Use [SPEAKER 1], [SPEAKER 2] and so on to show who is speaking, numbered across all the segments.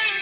[SPEAKER 1] Yeah.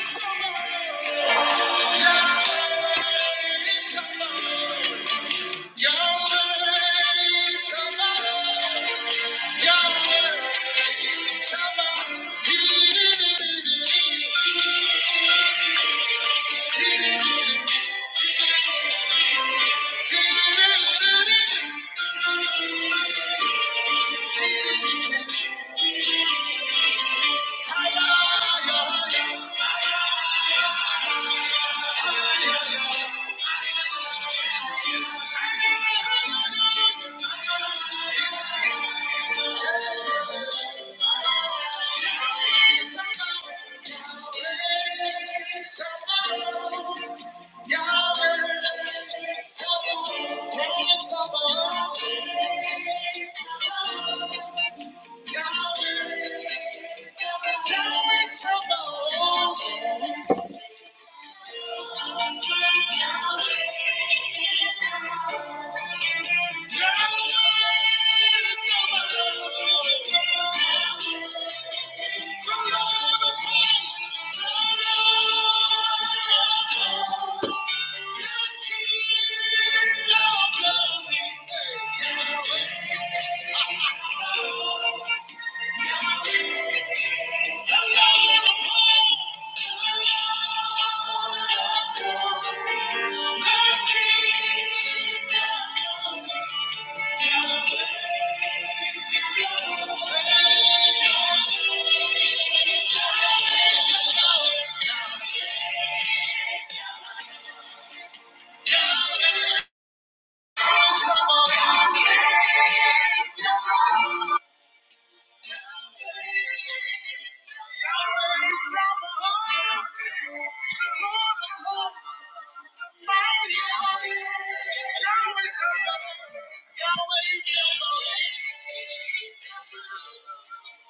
[SPEAKER 1] Yahweh, Yahweh, Yahweh, Yahweh, Thank you. Thank you. Yahweh Shalom.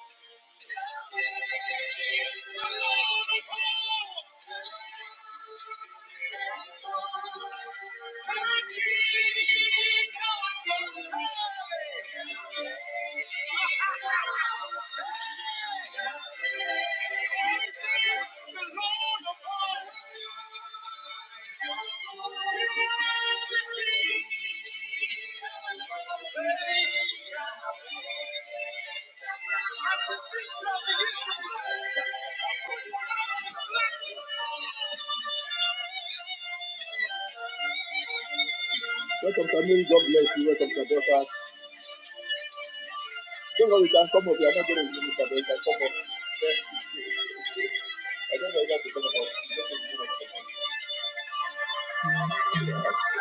[SPEAKER 1] Welcome, Samuel. God bless you. Welcome, Sabrina. Don't worry, you can come up. You are not going to be Mr. You can come up. I don't know if you have to come up.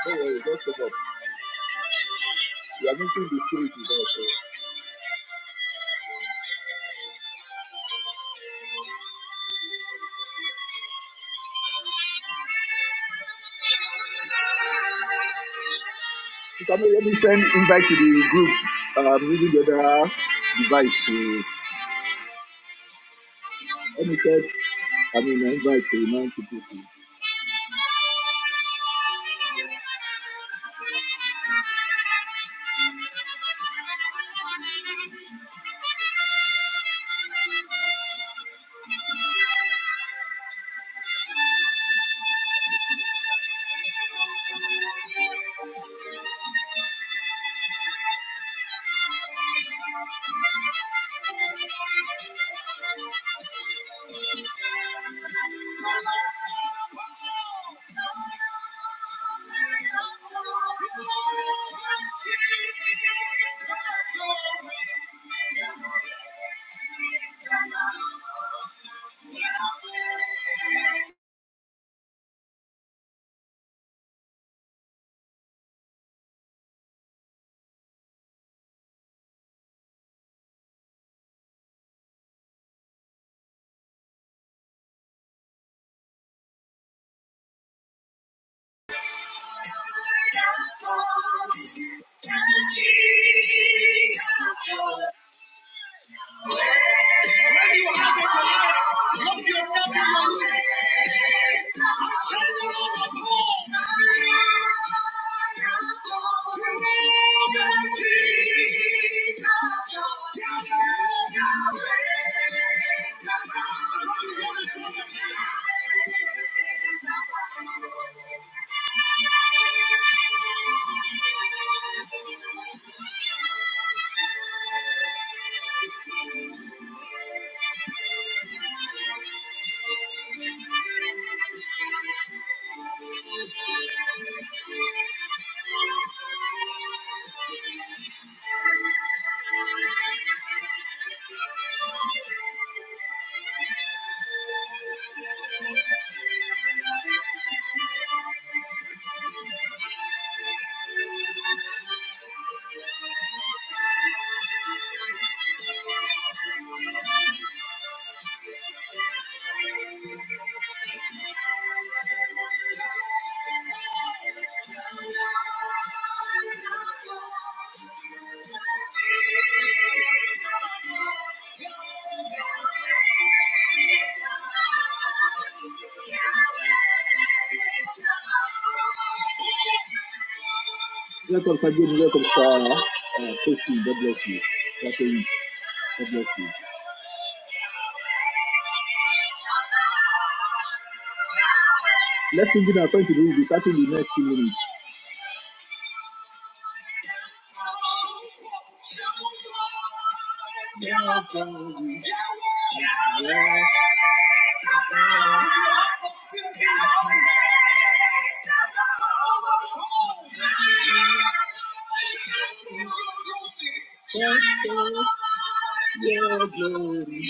[SPEAKER 1] Don't worry, just come up. You are meeting the spirit with us. So. You can let me send invite to the groups. um, using the other device to let me send I mean invite to remind people to Thank you. When you have it tonight? Look yourself in your mirror. Children on the Lord. Glory to Jesus. Welcome, Fajim. Welcome, Sarah. Uh, Tracy, God bless you. That's a God bless you. Let's begin our now. to do. We'll be starting the next two minutes. Your glory, Yahweh. Yahweh, Thank you, your glory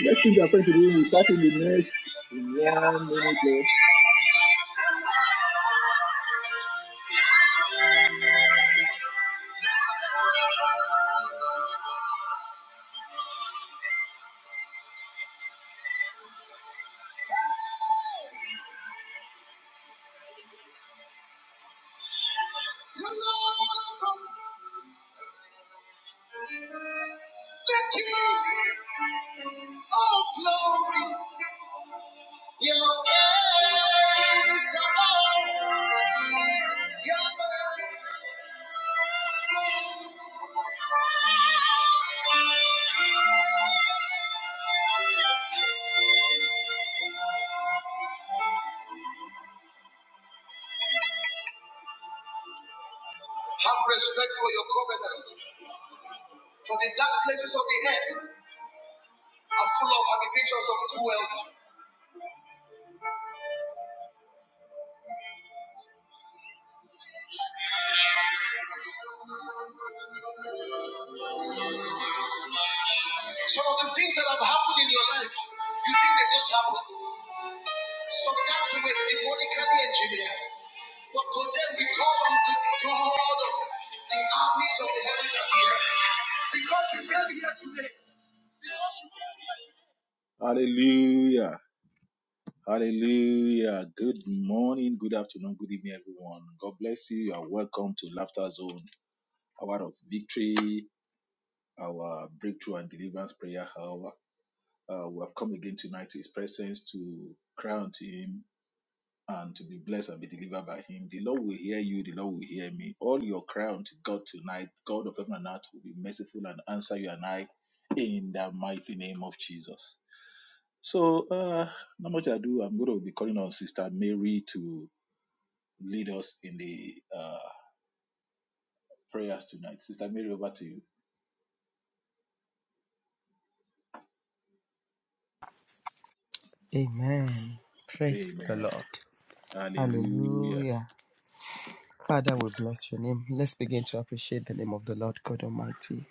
[SPEAKER 1] let We're going to do. We start in the next one minute. left. The King of glory. Have respect for your covenant, for the dark places of the earth are full of habitations of cruelty. Some of the things that have happened in your life, you think they just happened. Sometimes we were demonically engineered, but today we call on the God of the armies of the heaven. Hallelujah. Hallelujah. Good morning, good afternoon, good evening, everyone. God bless you. You are welcome to Laughter Zone, Hour of Victory, our Breakthrough and Deliverance Prayer Hour. Uh, we have come again tonight to His presence to cry unto Him and to be blessed and be delivered by Him. The Lord will hear you, the Lord will hear me. All your cry unto God tonight, God of heaven and earth will be merciful and answer you and I in the mighty name of Jesus. So, uh, not much ado, I'm going to be calling on Sister Mary to lead us in the uh, prayers tonight. Sister Mary, over to you.
[SPEAKER 2] Amen. Praise the
[SPEAKER 1] Amen.
[SPEAKER 2] Lord.
[SPEAKER 1] Hallelujah.
[SPEAKER 2] Hallelujah. Father, we bless your name. Let's begin to appreciate the name of the Lord God Almighty.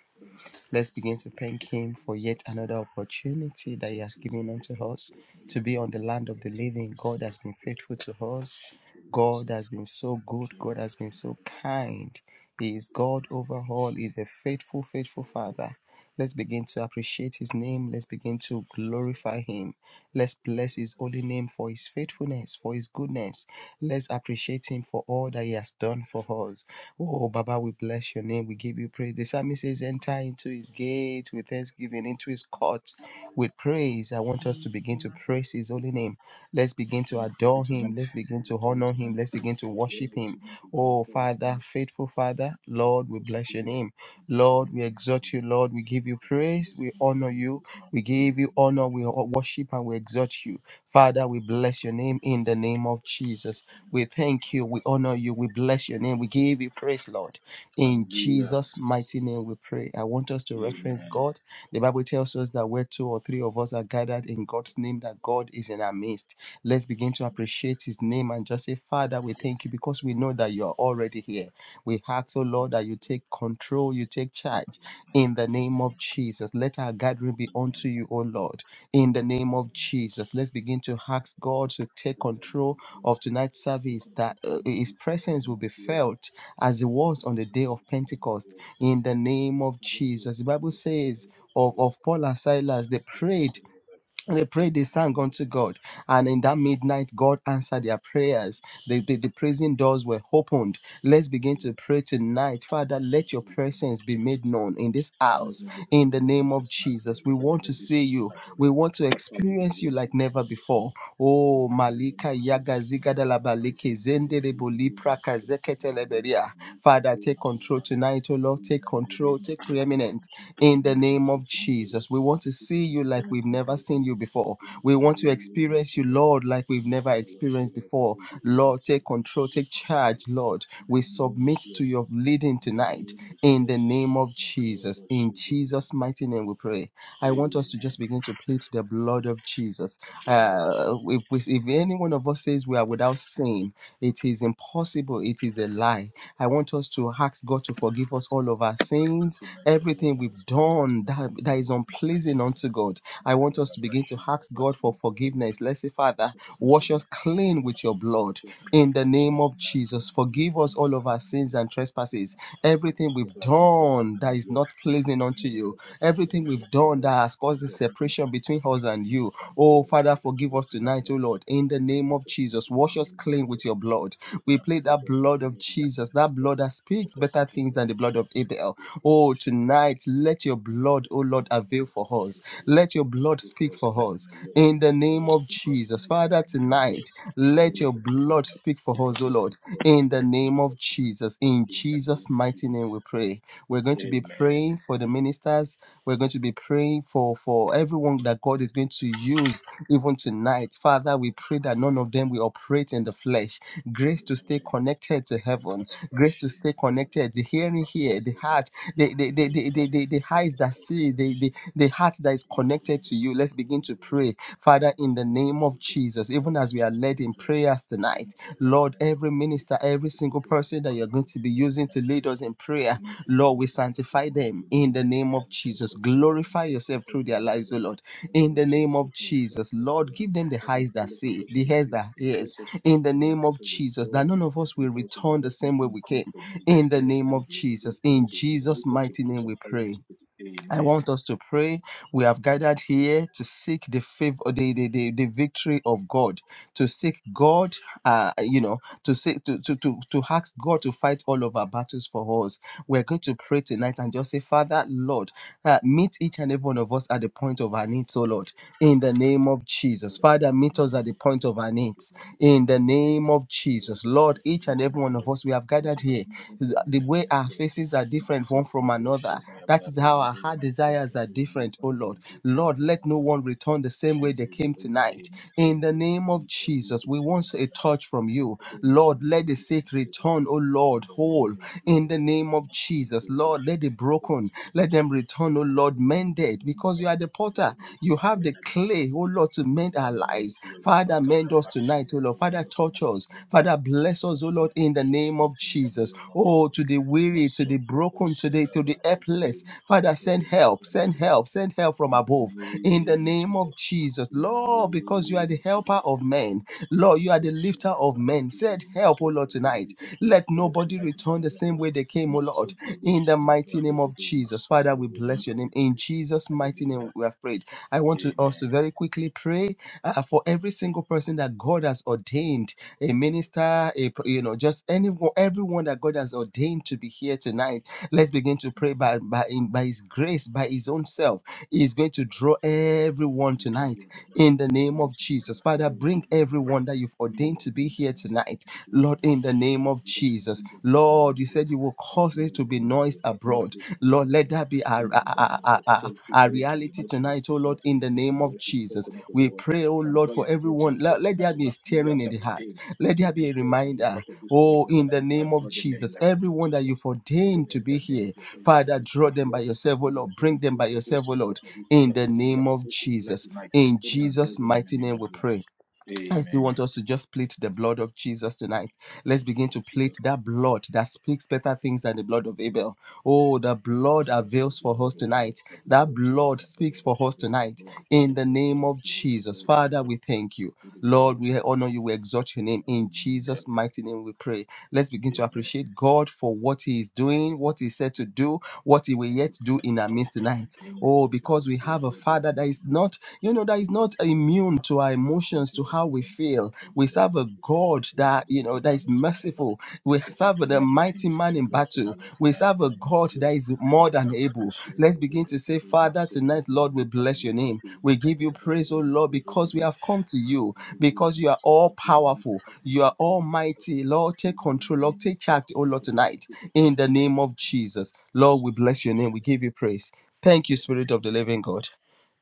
[SPEAKER 2] Let's begin to thank Him for yet another opportunity that
[SPEAKER 1] So
[SPEAKER 2] He has
[SPEAKER 1] to
[SPEAKER 2] given unto us to be on the land of the living. God has been faithful to us. God has been so good. God has been so kind. He is God over all. He is a faithful, faithful Father. Let's begin to appreciate His name. Let's begin to glorify Him. Let's bless His holy name for His faithfulness, for His goodness. Let's appreciate Him for all that He has done for us. Oh, Baba, we bless your name. We give you praise. The psalmist says, Enter into His gate with thanksgiving, into His court with praise. I want us to begin to praise His holy name. Let's begin to
[SPEAKER 1] you
[SPEAKER 2] adore Him.
[SPEAKER 1] tonight.
[SPEAKER 2] Let's begin
[SPEAKER 1] We
[SPEAKER 2] to
[SPEAKER 1] adore you
[SPEAKER 2] honor Him.
[SPEAKER 1] tonight.
[SPEAKER 2] Let's begin to
[SPEAKER 1] We
[SPEAKER 2] worship
[SPEAKER 1] honor you
[SPEAKER 2] Him.
[SPEAKER 1] tonight. We
[SPEAKER 2] Oh,
[SPEAKER 1] glorify you
[SPEAKER 2] Father,
[SPEAKER 1] tonight.
[SPEAKER 2] faithful Father,
[SPEAKER 1] We
[SPEAKER 2] Lord, we
[SPEAKER 1] worship
[SPEAKER 2] bless
[SPEAKER 1] you,
[SPEAKER 2] your
[SPEAKER 1] Lord.
[SPEAKER 2] name.
[SPEAKER 1] We bless your
[SPEAKER 2] Lord,
[SPEAKER 1] name
[SPEAKER 2] we
[SPEAKER 1] tonight,
[SPEAKER 2] exalt
[SPEAKER 1] Lord.
[SPEAKER 2] you. Lord, we give you
[SPEAKER 1] We bless you,
[SPEAKER 2] praise.
[SPEAKER 1] Lord,
[SPEAKER 2] We
[SPEAKER 1] tonight. We
[SPEAKER 2] honor
[SPEAKER 1] give you
[SPEAKER 2] you.
[SPEAKER 1] now.
[SPEAKER 2] We
[SPEAKER 1] We honor you
[SPEAKER 2] give you
[SPEAKER 1] tonight,
[SPEAKER 2] honor.
[SPEAKER 1] Lord.
[SPEAKER 2] We worship and we exalt you. Father, we bless your name in the name of Jesus. We thank you. We honor you. We bless your name. We give you praise, Lord. In
[SPEAKER 1] Hallelujah.
[SPEAKER 2] Jesus' mighty name, we pray. I want us to reference
[SPEAKER 1] Amen.
[SPEAKER 2] God. The Bible tells us that where two or three of us are gathered in God's name, that God is in our midst. Let's begin to appreciate His name and just say, Father, we thank you because we know that you are already here. We ask, oh Lord, that you take control, you take charge in the name of Jesus. Let our gathering be unto you, O Lord, in the name of Jesus. Let's begin to ask God to take control of tonight's
[SPEAKER 1] take
[SPEAKER 2] service that
[SPEAKER 1] control
[SPEAKER 2] uh,
[SPEAKER 1] tonight,
[SPEAKER 2] his
[SPEAKER 1] service in the
[SPEAKER 2] presence
[SPEAKER 1] name
[SPEAKER 2] will
[SPEAKER 1] of
[SPEAKER 2] be
[SPEAKER 1] Jesus.
[SPEAKER 2] felt as it was on
[SPEAKER 1] Tukiwa
[SPEAKER 2] the day of
[SPEAKER 1] tumefunzana neno la
[SPEAKER 2] Pentecost
[SPEAKER 1] Dios.
[SPEAKER 2] in the name
[SPEAKER 1] Basi
[SPEAKER 2] of
[SPEAKER 1] Padre,
[SPEAKER 2] Jesus. The
[SPEAKER 1] tuweze
[SPEAKER 2] Bible
[SPEAKER 1] kufunga
[SPEAKER 2] says
[SPEAKER 1] neno la
[SPEAKER 2] of,
[SPEAKER 1] Dios.
[SPEAKER 2] of Paul and Silas, they
[SPEAKER 1] Msifu Kristo
[SPEAKER 2] prayed
[SPEAKER 1] na Bwana.
[SPEAKER 2] they prayed, they sang
[SPEAKER 1] Amen.
[SPEAKER 2] unto
[SPEAKER 1] Jesus.
[SPEAKER 2] God. And in that midnight, God answered their prayers. The, the, the prison doors were opened. Let's begin to
[SPEAKER 1] Yes.
[SPEAKER 2] pray tonight. Father, let your
[SPEAKER 1] Unapenda neno.
[SPEAKER 2] presence be made known in this
[SPEAKER 1] There's
[SPEAKER 2] house
[SPEAKER 1] no going to look
[SPEAKER 2] in the
[SPEAKER 1] into
[SPEAKER 2] name
[SPEAKER 1] this
[SPEAKER 2] of
[SPEAKER 1] person tonight, oh
[SPEAKER 2] Jesus.
[SPEAKER 1] Lord.
[SPEAKER 2] We
[SPEAKER 1] Let
[SPEAKER 2] want to
[SPEAKER 1] this
[SPEAKER 2] see
[SPEAKER 1] house
[SPEAKER 2] you.
[SPEAKER 1] tonight, oh
[SPEAKER 2] We want to
[SPEAKER 1] I'll probably be
[SPEAKER 2] experience
[SPEAKER 1] able
[SPEAKER 2] you
[SPEAKER 1] to
[SPEAKER 2] like
[SPEAKER 1] you
[SPEAKER 2] never before.
[SPEAKER 1] tonight. In
[SPEAKER 2] Oh,
[SPEAKER 1] in the name
[SPEAKER 2] Malika
[SPEAKER 1] of
[SPEAKER 2] Yaga
[SPEAKER 1] Jesus, Makababa,
[SPEAKER 2] Zigadalabalike
[SPEAKER 1] Jendu,
[SPEAKER 2] Zendereboli
[SPEAKER 1] Gorigidi,
[SPEAKER 2] Praka
[SPEAKER 1] Masinti, Lumifa,
[SPEAKER 2] Zeketeleberia. Father,
[SPEAKER 1] Lumifa,
[SPEAKER 2] take control
[SPEAKER 1] Makababa.
[SPEAKER 2] tonight, oh Lord.
[SPEAKER 1] In
[SPEAKER 2] Take
[SPEAKER 1] the
[SPEAKER 2] control,
[SPEAKER 1] name of
[SPEAKER 2] take
[SPEAKER 1] Jesus, we come
[SPEAKER 2] preeminent
[SPEAKER 1] to the
[SPEAKER 2] in the
[SPEAKER 1] goodness and
[SPEAKER 2] name
[SPEAKER 1] this
[SPEAKER 2] of
[SPEAKER 1] oh
[SPEAKER 2] Jesus. We want to see you
[SPEAKER 1] the
[SPEAKER 2] like
[SPEAKER 1] goodness
[SPEAKER 2] we've never seen you before.
[SPEAKER 1] In
[SPEAKER 2] We
[SPEAKER 1] the
[SPEAKER 2] want to
[SPEAKER 1] name of
[SPEAKER 2] experience you,
[SPEAKER 1] Jesus.
[SPEAKER 2] Lord, like we've never
[SPEAKER 1] Makababa,
[SPEAKER 2] experienced
[SPEAKER 1] Shiraba,
[SPEAKER 2] before.
[SPEAKER 1] Rigidi,
[SPEAKER 2] Lord, take
[SPEAKER 1] Masinti,
[SPEAKER 2] control, take charge, Lord.
[SPEAKER 1] In
[SPEAKER 2] We
[SPEAKER 1] the name of
[SPEAKER 2] submit to
[SPEAKER 1] Jesus.
[SPEAKER 2] your leading
[SPEAKER 1] In the
[SPEAKER 2] tonight
[SPEAKER 1] name of
[SPEAKER 2] in the
[SPEAKER 1] Jesus,
[SPEAKER 2] name of
[SPEAKER 1] the blood
[SPEAKER 2] Jesus.
[SPEAKER 1] of
[SPEAKER 2] In
[SPEAKER 1] Jesus.
[SPEAKER 2] Jesus' mighty name, we pray. I want us to
[SPEAKER 1] Amen.
[SPEAKER 2] just begin to plead the blood of Jesus.
[SPEAKER 1] The blood of
[SPEAKER 2] Uh,
[SPEAKER 1] Jesus.
[SPEAKER 2] if, we, if any one of us says we are without sin, it is impossible, it is a lie. I want us to ask God to forgive us all of our sins,
[SPEAKER 1] Tonight for the rest
[SPEAKER 2] everything
[SPEAKER 1] of
[SPEAKER 2] we've
[SPEAKER 1] us, the
[SPEAKER 2] done
[SPEAKER 1] righteousness, the
[SPEAKER 2] that, that is
[SPEAKER 1] righteousness, the
[SPEAKER 2] unpleasing unto
[SPEAKER 1] righteousness,
[SPEAKER 2] God. I want us to begin to
[SPEAKER 1] Kalabashi,
[SPEAKER 2] ask God
[SPEAKER 1] Lakshmi,
[SPEAKER 2] for
[SPEAKER 1] Tulare,
[SPEAKER 2] forgiveness. Let's say, Father.
[SPEAKER 1] I
[SPEAKER 2] Father,
[SPEAKER 1] shall transmit
[SPEAKER 2] wash
[SPEAKER 1] your
[SPEAKER 2] us
[SPEAKER 1] message to each
[SPEAKER 2] clean
[SPEAKER 1] other.
[SPEAKER 2] with your
[SPEAKER 1] I
[SPEAKER 2] blood
[SPEAKER 1] shall keep
[SPEAKER 2] in
[SPEAKER 1] your
[SPEAKER 2] the
[SPEAKER 1] God
[SPEAKER 2] name
[SPEAKER 1] tonight in
[SPEAKER 2] of
[SPEAKER 1] my
[SPEAKER 2] Jesus.
[SPEAKER 1] name of Jesus.
[SPEAKER 2] Forgive
[SPEAKER 1] My
[SPEAKER 2] us
[SPEAKER 1] name is
[SPEAKER 2] all of
[SPEAKER 1] Bishop
[SPEAKER 2] our sins
[SPEAKER 1] Mundi.
[SPEAKER 2] and
[SPEAKER 1] And
[SPEAKER 2] trespasses,
[SPEAKER 1] I shall be the
[SPEAKER 2] everything
[SPEAKER 1] Lord's
[SPEAKER 2] we've
[SPEAKER 1] last name, praise his
[SPEAKER 2] done
[SPEAKER 1] name,
[SPEAKER 2] that
[SPEAKER 1] my
[SPEAKER 2] is
[SPEAKER 1] Lord.
[SPEAKER 2] not pleasing
[SPEAKER 1] Thank
[SPEAKER 2] unto
[SPEAKER 1] you, Lord,
[SPEAKER 2] you,
[SPEAKER 1] Lord, Lord, Lord. Thank
[SPEAKER 2] everything
[SPEAKER 1] you for
[SPEAKER 2] we've
[SPEAKER 1] your
[SPEAKER 2] done
[SPEAKER 1] love.
[SPEAKER 2] that has
[SPEAKER 1] Thank you
[SPEAKER 2] caused a
[SPEAKER 1] for your goodness.
[SPEAKER 2] separation between
[SPEAKER 1] Thank you
[SPEAKER 2] us and
[SPEAKER 1] for your
[SPEAKER 2] you.
[SPEAKER 1] design, dear
[SPEAKER 2] Oh,
[SPEAKER 1] Lord, that
[SPEAKER 2] Father,
[SPEAKER 1] you forgive
[SPEAKER 2] forgive
[SPEAKER 1] us
[SPEAKER 2] us
[SPEAKER 1] tonight,
[SPEAKER 2] tonight, oh
[SPEAKER 1] Lord.
[SPEAKER 2] Lord, in the
[SPEAKER 1] And have
[SPEAKER 2] name of
[SPEAKER 1] mercy on us
[SPEAKER 2] Jesus.
[SPEAKER 1] in the
[SPEAKER 2] Wash us
[SPEAKER 1] name of
[SPEAKER 2] clean with
[SPEAKER 1] Jesus.
[SPEAKER 2] your blood.
[SPEAKER 1] In this
[SPEAKER 2] We
[SPEAKER 1] name, I
[SPEAKER 2] plead
[SPEAKER 1] will
[SPEAKER 2] that
[SPEAKER 1] welcome you to
[SPEAKER 2] blood of
[SPEAKER 1] live in the
[SPEAKER 2] Jesus,
[SPEAKER 1] name of
[SPEAKER 2] that blood
[SPEAKER 1] Jesus.
[SPEAKER 2] that
[SPEAKER 1] Let
[SPEAKER 2] speaks
[SPEAKER 1] us
[SPEAKER 2] better
[SPEAKER 1] speak the
[SPEAKER 2] things
[SPEAKER 1] blood
[SPEAKER 2] than the
[SPEAKER 1] of
[SPEAKER 2] blood
[SPEAKER 1] Jesus.
[SPEAKER 2] of Abel.
[SPEAKER 1] Let's go to
[SPEAKER 2] Oh,
[SPEAKER 1] the sheep.
[SPEAKER 2] tonight, let your blood, oh Lord, avail for us. Let your
[SPEAKER 1] Just
[SPEAKER 2] blood
[SPEAKER 1] like it for
[SPEAKER 2] speak
[SPEAKER 1] us
[SPEAKER 2] speak
[SPEAKER 1] in the
[SPEAKER 2] for us.
[SPEAKER 1] name of Jesus.
[SPEAKER 2] In the name
[SPEAKER 1] Let us
[SPEAKER 2] of
[SPEAKER 1] speak for us
[SPEAKER 2] Jesus,
[SPEAKER 1] in
[SPEAKER 2] Father,
[SPEAKER 1] the name of
[SPEAKER 2] tonight,
[SPEAKER 1] Jesus. Let
[SPEAKER 2] let
[SPEAKER 1] your
[SPEAKER 2] your
[SPEAKER 1] people
[SPEAKER 2] blood
[SPEAKER 1] us.
[SPEAKER 2] speak for us, O Lord.
[SPEAKER 1] speak for us. Let
[SPEAKER 2] In the
[SPEAKER 1] us speak
[SPEAKER 2] name
[SPEAKER 1] for
[SPEAKER 2] of
[SPEAKER 1] us
[SPEAKER 2] Jesus, in
[SPEAKER 1] in the
[SPEAKER 2] Jesus'
[SPEAKER 1] name of
[SPEAKER 2] mighty
[SPEAKER 1] Jesus.
[SPEAKER 2] name, we pray. We're going to be
[SPEAKER 1] Amen.
[SPEAKER 2] praying for the ministers. We're going to be praying for, for everyone that God is going to use even tonight. Father, we pray that none of them will operate in the flesh. Grace to stay
[SPEAKER 1] Amen.
[SPEAKER 2] connected to heaven. Grace
[SPEAKER 1] Thank
[SPEAKER 2] to stay connected. The hearing here, the heart, the the the the, the, the, the eyes that see, the, the the heart that is connected to you. Let's begin to pray. Father, in the name of Jesus, even as we are led in prayers tonight, Lord, every minister, every single person that you're going to be using to lead us in
[SPEAKER 1] you.
[SPEAKER 2] prayer,
[SPEAKER 1] Binafsi
[SPEAKER 2] Lord,
[SPEAKER 1] daima
[SPEAKER 2] we
[SPEAKER 1] kuwasaidia
[SPEAKER 2] sanctify
[SPEAKER 1] the
[SPEAKER 2] them in the name of
[SPEAKER 1] hali ya
[SPEAKER 2] Jesus.
[SPEAKER 1] uchokozi na
[SPEAKER 2] Glorify yourself
[SPEAKER 1] linalojihusisha
[SPEAKER 2] through their lives, O
[SPEAKER 1] dini
[SPEAKER 2] Lord. In
[SPEAKER 1] Central
[SPEAKER 2] the
[SPEAKER 1] Sweden
[SPEAKER 2] name of
[SPEAKER 1] Central
[SPEAKER 2] Jesus, Lord,
[SPEAKER 1] Flagella
[SPEAKER 2] give them the
[SPEAKER 1] that the
[SPEAKER 2] eyes that
[SPEAKER 1] fullest
[SPEAKER 2] see,
[SPEAKER 1] affection
[SPEAKER 2] the
[SPEAKER 1] of the
[SPEAKER 2] heads
[SPEAKER 1] Spirit that
[SPEAKER 2] that
[SPEAKER 1] will
[SPEAKER 2] hears.
[SPEAKER 1] cleanse us with your
[SPEAKER 2] In the
[SPEAKER 1] fire,
[SPEAKER 2] name
[SPEAKER 1] cleanse
[SPEAKER 2] of
[SPEAKER 1] us with your
[SPEAKER 2] Jesus,
[SPEAKER 1] blood,
[SPEAKER 2] that none of
[SPEAKER 1] and
[SPEAKER 2] us will
[SPEAKER 1] purify us, O Lord.
[SPEAKER 2] return the
[SPEAKER 1] Let
[SPEAKER 2] same way
[SPEAKER 1] nothing
[SPEAKER 2] we
[SPEAKER 1] come
[SPEAKER 2] came.
[SPEAKER 1] from us that is
[SPEAKER 2] In the
[SPEAKER 1] flesh,
[SPEAKER 2] name
[SPEAKER 1] that
[SPEAKER 2] of
[SPEAKER 1] it be, that it
[SPEAKER 2] Jesus,
[SPEAKER 1] fill
[SPEAKER 2] in
[SPEAKER 1] us with you, Lord.
[SPEAKER 2] Jesus'
[SPEAKER 1] Make us a
[SPEAKER 2] mighty
[SPEAKER 1] fruit
[SPEAKER 2] name
[SPEAKER 1] of
[SPEAKER 2] we
[SPEAKER 1] fire
[SPEAKER 2] pray.
[SPEAKER 1] to put.
[SPEAKER 2] I
[SPEAKER 1] Amen.
[SPEAKER 2] want us to pray. We have gathered here to seek the favor, the, the, the, the victory of God, to seek God, uh, you know, to seek to, to to to ask God to fight all of our battles for us. We're going to pray tonight and just say, Father, Lord, uh, meet each and every one of us at the point of our needs, oh Lord, in the name of Jesus.
[SPEAKER 1] Father, in
[SPEAKER 2] Father,
[SPEAKER 1] the
[SPEAKER 2] meet us
[SPEAKER 1] name
[SPEAKER 2] at the
[SPEAKER 1] of
[SPEAKER 2] point
[SPEAKER 1] Jesus,
[SPEAKER 2] of our
[SPEAKER 1] we pray for
[SPEAKER 2] needs
[SPEAKER 1] Panic in
[SPEAKER 2] in
[SPEAKER 1] the
[SPEAKER 2] the
[SPEAKER 1] name of Jesus.
[SPEAKER 2] name of
[SPEAKER 1] Father, we
[SPEAKER 2] Jesus.
[SPEAKER 1] pray for
[SPEAKER 2] Lord,
[SPEAKER 1] Panic in the
[SPEAKER 2] each
[SPEAKER 1] name
[SPEAKER 2] and
[SPEAKER 1] of
[SPEAKER 2] every one of
[SPEAKER 1] Jesus.
[SPEAKER 2] us, we have
[SPEAKER 1] Also,
[SPEAKER 2] gathered
[SPEAKER 1] Lord,
[SPEAKER 2] here.
[SPEAKER 1] we pray for in
[SPEAKER 2] The
[SPEAKER 1] the
[SPEAKER 2] way
[SPEAKER 1] name of
[SPEAKER 2] our
[SPEAKER 1] Jesus.
[SPEAKER 2] faces are different
[SPEAKER 1] Master
[SPEAKER 2] one from
[SPEAKER 1] Trouble,
[SPEAKER 2] another,
[SPEAKER 1] Shema
[SPEAKER 2] that is how our
[SPEAKER 1] Barigede,
[SPEAKER 2] heart
[SPEAKER 1] Master
[SPEAKER 2] desires are
[SPEAKER 1] Trouble,
[SPEAKER 2] different,
[SPEAKER 1] Lipa,
[SPEAKER 2] oh Lord.
[SPEAKER 1] Ligete,
[SPEAKER 2] Lord, let no one
[SPEAKER 1] Makababa.
[SPEAKER 2] return the same way
[SPEAKER 1] Shema
[SPEAKER 2] they came
[SPEAKER 1] Barigede,
[SPEAKER 2] tonight.
[SPEAKER 1] Master
[SPEAKER 2] In the
[SPEAKER 1] Trouble,
[SPEAKER 2] name of
[SPEAKER 1] Lipa,
[SPEAKER 2] Jesus, we
[SPEAKER 1] Ligete,
[SPEAKER 2] want a
[SPEAKER 1] Makababa. I
[SPEAKER 2] touch from
[SPEAKER 1] cover.
[SPEAKER 2] you.
[SPEAKER 1] I told my God,
[SPEAKER 2] Lord,
[SPEAKER 1] we
[SPEAKER 2] let
[SPEAKER 1] should
[SPEAKER 2] the
[SPEAKER 1] fit
[SPEAKER 2] sick
[SPEAKER 1] into it, you know
[SPEAKER 2] return, oh
[SPEAKER 1] in
[SPEAKER 2] Lord,
[SPEAKER 1] the
[SPEAKER 2] whole.
[SPEAKER 1] name of
[SPEAKER 2] In the
[SPEAKER 1] Jesus.
[SPEAKER 2] name of
[SPEAKER 1] Must do
[SPEAKER 2] Jesus, Lord,
[SPEAKER 1] provision.
[SPEAKER 2] let the
[SPEAKER 1] Let us
[SPEAKER 2] broken, let
[SPEAKER 1] provision.
[SPEAKER 2] them return, oh
[SPEAKER 1] Because
[SPEAKER 2] Lord,
[SPEAKER 1] what we will do
[SPEAKER 2] mended,
[SPEAKER 1] in the
[SPEAKER 2] because you
[SPEAKER 1] Lord,
[SPEAKER 2] are the
[SPEAKER 1] I can
[SPEAKER 2] potter.
[SPEAKER 1] do
[SPEAKER 2] you
[SPEAKER 1] for
[SPEAKER 2] you have
[SPEAKER 1] in
[SPEAKER 2] the
[SPEAKER 1] the name of
[SPEAKER 2] clay, oh
[SPEAKER 1] Jesus.
[SPEAKER 2] Lord, to
[SPEAKER 1] In
[SPEAKER 2] mend
[SPEAKER 1] the
[SPEAKER 2] our
[SPEAKER 1] name of
[SPEAKER 2] lives.
[SPEAKER 1] Jesus,
[SPEAKER 2] Father,
[SPEAKER 1] Makaba
[SPEAKER 2] mend us
[SPEAKER 1] Hashi,
[SPEAKER 2] tonight, oh Lord.
[SPEAKER 1] the
[SPEAKER 2] Father,
[SPEAKER 1] Medos in the
[SPEAKER 2] touch us.
[SPEAKER 1] name of
[SPEAKER 2] Father,
[SPEAKER 1] Jesus.
[SPEAKER 2] bless
[SPEAKER 1] Let
[SPEAKER 2] us,
[SPEAKER 1] us
[SPEAKER 2] oh Lord,
[SPEAKER 1] make a
[SPEAKER 2] in the name
[SPEAKER 1] in
[SPEAKER 2] of
[SPEAKER 1] the
[SPEAKER 2] Jesus.
[SPEAKER 1] name of
[SPEAKER 2] Oh,
[SPEAKER 1] Jesus.
[SPEAKER 2] to the weary,
[SPEAKER 1] Must
[SPEAKER 2] to
[SPEAKER 1] so
[SPEAKER 2] the broken
[SPEAKER 1] provision.
[SPEAKER 2] today, to the
[SPEAKER 1] Must so provision.
[SPEAKER 2] helpless.
[SPEAKER 1] Must so
[SPEAKER 2] Father, send help, send
[SPEAKER 1] provision.
[SPEAKER 2] help, send help from
[SPEAKER 1] In the
[SPEAKER 2] above in the
[SPEAKER 1] name of
[SPEAKER 2] name of
[SPEAKER 1] Jesus.
[SPEAKER 2] Jesus.
[SPEAKER 1] In the
[SPEAKER 2] Lord, because you are
[SPEAKER 1] name
[SPEAKER 2] the
[SPEAKER 1] of
[SPEAKER 2] helper
[SPEAKER 1] Jesus.
[SPEAKER 2] of men. Lord, you are the lifter of men. Send help, oh Lord, tonight. Let
[SPEAKER 1] So that
[SPEAKER 2] nobody
[SPEAKER 1] tonight in the
[SPEAKER 2] return the
[SPEAKER 1] name of
[SPEAKER 2] same
[SPEAKER 1] Jesus.
[SPEAKER 2] way they came, oh Lord. In the mighty name of name of Jesus. Father, we bless your name. In Jesus' mighty
[SPEAKER 1] Hallelujah.
[SPEAKER 2] name, we have prayed. I want to, us to
[SPEAKER 1] Amen.
[SPEAKER 2] very quickly pray uh, for every single person that God has ordained, a minister, a p- you know, just anyone, everyone that God has ordained to be here tonight. Let's begin to pray by by, in, by His grace, by His own self. He is going to draw everyone
[SPEAKER 1] Mitaji
[SPEAKER 2] tonight
[SPEAKER 1] ya baba
[SPEAKER 2] in the
[SPEAKER 1] alikuwa
[SPEAKER 2] name of
[SPEAKER 1] alibiti na
[SPEAKER 2] Jesus. Father,
[SPEAKER 1] tunafedha
[SPEAKER 2] bring
[SPEAKER 1] ushuru wa Yesu.
[SPEAKER 2] everyone that you've
[SPEAKER 1] Bila
[SPEAKER 2] ordained
[SPEAKER 1] ya
[SPEAKER 2] to be
[SPEAKER 1] mdeni
[SPEAKER 2] here
[SPEAKER 1] tunaye
[SPEAKER 2] tonight,
[SPEAKER 1] tukibikia
[SPEAKER 2] Lord,
[SPEAKER 1] tena.
[SPEAKER 2] in the name name
[SPEAKER 1] Ili
[SPEAKER 2] of
[SPEAKER 1] tubike
[SPEAKER 2] Jesus.
[SPEAKER 1] tunabinda ndani
[SPEAKER 2] Lord, you
[SPEAKER 1] ya
[SPEAKER 2] said
[SPEAKER 1] Yesu.
[SPEAKER 2] you will cause
[SPEAKER 1] Alibinda
[SPEAKER 2] it to be
[SPEAKER 1] ndani ya
[SPEAKER 2] noised
[SPEAKER 1] Yesu. Asili ya
[SPEAKER 2] abroad.
[SPEAKER 1] Yesu
[SPEAKER 2] Lord,
[SPEAKER 1] Yesu.
[SPEAKER 2] let that be our,
[SPEAKER 1] Binda
[SPEAKER 2] our,
[SPEAKER 1] ndani
[SPEAKER 2] our,
[SPEAKER 1] ya
[SPEAKER 2] our
[SPEAKER 1] Yesu. Let
[SPEAKER 2] our
[SPEAKER 1] us to
[SPEAKER 2] our
[SPEAKER 1] go to the
[SPEAKER 2] reality
[SPEAKER 1] north, to the
[SPEAKER 2] tonight, oh
[SPEAKER 1] south,
[SPEAKER 2] Lord,
[SPEAKER 1] to
[SPEAKER 2] in
[SPEAKER 1] the
[SPEAKER 2] the
[SPEAKER 1] east, to
[SPEAKER 2] name
[SPEAKER 1] the
[SPEAKER 2] of
[SPEAKER 1] west, to the four
[SPEAKER 2] Jesus.
[SPEAKER 1] corners of the
[SPEAKER 2] We
[SPEAKER 1] world
[SPEAKER 2] pray, oh
[SPEAKER 1] and
[SPEAKER 2] Lord,
[SPEAKER 1] draw
[SPEAKER 2] for
[SPEAKER 1] your people to
[SPEAKER 2] everyone. Let,
[SPEAKER 1] yourself
[SPEAKER 2] let there
[SPEAKER 1] tonight,
[SPEAKER 2] be a
[SPEAKER 1] last. Many of
[SPEAKER 2] stirring
[SPEAKER 1] you
[SPEAKER 2] in
[SPEAKER 1] have
[SPEAKER 2] the heart.
[SPEAKER 1] ordained
[SPEAKER 2] Let
[SPEAKER 1] to
[SPEAKER 2] there
[SPEAKER 1] be
[SPEAKER 2] be a
[SPEAKER 1] here, to be
[SPEAKER 2] reminder,
[SPEAKER 1] part of this program,
[SPEAKER 2] oh,
[SPEAKER 1] to Lord,
[SPEAKER 2] in the
[SPEAKER 1] and go
[SPEAKER 2] name
[SPEAKER 1] and
[SPEAKER 2] of
[SPEAKER 1] draw them here in
[SPEAKER 2] Jesus.
[SPEAKER 1] the name of
[SPEAKER 2] Everyone that you've
[SPEAKER 1] Jesus. Today,
[SPEAKER 2] ordained to
[SPEAKER 1] in
[SPEAKER 2] be
[SPEAKER 1] the name
[SPEAKER 2] here,
[SPEAKER 1] of Jesus, that you're
[SPEAKER 2] Father,
[SPEAKER 1] going to
[SPEAKER 2] draw
[SPEAKER 1] be
[SPEAKER 2] them by
[SPEAKER 1] here.
[SPEAKER 2] yourself, oh
[SPEAKER 1] When you are
[SPEAKER 2] Lord. Bring
[SPEAKER 1] praying,
[SPEAKER 2] them
[SPEAKER 1] you
[SPEAKER 2] by
[SPEAKER 1] are
[SPEAKER 2] yourself,
[SPEAKER 1] to
[SPEAKER 2] oh
[SPEAKER 1] be
[SPEAKER 2] Lord,
[SPEAKER 1] part of this
[SPEAKER 2] in
[SPEAKER 1] program.
[SPEAKER 2] the
[SPEAKER 1] Even you
[SPEAKER 2] name
[SPEAKER 1] are
[SPEAKER 2] of
[SPEAKER 1] supposed to bless
[SPEAKER 2] Jesus.
[SPEAKER 1] tonight.
[SPEAKER 2] In
[SPEAKER 1] Let me bless
[SPEAKER 2] Jesus'
[SPEAKER 1] them in the
[SPEAKER 2] mighty
[SPEAKER 1] name
[SPEAKER 2] name
[SPEAKER 1] of
[SPEAKER 2] we
[SPEAKER 1] Jesus.
[SPEAKER 2] pray. I still
[SPEAKER 1] Amen.
[SPEAKER 2] want us to just plead the blood of Jesus tonight. Let's
[SPEAKER 1] The blood
[SPEAKER 2] begin
[SPEAKER 1] of
[SPEAKER 2] to plead
[SPEAKER 1] Jesus.
[SPEAKER 2] that blood that speaks better things than the blood of Abel. Oh, the
[SPEAKER 1] The blood of
[SPEAKER 2] blood
[SPEAKER 1] Jesus. The
[SPEAKER 2] avails for us
[SPEAKER 1] blood of Jesus.
[SPEAKER 2] tonight.
[SPEAKER 1] The blood
[SPEAKER 2] That
[SPEAKER 1] of Jesus.
[SPEAKER 2] blood
[SPEAKER 1] The
[SPEAKER 2] speaks
[SPEAKER 1] blood of
[SPEAKER 2] for us
[SPEAKER 1] Jesus. The
[SPEAKER 2] tonight.
[SPEAKER 1] blood of
[SPEAKER 2] In
[SPEAKER 1] Jesus.
[SPEAKER 2] the
[SPEAKER 1] The
[SPEAKER 2] name
[SPEAKER 1] blood
[SPEAKER 2] of
[SPEAKER 1] of Jesus. The
[SPEAKER 2] Jesus.
[SPEAKER 1] blood of
[SPEAKER 2] Father,
[SPEAKER 1] Jesus.
[SPEAKER 2] we thank you.
[SPEAKER 1] The blood of
[SPEAKER 2] Lord, we
[SPEAKER 1] Jesus.
[SPEAKER 2] honor you, we exalt your name. In
[SPEAKER 1] Hallelujah.
[SPEAKER 2] Jesus' mighty name, we pray. Let's begin to
[SPEAKER 1] Amen.
[SPEAKER 2] appreciate God for what He is doing, what He said to do, what He will
[SPEAKER 1] Thank you,
[SPEAKER 2] yet do
[SPEAKER 1] Father,
[SPEAKER 2] in
[SPEAKER 1] for
[SPEAKER 2] our
[SPEAKER 1] what
[SPEAKER 2] midst
[SPEAKER 1] you have
[SPEAKER 2] tonight.
[SPEAKER 1] been,
[SPEAKER 2] Oh,
[SPEAKER 1] what you said
[SPEAKER 2] because we
[SPEAKER 1] to do,
[SPEAKER 2] have
[SPEAKER 1] what
[SPEAKER 2] a
[SPEAKER 1] you are doing,
[SPEAKER 2] Father
[SPEAKER 1] and
[SPEAKER 2] that is not, you know, that
[SPEAKER 1] We
[SPEAKER 2] is
[SPEAKER 1] thank
[SPEAKER 2] not
[SPEAKER 1] you, Lord.
[SPEAKER 2] immune to our
[SPEAKER 1] Thank
[SPEAKER 2] emotions,
[SPEAKER 1] you,
[SPEAKER 2] to
[SPEAKER 1] Lord.
[SPEAKER 2] how we
[SPEAKER 1] Thank you, Lord.
[SPEAKER 2] feel.
[SPEAKER 1] Thank
[SPEAKER 2] We
[SPEAKER 1] you, Lord.
[SPEAKER 2] serve a
[SPEAKER 1] Thank you, Father,
[SPEAKER 2] God
[SPEAKER 1] for what
[SPEAKER 2] that,
[SPEAKER 1] you're
[SPEAKER 2] you
[SPEAKER 1] going to do
[SPEAKER 2] know,
[SPEAKER 1] in
[SPEAKER 2] that
[SPEAKER 1] our
[SPEAKER 2] is
[SPEAKER 1] midst tonight, Lord.
[SPEAKER 2] merciful, we
[SPEAKER 1] Take us to
[SPEAKER 2] serve
[SPEAKER 1] do
[SPEAKER 2] the
[SPEAKER 1] mighty
[SPEAKER 2] mighty
[SPEAKER 1] things, to
[SPEAKER 2] man
[SPEAKER 1] do
[SPEAKER 2] in
[SPEAKER 1] great things in our
[SPEAKER 2] battle.
[SPEAKER 1] midst
[SPEAKER 2] We
[SPEAKER 1] tonight,
[SPEAKER 2] serve
[SPEAKER 1] in
[SPEAKER 2] a
[SPEAKER 1] the name of
[SPEAKER 2] God that
[SPEAKER 1] Jesus.
[SPEAKER 2] is more than
[SPEAKER 1] Makabada
[SPEAKER 2] able. Let's begin
[SPEAKER 1] shendrobo
[SPEAKER 2] to say,
[SPEAKER 1] rigede
[SPEAKER 2] Father, tonight,
[SPEAKER 1] masondrobo
[SPEAKER 2] Lord, we
[SPEAKER 1] lika
[SPEAKER 2] bless your name.
[SPEAKER 1] likete
[SPEAKER 2] We give you
[SPEAKER 1] makabada
[SPEAKER 2] praise, O Lord,
[SPEAKER 1] yendrobo
[SPEAKER 2] because we
[SPEAKER 1] rigede
[SPEAKER 2] have come to you,
[SPEAKER 1] marigede
[SPEAKER 2] because you are all
[SPEAKER 1] masondrobo
[SPEAKER 2] powerful.
[SPEAKER 1] lika
[SPEAKER 2] You are
[SPEAKER 1] likete
[SPEAKER 2] almighty.
[SPEAKER 1] makabada.
[SPEAKER 2] Lord, take
[SPEAKER 1] In the
[SPEAKER 2] control. Lord,
[SPEAKER 1] name of
[SPEAKER 2] take
[SPEAKER 1] Jesus,
[SPEAKER 2] charge, O
[SPEAKER 1] take us
[SPEAKER 2] Lord,
[SPEAKER 1] to
[SPEAKER 2] tonight.
[SPEAKER 1] do take us
[SPEAKER 2] In
[SPEAKER 1] tonight,
[SPEAKER 2] the
[SPEAKER 1] in the
[SPEAKER 2] name
[SPEAKER 1] name of
[SPEAKER 2] of
[SPEAKER 1] Jesus.
[SPEAKER 2] Jesus. Lord, we bless
[SPEAKER 1] Masondrobo
[SPEAKER 2] your name. We give
[SPEAKER 1] shendrobo.
[SPEAKER 2] you praise. Thank you, Spirit
[SPEAKER 1] Amen.
[SPEAKER 2] of the living God.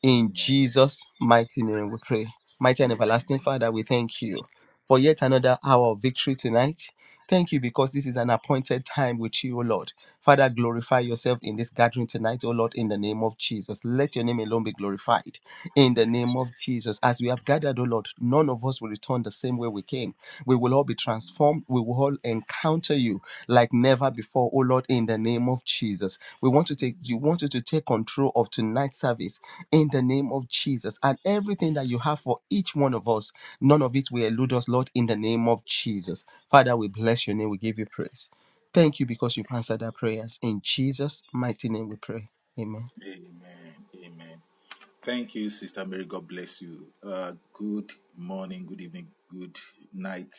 [SPEAKER 2] In Jesus' mighty name we pray. Mighty and
[SPEAKER 1] Amen.
[SPEAKER 2] everlasting Father, we thank you for yet another hour of victory tonight. Thank you because this is an appointed time with you, O Lord. Father, glorify yourself in this gathering tonight, O Lord, in the name of Jesus. Let your name alone be glorified in the name of Jesus. As we have gathered, O Lord, none of us will return the same way we came. We will all be transformed. We will all encounter you like never before, O Lord, in the name of Jesus. We want to take you want you to take control of tonight's service in the name of Jesus and everything that you have for each one of us. None of it will elude us, Lord, in the name of Jesus. Father, we bless your name. We give you praise. Thank you because you've answered our prayers. In Jesus' mighty name we pray. Amen.
[SPEAKER 1] Amen. Amen. Amen. Thank you, Sister Mary. God bless you. Uh, good morning, good evening, good night,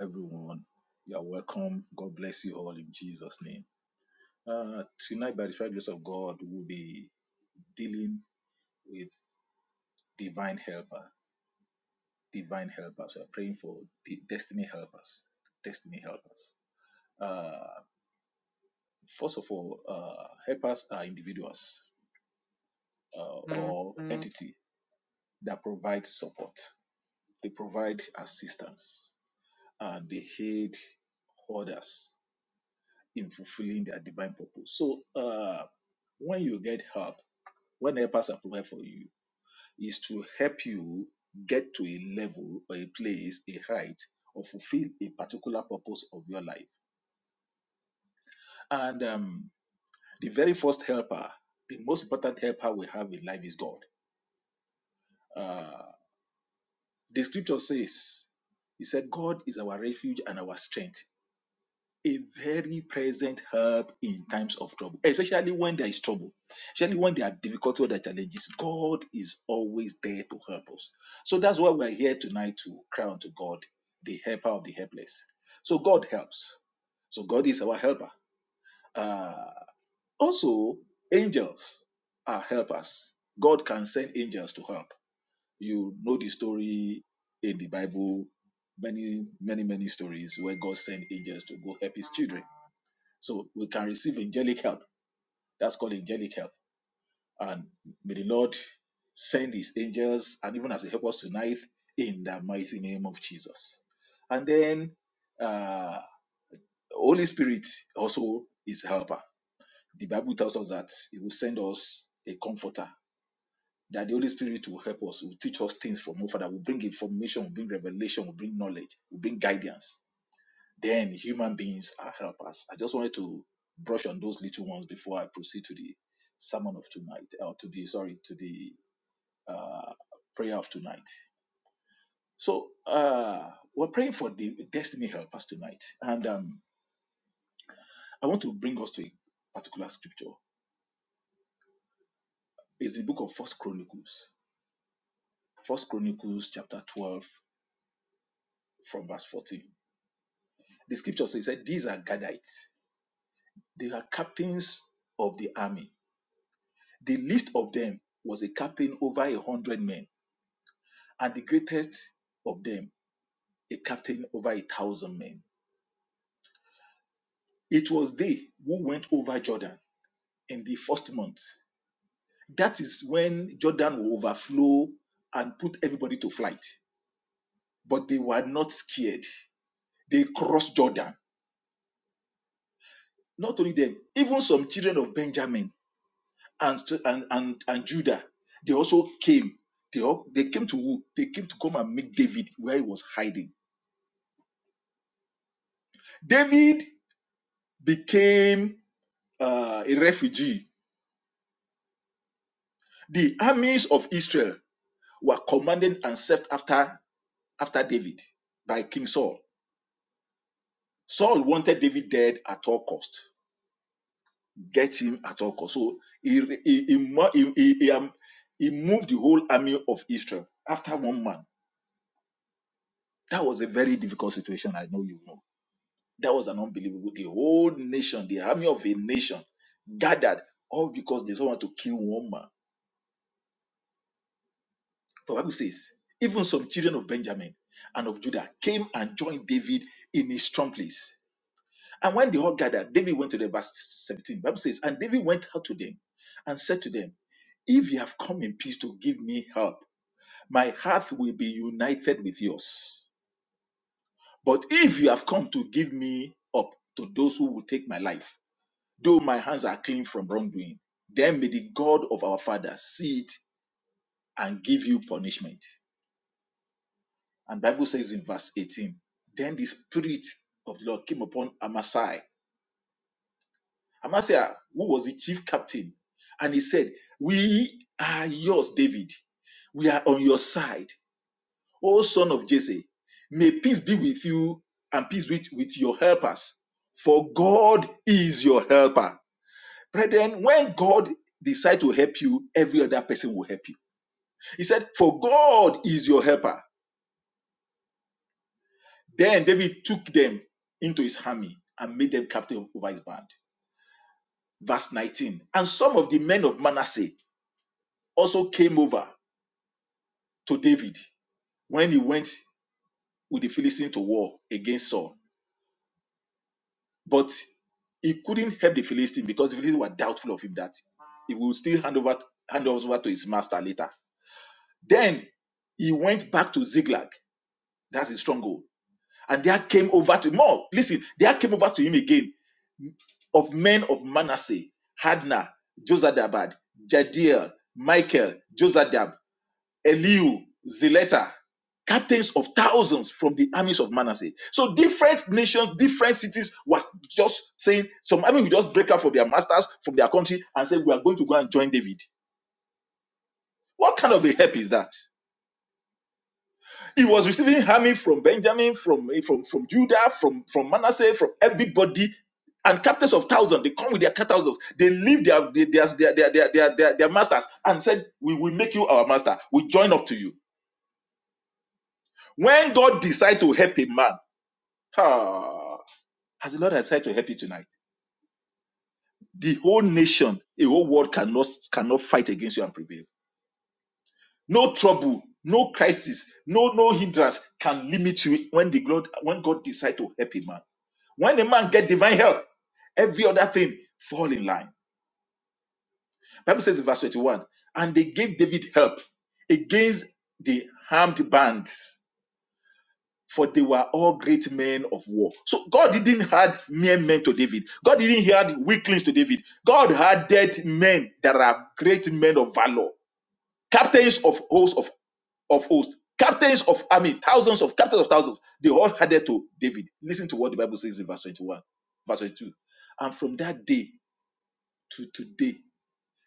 [SPEAKER 1] everyone. You are welcome. God bless you all in Jesus' name. Uh, tonight, by the sure grace of God, we'll be dealing with divine helper, divine helpers. We are praying for the destiny helpers, destiny helpers. Uh, first of all, uh, helpers are individuals uh, or entity that provide support. They provide assistance and they aid others in fulfilling their divine purpose. So uh, when you get help, when helpers are provided for you, is to help you get to a level or a place, a height, or fulfill a particular purpose of your life. And um, the very first helper, the most important helper we have in life is God. Uh, the scripture says, He said, God is our refuge and our strength a very present help in times of trouble, especially when there is trouble, especially when there are difficulties or there are challenges. God is always there to help us. So that's why we're here tonight to cry unto God, the helper of the helpless. So God helps. So God is our helper. Uh, also, angels are helpers. God can send angels to help. You know the story in the Bible, many, many, many stories where God sent angels to go help his children. So we can receive angelic help. That's called angelic help. And may the Lord send his angels and even as he help us tonight in the mighty name of Jesus. And then uh Holy Spirit also is a helper. The Bible tells us that he will send us a comforter, that the Holy Spirit will help us, will teach us things from our Father, will bring information, will bring revelation, will bring knowledge, will bring guidance. then human beings are helpers. I just wanted to brush on those little ones before I proceed to the sermon of tonight, or to the sorry, to the uh, prayer of tonight. So uh, we're praying for the destiny helpers tonight, and um, I want to bring us to a particular scripture. It's the book of First Chronicles, First Chronicles chapter twelve, from verse fourteen. The scripture says that these are Gadites; they are captains of the army. The least of them was a captain over a hundred men and the greatest of them a captain over a thousand men. It was they who went over Jordan in the first month. That is when Jordan will overflow and put everybody to flight. But they were not scared. They crossed Jordan. Not only them, even some children of Benjamin and, and, and, and Judah, they also came. They, all, they came to who? They came to come and meet David where he was hiding. David became uh, a refugee The armies of Israel were commanded and set after after David by King Saul. Saul wanted David dead at all cost. Get him at all cost. So he he, he, he, he, he, um, he moved the whole army of Israel after one man. That was a very difficult situation. I know you know. That was an unbelievable. The whole nation, the army of a nation, gathered all because they don't want to kill one man The Bible says, even some children of Benjamin and of Judah came and joined David in his strong place. And when they all gathered, David went to them, verse 17. The Bible says, And David went out to them and said to them, If you have come in peace to give me help, my heart will be united with yours. But if you have come to give me up to those who will take my life, though my hands are clean from wrongdoing, then may the God of our fathers see it and give you punishment. And Bible says in verse 18, then the spirit of the Lord came upon Amasai. Amasai, who was the chief captain, and he said, We are yours, David. We are on your side, O son of Jesse. May peace be with you and peace with, with your helpers, for God is your helper. Brethren, when God decides to help you, every other person will help you. He said, For God is your helper. Then David took them into his army and made them captain over his band. Verse 19. And some of the men of Manasseh also came over to David when he went with the Philistines to war against Saul. But he couldn't help the Philistines because the Philistines were doubtful of him that he would still hand over hand over to his master later. Then he went back to Ziklag, that's his stronghold, and there came over to more. Listen, there came over to him again of men of Manasseh, Hadna, Josadabad, Jadiel, Michael, Josadab, Eliu, Zileta, captains of thousands from the armies of Manasseh. So different nations, different cities were just saying, some army will just break out from their masters, from their country, and say, we are going to go and join David. What kind of a help is that? He was receiving harming from Benjamin, from from from Judah, from from Manasseh, from everybody, and captains of thousands. They come with their thousands. They leave their their their their their their, their, their masters and said, "We will make you our master. We join up to you." When God decides to help a man, ah, has the Lord has decided to help you tonight? The whole nation, the whole world cannot cannot fight against you and prevail. No trouble, no crisis, no no hindrance can limit you when the God when God decides to help a man When a man get divine help, every other thing fall in line. Bible says in verse 21, and they gave David help against the armed bands, for they were all great men of war. So God didn't add mere men to David. God didn't add weaklings to David. God added men that are great men of valor, captains of hosts of, of hosts, captains of army, thousands of captains of thousands. They all added to David. Listen to what the Bible says in verse 21, verse 22. And from that day, to today.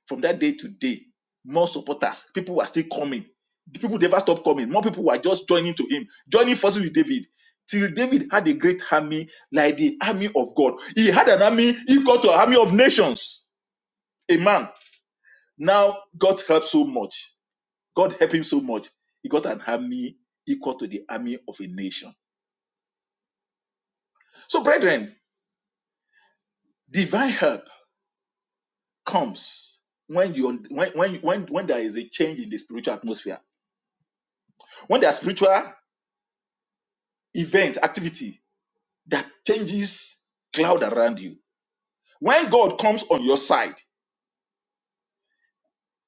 [SPEAKER 1] From that day to day, more supporters, people were still coming. The people never stopped coming. More people were just joining to him, joining forces with David. Till David had a great army, like the army of God. He had an army equal to an army of nations. A man. Now God helped so much. God helped him so much. He got an army equal to the army of a nation. So, brethren, divine help comes when you when when when when there is a change in the spiritual atmosphere. When there's spiritual event, activity that changes cloud around you. When God comes on your side,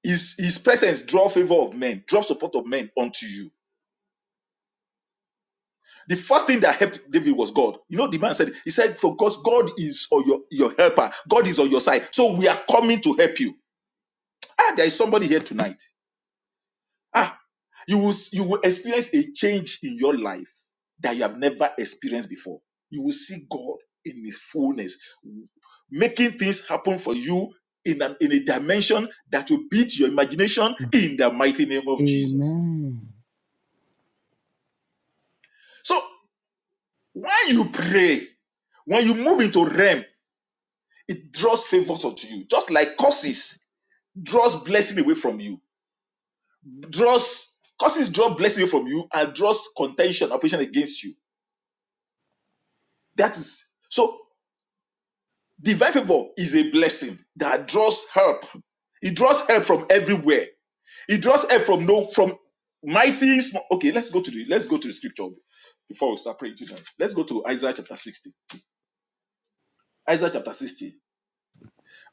[SPEAKER 1] his, his presence draw favor of men, draw support of men unto you. The first thing that helped David was God. You know, the man said, he said, for God, God is on your, your helper. God is on your side. So we are coming to help you. Ah, there is somebody here tonight. Ah, you will s- you will experience a change in your life that you have never experienced before. You will see God in His fullness, w- making things happen for you in an, in a dimension that will beat your imagination in the mighty name of Jesus. So when you pray, when you move into realm, it draws favors unto you, just like curses draws blessing away from you, draws curses draw blessing away from you and draws contention, opposition against you. That is so. Divine favor is a blessing that draws help. It draws help from everywhere. It draws help from no from mighty. sm- Okay, let's go to the let's go to the scripture before we start praying tonight. Let's go to Isaiah chapter 60. Isaiah chapter 60,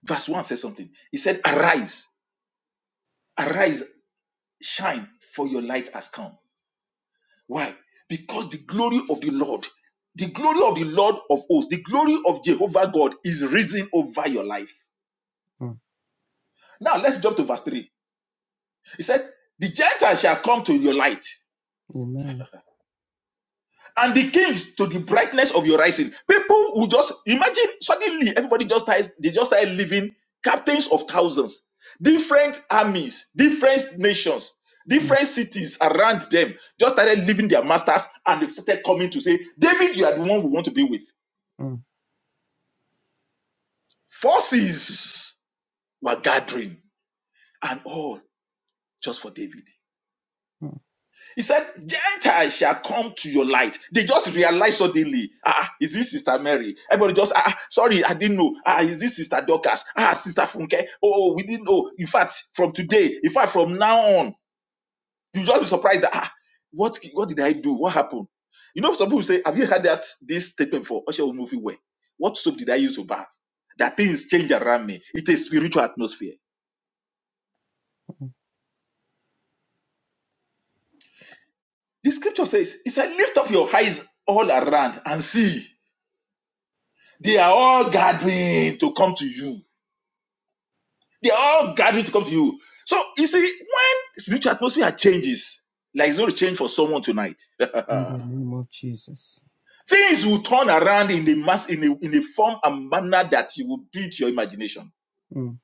[SPEAKER 1] verse 1 says something. He said, Arise, arise, shine, for your light has come. Why? Because the glory of the Lord, the glory of the Lord of hosts, the glory of Jehovah God is risen over your life.
[SPEAKER 2] Mm,
[SPEAKER 1] Now let's jump to verse 3. He said, The Gentiles shall come to your light,
[SPEAKER 2] Amen.
[SPEAKER 1] and the kings to the brightness of your rising. People who just imagine suddenly everybody just starts, they just started living captains of thousands, different armies, different nations,
[SPEAKER 2] Mm,
[SPEAKER 1] different cities around them just started living their masters and they started coming to say, David, you are the one we want to be with.
[SPEAKER 2] mm,
[SPEAKER 1] Forces were gathering and all just for David.
[SPEAKER 2] mm.
[SPEAKER 1] He said, Gentiles shall come to your light. They just realized suddenly, ah, ah, is this Sister Mary? Everybody just, ah, ah, sorry, I didn't know. Ah, ah, is this Sister Dorcas? Ah, ah, Sister Funke? Oh, oh, we didn't know. In fact, from today, in fact, from now on, you just be surprised that, ah, what, what did I do? What happened? You know, some people say, have you heard that this statement before? Osha movie way. What soap did I use to bath? That things change around me. It's a spiritual atmosphere. The scripture says, it said, lift up your eyes all around and see. They are all gathering to come to you. They are all gathering to come to you. So you see, when spiritual atmosphere changes, like it's going to change for someone tonight,
[SPEAKER 2] In the name of Jesus.
[SPEAKER 1] things will turn around in the mass in a, in a form and manner that you will beat your imagination.
[SPEAKER 2] Mm,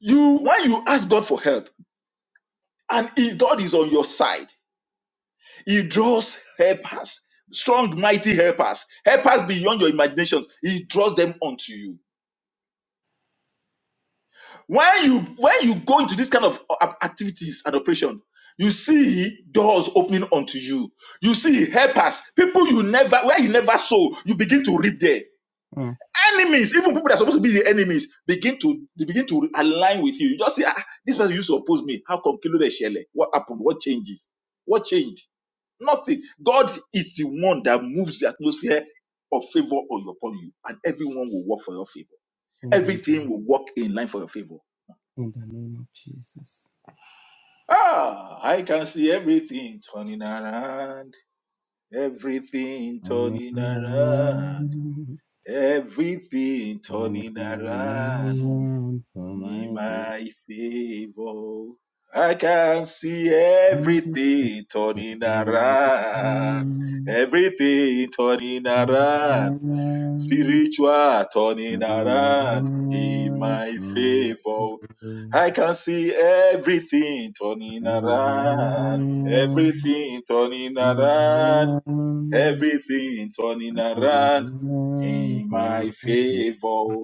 [SPEAKER 1] You when you ask God for help, and if God is on your side, He draws helpers, strong, mighty helpers, helpers beyond your imaginations. He draws them onto you. when you when you go into this kind of uh, a- activities and operation you see doors opening unto you you see helpers people you never where you never saw you begin to reap there
[SPEAKER 2] mm.
[SPEAKER 1] enemies even people that are supposed to be the enemies begin to they begin to align with you you just say ah this person used to oppose me how come kilo dey shele what happened what changes what changed nothing god is the one that moves the atmosphere of favor on your- upon you and everyone will work for your favor
[SPEAKER 2] In the
[SPEAKER 1] everything
[SPEAKER 2] name,
[SPEAKER 1] will work in line for your favor
[SPEAKER 2] in the name of Jesus.
[SPEAKER 1] Ah, I can see everything turning around. Everything
[SPEAKER 2] Turning
[SPEAKER 1] turning around.
[SPEAKER 2] around,
[SPEAKER 1] Everything
[SPEAKER 2] turning
[SPEAKER 1] turning around
[SPEAKER 2] around for
[SPEAKER 1] in
[SPEAKER 2] my good.
[SPEAKER 1] my favor. I can see everything turning
[SPEAKER 2] Turning
[SPEAKER 1] around.
[SPEAKER 2] around,
[SPEAKER 1] Everything turning
[SPEAKER 2] turning
[SPEAKER 1] around
[SPEAKER 2] around.
[SPEAKER 1] Spiritual
[SPEAKER 2] Oh,
[SPEAKER 1] turning
[SPEAKER 2] Father, that we
[SPEAKER 1] around in my favor. I can see everything turning around, everything turning around, everything turning around in my favor.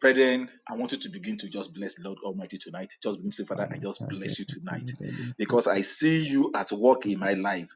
[SPEAKER 1] Brethren, I want you to begin to just bless Lord Almighty tonight. Just begin to say, Father, I just bless you tonight because I see you at work in my life.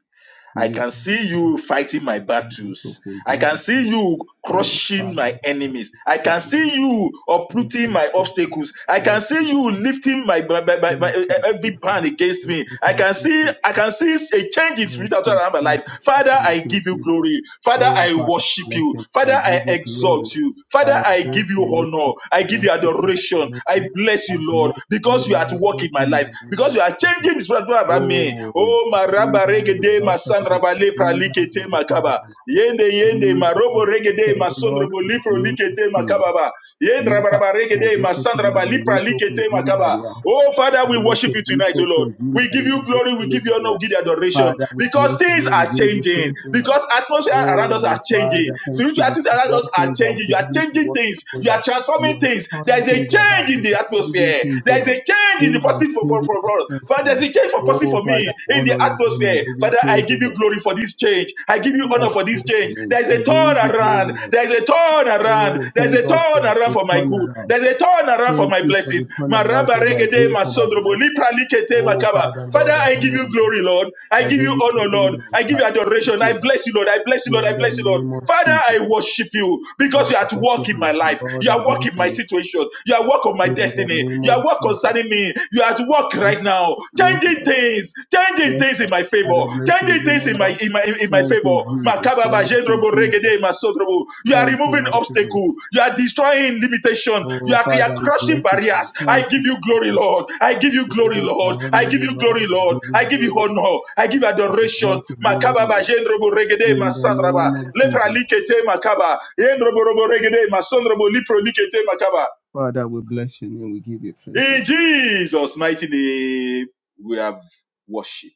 [SPEAKER 1] I can see you fighting my battles. I can see you crushing my enemies. I
[SPEAKER 2] should
[SPEAKER 1] can see you uprooting my obstacles. I can
[SPEAKER 2] be.
[SPEAKER 1] see you lifting my, my, my, my- my-
[SPEAKER 2] thank
[SPEAKER 1] e, every band against me.
[SPEAKER 2] you,
[SPEAKER 1] I can see
[SPEAKER 2] Jesus.
[SPEAKER 1] I can see a change in
[SPEAKER 2] Thank
[SPEAKER 1] spiritual
[SPEAKER 2] thank you,
[SPEAKER 1] around my life.
[SPEAKER 2] Jesus. Oh,
[SPEAKER 1] Father,
[SPEAKER 2] thank you, Jesus. Thank you, Jesus. Thank
[SPEAKER 1] I
[SPEAKER 2] you,
[SPEAKER 1] give you
[SPEAKER 2] Jesus.
[SPEAKER 1] glory. Father,
[SPEAKER 2] Oh,
[SPEAKER 1] I
[SPEAKER 2] Father,
[SPEAKER 1] worship
[SPEAKER 2] bless
[SPEAKER 1] you.
[SPEAKER 2] you.
[SPEAKER 1] Father,
[SPEAKER 2] I
[SPEAKER 1] I
[SPEAKER 2] give you glory.
[SPEAKER 1] exalt you. Father,
[SPEAKER 2] I
[SPEAKER 1] I give
[SPEAKER 2] exalt
[SPEAKER 1] you
[SPEAKER 2] your name,
[SPEAKER 1] honor.
[SPEAKER 2] Lord.
[SPEAKER 1] I
[SPEAKER 2] I
[SPEAKER 1] give you
[SPEAKER 2] worship you. I
[SPEAKER 1] adoration.
[SPEAKER 2] honor
[SPEAKER 1] I
[SPEAKER 2] you.
[SPEAKER 1] bless
[SPEAKER 2] I
[SPEAKER 1] you, Lord,
[SPEAKER 2] bless your
[SPEAKER 1] because
[SPEAKER 2] name,
[SPEAKER 1] you are at work
[SPEAKER 2] Lord,
[SPEAKER 1] in my
[SPEAKER 2] in
[SPEAKER 1] life.
[SPEAKER 2] the name
[SPEAKER 1] Because you are
[SPEAKER 2] of
[SPEAKER 1] changing
[SPEAKER 2] Jesus.
[SPEAKER 1] Changing is Amen.
[SPEAKER 2] Oh,
[SPEAKER 1] Oh,
[SPEAKER 2] be
[SPEAKER 1] maraba
[SPEAKER 2] thou
[SPEAKER 1] regede
[SPEAKER 2] exalted, O
[SPEAKER 1] masandra
[SPEAKER 2] Lord.
[SPEAKER 1] bale
[SPEAKER 2] Be thou
[SPEAKER 1] pralikete
[SPEAKER 2] glorified,
[SPEAKER 1] makaba.
[SPEAKER 2] O Lord.
[SPEAKER 1] Yende yende
[SPEAKER 2] Be thou
[SPEAKER 1] marobo regede
[SPEAKER 2] exalted, O Lord,
[SPEAKER 1] masondrobo
[SPEAKER 2] in
[SPEAKER 1] lipro
[SPEAKER 2] the name of
[SPEAKER 1] likete
[SPEAKER 2] Jesus.
[SPEAKER 1] makababa. Yende
[SPEAKER 2] You
[SPEAKER 1] rabaraba regede masandra bali pralikete makaba.
[SPEAKER 2] have
[SPEAKER 1] Oh, Father, we
[SPEAKER 2] and let
[SPEAKER 1] worship
[SPEAKER 2] your
[SPEAKER 1] you tonight, oh
[SPEAKER 2] people
[SPEAKER 1] Lord.
[SPEAKER 2] presume
[SPEAKER 1] We
[SPEAKER 2] that
[SPEAKER 1] give
[SPEAKER 2] they
[SPEAKER 1] you
[SPEAKER 2] can just
[SPEAKER 1] glory, we give you honor, we
[SPEAKER 2] hallelujah.
[SPEAKER 1] give you adoration
[SPEAKER 2] Father, we
[SPEAKER 1] because
[SPEAKER 2] bless your
[SPEAKER 1] things
[SPEAKER 2] name,
[SPEAKER 1] are
[SPEAKER 2] we give you
[SPEAKER 1] changing,
[SPEAKER 2] praise in us.
[SPEAKER 1] because atmosphere around us are
[SPEAKER 2] Oh,
[SPEAKER 1] changing,
[SPEAKER 2] Father, thank you
[SPEAKER 1] spiritual things
[SPEAKER 2] because
[SPEAKER 1] around us
[SPEAKER 2] all
[SPEAKER 1] are
[SPEAKER 2] things are
[SPEAKER 1] changing. You are
[SPEAKER 2] beginning to
[SPEAKER 1] changing
[SPEAKER 2] work
[SPEAKER 1] things, you are
[SPEAKER 2] together. You
[SPEAKER 1] transforming things.
[SPEAKER 2] are
[SPEAKER 1] There
[SPEAKER 2] turning
[SPEAKER 1] is a
[SPEAKER 2] things
[SPEAKER 1] change
[SPEAKER 2] around,
[SPEAKER 1] in
[SPEAKER 2] you
[SPEAKER 1] the
[SPEAKER 2] are changing
[SPEAKER 1] atmosphere,
[SPEAKER 2] things, oh
[SPEAKER 1] there is a
[SPEAKER 2] Lord.
[SPEAKER 1] change in the
[SPEAKER 2] Things are
[SPEAKER 1] positive for for
[SPEAKER 2] changing
[SPEAKER 1] for
[SPEAKER 2] the
[SPEAKER 1] for us. Father, there's
[SPEAKER 2] atmosphere.
[SPEAKER 1] a change for positive
[SPEAKER 2] Oh,
[SPEAKER 1] for
[SPEAKER 2] Father,
[SPEAKER 1] me
[SPEAKER 2] I
[SPEAKER 1] in the
[SPEAKER 2] honor your name, I
[SPEAKER 1] atmosphere.
[SPEAKER 2] give you
[SPEAKER 1] Father, I
[SPEAKER 2] praise,
[SPEAKER 1] give
[SPEAKER 2] oh
[SPEAKER 1] you
[SPEAKER 2] Lord.
[SPEAKER 1] glory for this change, I give you honor
[SPEAKER 2] Father,
[SPEAKER 1] for
[SPEAKER 2] I
[SPEAKER 1] this
[SPEAKER 2] bless
[SPEAKER 1] change.
[SPEAKER 2] your name,
[SPEAKER 1] There is
[SPEAKER 2] I
[SPEAKER 1] a
[SPEAKER 2] give you
[SPEAKER 1] turnaround around.
[SPEAKER 2] glory, Lord.
[SPEAKER 1] There's a turn around.
[SPEAKER 2] Oh,
[SPEAKER 1] There's
[SPEAKER 2] thank
[SPEAKER 1] a
[SPEAKER 2] God
[SPEAKER 1] turn
[SPEAKER 2] for
[SPEAKER 1] around
[SPEAKER 2] the
[SPEAKER 1] for my good.
[SPEAKER 2] turnaround.
[SPEAKER 1] There's a turn around for
[SPEAKER 2] Thank
[SPEAKER 1] my
[SPEAKER 2] you for
[SPEAKER 1] blessing.
[SPEAKER 2] the turnaround
[SPEAKER 1] Maraba
[SPEAKER 2] for my
[SPEAKER 1] regede
[SPEAKER 2] good, for my
[SPEAKER 1] masodrobo,
[SPEAKER 2] blessing.
[SPEAKER 1] lipra likete
[SPEAKER 2] Oh,
[SPEAKER 1] makaba.
[SPEAKER 2] Father,
[SPEAKER 1] Father,
[SPEAKER 2] Lord, I
[SPEAKER 1] I give
[SPEAKER 2] honor
[SPEAKER 1] you
[SPEAKER 2] you.
[SPEAKER 1] glory, Lord. I
[SPEAKER 2] I
[SPEAKER 1] give you
[SPEAKER 2] give you
[SPEAKER 1] honor,
[SPEAKER 2] glory,
[SPEAKER 1] Lord.
[SPEAKER 2] Lord.
[SPEAKER 1] I give
[SPEAKER 2] I
[SPEAKER 1] you
[SPEAKER 2] worship
[SPEAKER 1] adoration.
[SPEAKER 2] you,
[SPEAKER 1] I
[SPEAKER 2] Lord.
[SPEAKER 1] bless you, Lord. I bless you, Lord.
[SPEAKER 2] In
[SPEAKER 1] I
[SPEAKER 2] the
[SPEAKER 1] bless you, Lord.
[SPEAKER 2] name of
[SPEAKER 1] Father,
[SPEAKER 2] Jesus.
[SPEAKER 1] I worship you because
[SPEAKER 2] Father,
[SPEAKER 1] you are
[SPEAKER 2] I
[SPEAKER 1] at
[SPEAKER 2] worship
[SPEAKER 1] work in my
[SPEAKER 2] you.
[SPEAKER 1] life. You
[SPEAKER 2] Lord, I
[SPEAKER 1] are working
[SPEAKER 2] bless
[SPEAKER 1] my
[SPEAKER 2] you.
[SPEAKER 1] situation. You are work on my
[SPEAKER 2] In the
[SPEAKER 1] destiny.
[SPEAKER 2] name
[SPEAKER 1] You are
[SPEAKER 2] of
[SPEAKER 1] work
[SPEAKER 2] Jesus.
[SPEAKER 1] concerning me. You are at work
[SPEAKER 2] Yes,
[SPEAKER 1] right now,
[SPEAKER 2] Lord. Yes,
[SPEAKER 1] changing
[SPEAKER 2] Lord.
[SPEAKER 1] things, changing
[SPEAKER 2] Yes,
[SPEAKER 1] things in
[SPEAKER 2] Lord.
[SPEAKER 1] my favor,
[SPEAKER 2] Father, bless your
[SPEAKER 1] changing
[SPEAKER 2] name, O
[SPEAKER 1] things in my
[SPEAKER 2] Lord.
[SPEAKER 1] in my in my
[SPEAKER 2] Thank
[SPEAKER 1] favor.
[SPEAKER 2] you, Jesus.
[SPEAKER 1] Makababa,
[SPEAKER 2] Thank you,
[SPEAKER 1] jendrobo,
[SPEAKER 2] Jesus.
[SPEAKER 1] regede, masodrobo. You are
[SPEAKER 2] Thank you,
[SPEAKER 1] removing
[SPEAKER 2] mighty God.
[SPEAKER 1] obstacle. You are destroying limitation. You
[SPEAKER 2] Oh,
[SPEAKER 1] are, you are
[SPEAKER 2] Father, we
[SPEAKER 1] crushing
[SPEAKER 2] bless you.
[SPEAKER 1] barriers. I
[SPEAKER 2] Thank
[SPEAKER 1] give
[SPEAKER 2] you,
[SPEAKER 1] you glory,
[SPEAKER 2] Jesus.
[SPEAKER 1] Lord. I give you glory,
[SPEAKER 2] Oh, I
[SPEAKER 1] Lord. I
[SPEAKER 2] honor
[SPEAKER 1] give
[SPEAKER 2] you,
[SPEAKER 1] you glory,
[SPEAKER 2] Lord. I
[SPEAKER 1] Lord.
[SPEAKER 2] give you
[SPEAKER 1] I give you
[SPEAKER 2] glory.
[SPEAKER 1] honor. I give you
[SPEAKER 2] I
[SPEAKER 1] adoration.
[SPEAKER 2] exalt your name, O
[SPEAKER 1] Makababa,
[SPEAKER 2] Lord.
[SPEAKER 1] jendrobo, regede,
[SPEAKER 2] In the
[SPEAKER 1] masandraba.
[SPEAKER 2] name of
[SPEAKER 1] Lepra
[SPEAKER 2] Jesus.
[SPEAKER 1] likete makaba. Yendrobo, robo, regede, masondrobo, lipro likete makaba.
[SPEAKER 2] Father, we bless your name. We give you praise,
[SPEAKER 1] In
[SPEAKER 2] Lord.
[SPEAKER 1] Jesus' mighty name, we have worship.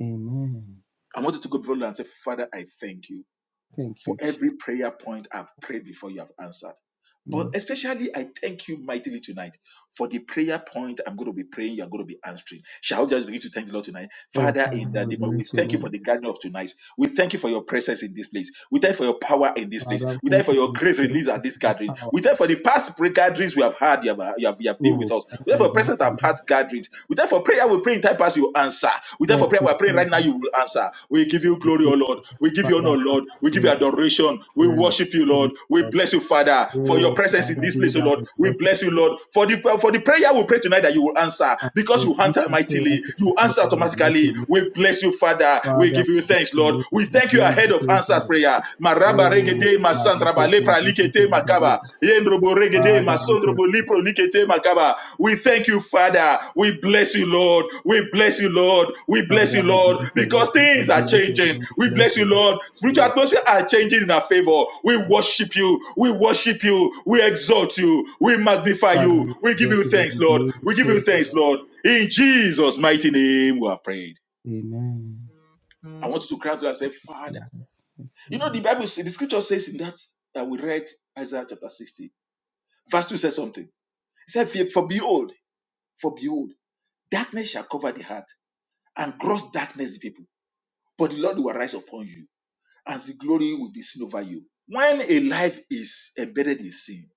[SPEAKER 2] Amen.
[SPEAKER 1] I want you to go before the Lord and say, Father, I thank you
[SPEAKER 2] Thank you,
[SPEAKER 1] for every
[SPEAKER 2] Jesus.
[SPEAKER 1] prayer point I've prayed before you have answered. But
[SPEAKER 2] Mm.
[SPEAKER 1] especially, I thank you mightily tonight for the prayer point I'm going to be praying, you're going to be answering. Shall we just begin to thank the Lord tonight?
[SPEAKER 2] Oh,
[SPEAKER 1] Father,
[SPEAKER 2] Father,
[SPEAKER 1] in the
[SPEAKER 2] we
[SPEAKER 1] name of, we
[SPEAKER 2] bless your
[SPEAKER 1] thank you for
[SPEAKER 2] name.
[SPEAKER 1] the gathering of tonight. We thank you for your presence in this place. We thank you for your power in this place.
[SPEAKER 2] Father, we
[SPEAKER 1] We thank
[SPEAKER 2] thank
[SPEAKER 1] you for
[SPEAKER 2] you for
[SPEAKER 1] your
[SPEAKER 2] your
[SPEAKER 1] grace released at
[SPEAKER 2] presence,
[SPEAKER 1] this
[SPEAKER 2] for your
[SPEAKER 1] gathering.
[SPEAKER 2] power.
[SPEAKER 1] We thank you for the past prayer gatherings we have had, you have, you have, you have been with
[SPEAKER 2] Oh,
[SPEAKER 1] us.
[SPEAKER 2] Father,
[SPEAKER 1] We thank
[SPEAKER 2] we
[SPEAKER 1] you for
[SPEAKER 2] bless
[SPEAKER 1] present our
[SPEAKER 2] your name.
[SPEAKER 1] past gatherings. We thank you for prayer we pray in time past, you answer. We thank you for
[SPEAKER 2] Thank
[SPEAKER 1] prayer prayer
[SPEAKER 2] you,
[SPEAKER 1] we're praying right
[SPEAKER 2] Jesus.
[SPEAKER 1] now, you will answer. We give you
[SPEAKER 2] Thank
[SPEAKER 1] glory,
[SPEAKER 2] you,
[SPEAKER 1] O Lord.
[SPEAKER 2] Jesus.
[SPEAKER 1] We give you honor,
[SPEAKER 2] Father, we
[SPEAKER 1] Lord.
[SPEAKER 2] bless
[SPEAKER 1] We give
[SPEAKER 2] your
[SPEAKER 1] you
[SPEAKER 2] name, O Lord.
[SPEAKER 1] adoration. We
[SPEAKER 2] We exalt
[SPEAKER 1] worship you,
[SPEAKER 2] your
[SPEAKER 1] Lord.
[SPEAKER 2] name,
[SPEAKER 1] We
[SPEAKER 2] Lord.
[SPEAKER 1] bless you, Father, for your
[SPEAKER 2] Oh,
[SPEAKER 1] presence in
[SPEAKER 2] Father,
[SPEAKER 1] this
[SPEAKER 2] be
[SPEAKER 1] place, O
[SPEAKER 2] thou
[SPEAKER 1] Lord. We
[SPEAKER 2] exalted,
[SPEAKER 1] bless you,
[SPEAKER 2] O Lord.
[SPEAKER 1] Lord, for the for the prayer we pray tonight that you will answer
[SPEAKER 2] And for
[SPEAKER 1] because you answer
[SPEAKER 2] answer prayers
[SPEAKER 1] mightily. You
[SPEAKER 2] tonight, Lord,
[SPEAKER 1] answer
[SPEAKER 2] we exalt your
[SPEAKER 1] automatically.
[SPEAKER 2] name.
[SPEAKER 1] We bless you, Father. We
[SPEAKER 2] Father,
[SPEAKER 1] give you
[SPEAKER 2] we bless
[SPEAKER 1] thanks,
[SPEAKER 2] your
[SPEAKER 1] Lord.
[SPEAKER 2] name.
[SPEAKER 1] We
[SPEAKER 2] We
[SPEAKER 1] thank you
[SPEAKER 2] give
[SPEAKER 1] ahead
[SPEAKER 2] you
[SPEAKER 1] of
[SPEAKER 2] praise, O
[SPEAKER 1] answers
[SPEAKER 2] Lord.
[SPEAKER 1] prayer. Maraba
[SPEAKER 2] Oh,
[SPEAKER 1] regede
[SPEAKER 2] my
[SPEAKER 1] masantraba
[SPEAKER 2] little
[SPEAKER 1] lepra
[SPEAKER 2] praise,
[SPEAKER 1] likete makaba.
[SPEAKER 2] little Father, we thank you.
[SPEAKER 1] We thank you, Father. We bless you, Lord. We bless you, Lord. We bless
[SPEAKER 2] Father,
[SPEAKER 1] you,
[SPEAKER 2] we
[SPEAKER 1] Lord,
[SPEAKER 2] bless your name.
[SPEAKER 1] because
[SPEAKER 2] We
[SPEAKER 1] things are
[SPEAKER 2] bless your
[SPEAKER 1] changing.
[SPEAKER 2] name. We
[SPEAKER 1] We
[SPEAKER 2] bless
[SPEAKER 1] bless you,
[SPEAKER 2] your
[SPEAKER 1] Lord. Spiritual
[SPEAKER 2] name.
[SPEAKER 1] atmosphere are changing in our favor. We worship you. We worship you. We exalt you. We magnify
[SPEAKER 2] Father,
[SPEAKER 1] you.
[SPEAKER 2] we
[SPEAKER 1] We give
[SPEAKER 2] exalt
[SPEAKER 1] you
[SPEAKER 2] your
[SPEAKER 1] thanks,
[SPEAKER 2] name.
[SPEAKER 1] Lord.
[SPEAKER 2] We give you
[SPEAKER 1] We give you
[SPEAKER 2] praise, O
[SPEAKER 1] thanks,
[SPEAKER 2] Lord.
[SPEAKER 1] Lord. In Jesus' mighty name, we are prayed.
[SPEAKER 2] Amen.
[SPEAKER 1] I want you to cry to God and say, Father.
[SPEAKER 2] Jesus,
[SPEAKER 1] You know,
[SPEAKER 2] excellent.
[SPEAKER 1] the Bible, says- the scripture says in that that we read Isaiah chapter 60, verse 2 says something. He said, "For for behold, for behold, darkness shall cover the heart, and gross darkness the people. But the Lord will arise upon you, and his glory will be seen over you." When a life is embedded in sin,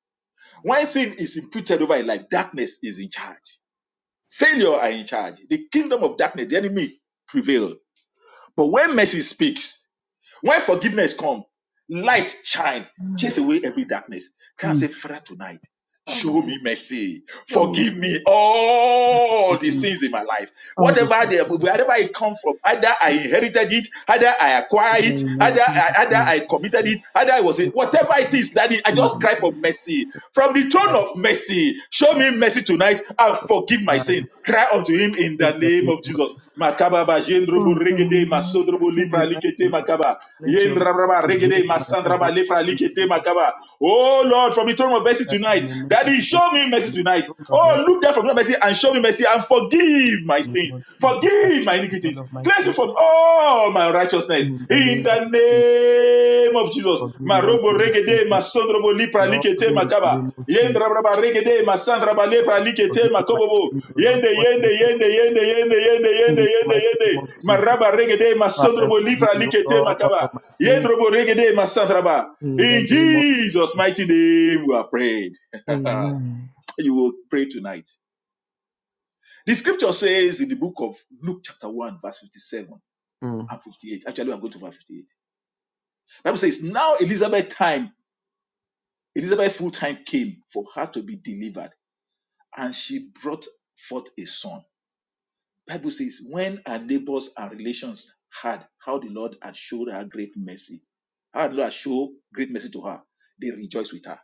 [SPEAKER 1] when sin is imputed over a life, darkness is in charge. Failure are in charge. The kingdom of darkness, the enemy prevail. But when mercy speaks, when forgiveness comes, light shine, chase away every darkness. Can I say,
[SPEAKER 2] Mm.
[SPEAKER 1] Father, tonight?
[SPEAKER 2] Father,
[SPEAKER 1] Show me mercy.
[SPEAKER 2] show me my
[SPEAKER 1] Forgive me
[SPEAKER 2] Father,
[SPEAKER 1] all the
[SPEAKER 2] open me.
[SPEAKER 1] sins in my life.
[SPEAKER 2] all this.
[SPEAKER 1] Whatever
[SPEAKER 2] things
[SPEAKER 1] they, wherever it comes from, either I inherited it, either I acquired
[SPEAKER 2] that I
[SPEAKER 1] it,
[SPEAKER 2] am
[SPEAKER 1] either
[SPEAKER 2] not think
[SPEAKER 1] I,
[SPEAKER 2] it's
[SPEAKER 1] either
[SPEAKER 2] not.
[SPEAKER 1] I committed it,
[SPEAKER 2] It's
[SPEAKER 1] either I was it,
[SPEAKER 2] not
[SPEAKER 1] whatever
[SPEAKER 2] that I
[SPEAKER 1] it is, that I
[SPEAKER 2] need
[SPEAKER 1] just
[SPEAKER 2] and
[SPEAKER 1] cry for
[SPEAKER 2] do.
[SPEAKER 1] mercy. From the throne
[SPEAKER 2] Father,
[SPEAKER 1] of mercy, show me
[SPEAKER 2] mercy.
[SPEAKER 1] mercy tonight and
[SPEAKER 2] Oh,
[SPEAKER 1] forgive my sin.
[SPEAKER 2] Father,
[SPEAKER 1] Cry unto him in
[SPEAKER 2] in
[SPEAKER 1] the
[SPEAKER 2] the
[SPEAKER 1] name
[SPEAKER 2] name
[SPEAKER 1] of
[SPEAKER 2] of
[SPEAKER 1] Jesus. Makaba ba jendrobo
[SPEAKER 2] Oh,
[SPEAKER 1] regede
[SPEAKER 2] Father,
[SPEAKER 1] masodrobo
[SPEAKER 2] show
[SPEAKER 1] lipra
[SPEAKER 2] me
[SPEAKER 1] likete
[SPEAKER 2] mercy, Lord.
[SPEAKER 1] makaba.
[SPEAKER 2] Let your mercy
[SPEAKER 1] Yendrabraba,
[SPEAKER 2] prevail
[SPEAKER 1] regede,
[SPEAKER 2] in my life, O
[SPEAKER 1] masandraba,
[SPEAKER 2] Lord,
[SPEAKER 1] lefra,
[SPEAKER 2] in the
[SPEAKER 1] likete,
[SPEAKER 2] name of
[SPEAKER 1] makaba. Oh Lord, from the throne of mercy
[SPEAKER 2] that you
[SPEAKER 1] tonight,
[SPEAKER 2] may mercy
[SPEAKER 1] Daddy,
[SPEAKER 2] tonight
[SPEAKER 1] show me
[SPEAKER 2] from
[SPEAKER 1] mercy
[SPEAKER 2] the
[SPEAKER 1] tonight.
[SPEAKER 2] throne of mercy
[SPEAKER 1] Oh, look down from your mercy and show me mercy and forgive my
[SPEAKER 2] in the
[SPEAKER 1] sins,
[SPEAKER 2] name of Jesus. I
[SPEAKER 1] forgive my
[SPEAKER 2] forgive
[SPEAKER 1] iniquities,
[SPEAKER 2] all of my
[SPEAKER 1] cleanse me
[SPEAKER 2] sins
[SPEAKER 1] from all my righteousness.
[SPEAKER 2] in the
[SPEAKER 1] In
[SPEAKER 2] name of
[SPEAKER 1] the
[SPEAKER 2] Jesus.
[SPEAKER 1] name of Jesus,
[SPEAKER 2] Forgive me all of
[SPEAKER 1] Marobo
[SPEAKER 2] my sins,
[SPEAKER 1] regede,
[SPEAKER 2] O
[SPEAKER 1] masondrobo, lipra,
[SPEAKER 2] Lord,
[SPEAKER 1] likete,
[SPEAKER 2] in the
[SPEAKER 1] makaba.
[SPEAKER 2] name of
[SPEAKER 1] Yende
[SPEAKER 2] Jesus.
[SPEAKER 1] rabraba regede masandra balebra
[SPEAKER 2] Father,
[SPEAKER 1] likete
[SPEAKER 2] forgive me my
[SPEAKER 1] makobobo.
[SPEAKER 2] sins, O Lord,
[SPEAKER 1] Yende
[SPEAKER 2] what
[SPEAKER 1] yende
[SPEAKER 2] me through
[SPEAKER 1] yende yende yende yende
[SPEAKER 2] in
[SPEAKER 1] yende
[SPEAKER 2] the
[SPEAKER 1] yende
[SPEAKER 2] mighty name of
[SPEAKER 1] yende.
[SPEAKER 2] Jesus.
[SPEAKER 1] Maraba regede
[SPEAKER 2] Father,
[SPEAKER 1] masondrobo libra
[SPEAKER 2] forgive me, O
[SPEAKER 1] likete
[SPEAKER 2] Lord, all of
[SPEAKER 1] makaba.
[SPEAKER 2] my sins
[SPEAKER 1] Yendrobo regede masandraba.
[SPEAKER 2] in the
[SPEAKER 1] In
[SPEAKER 2] name of
[SPEAKER 1] Jesus'
[SPEAKER 2] Jesus.
[SPEAKER 1] mighty name we are prayed.
[SPEAKER 2] Amen.
[SPEAKER 1] you will pray tonight. The scripture says in the book of Luke chapter 1 verse 57
[SPEAKER 2] Mm,
[SPEAKER 1] and 58. Actually, I'm going to verse 58. Bible says, now Elizabeth time, Elizabeth full time came for her to be delivered and she brought forth a son Bible says, when our neighbors and relations heard how the Lord had showed her great mercy, how the Lord had showed great mercy to her, they rejoiced with her.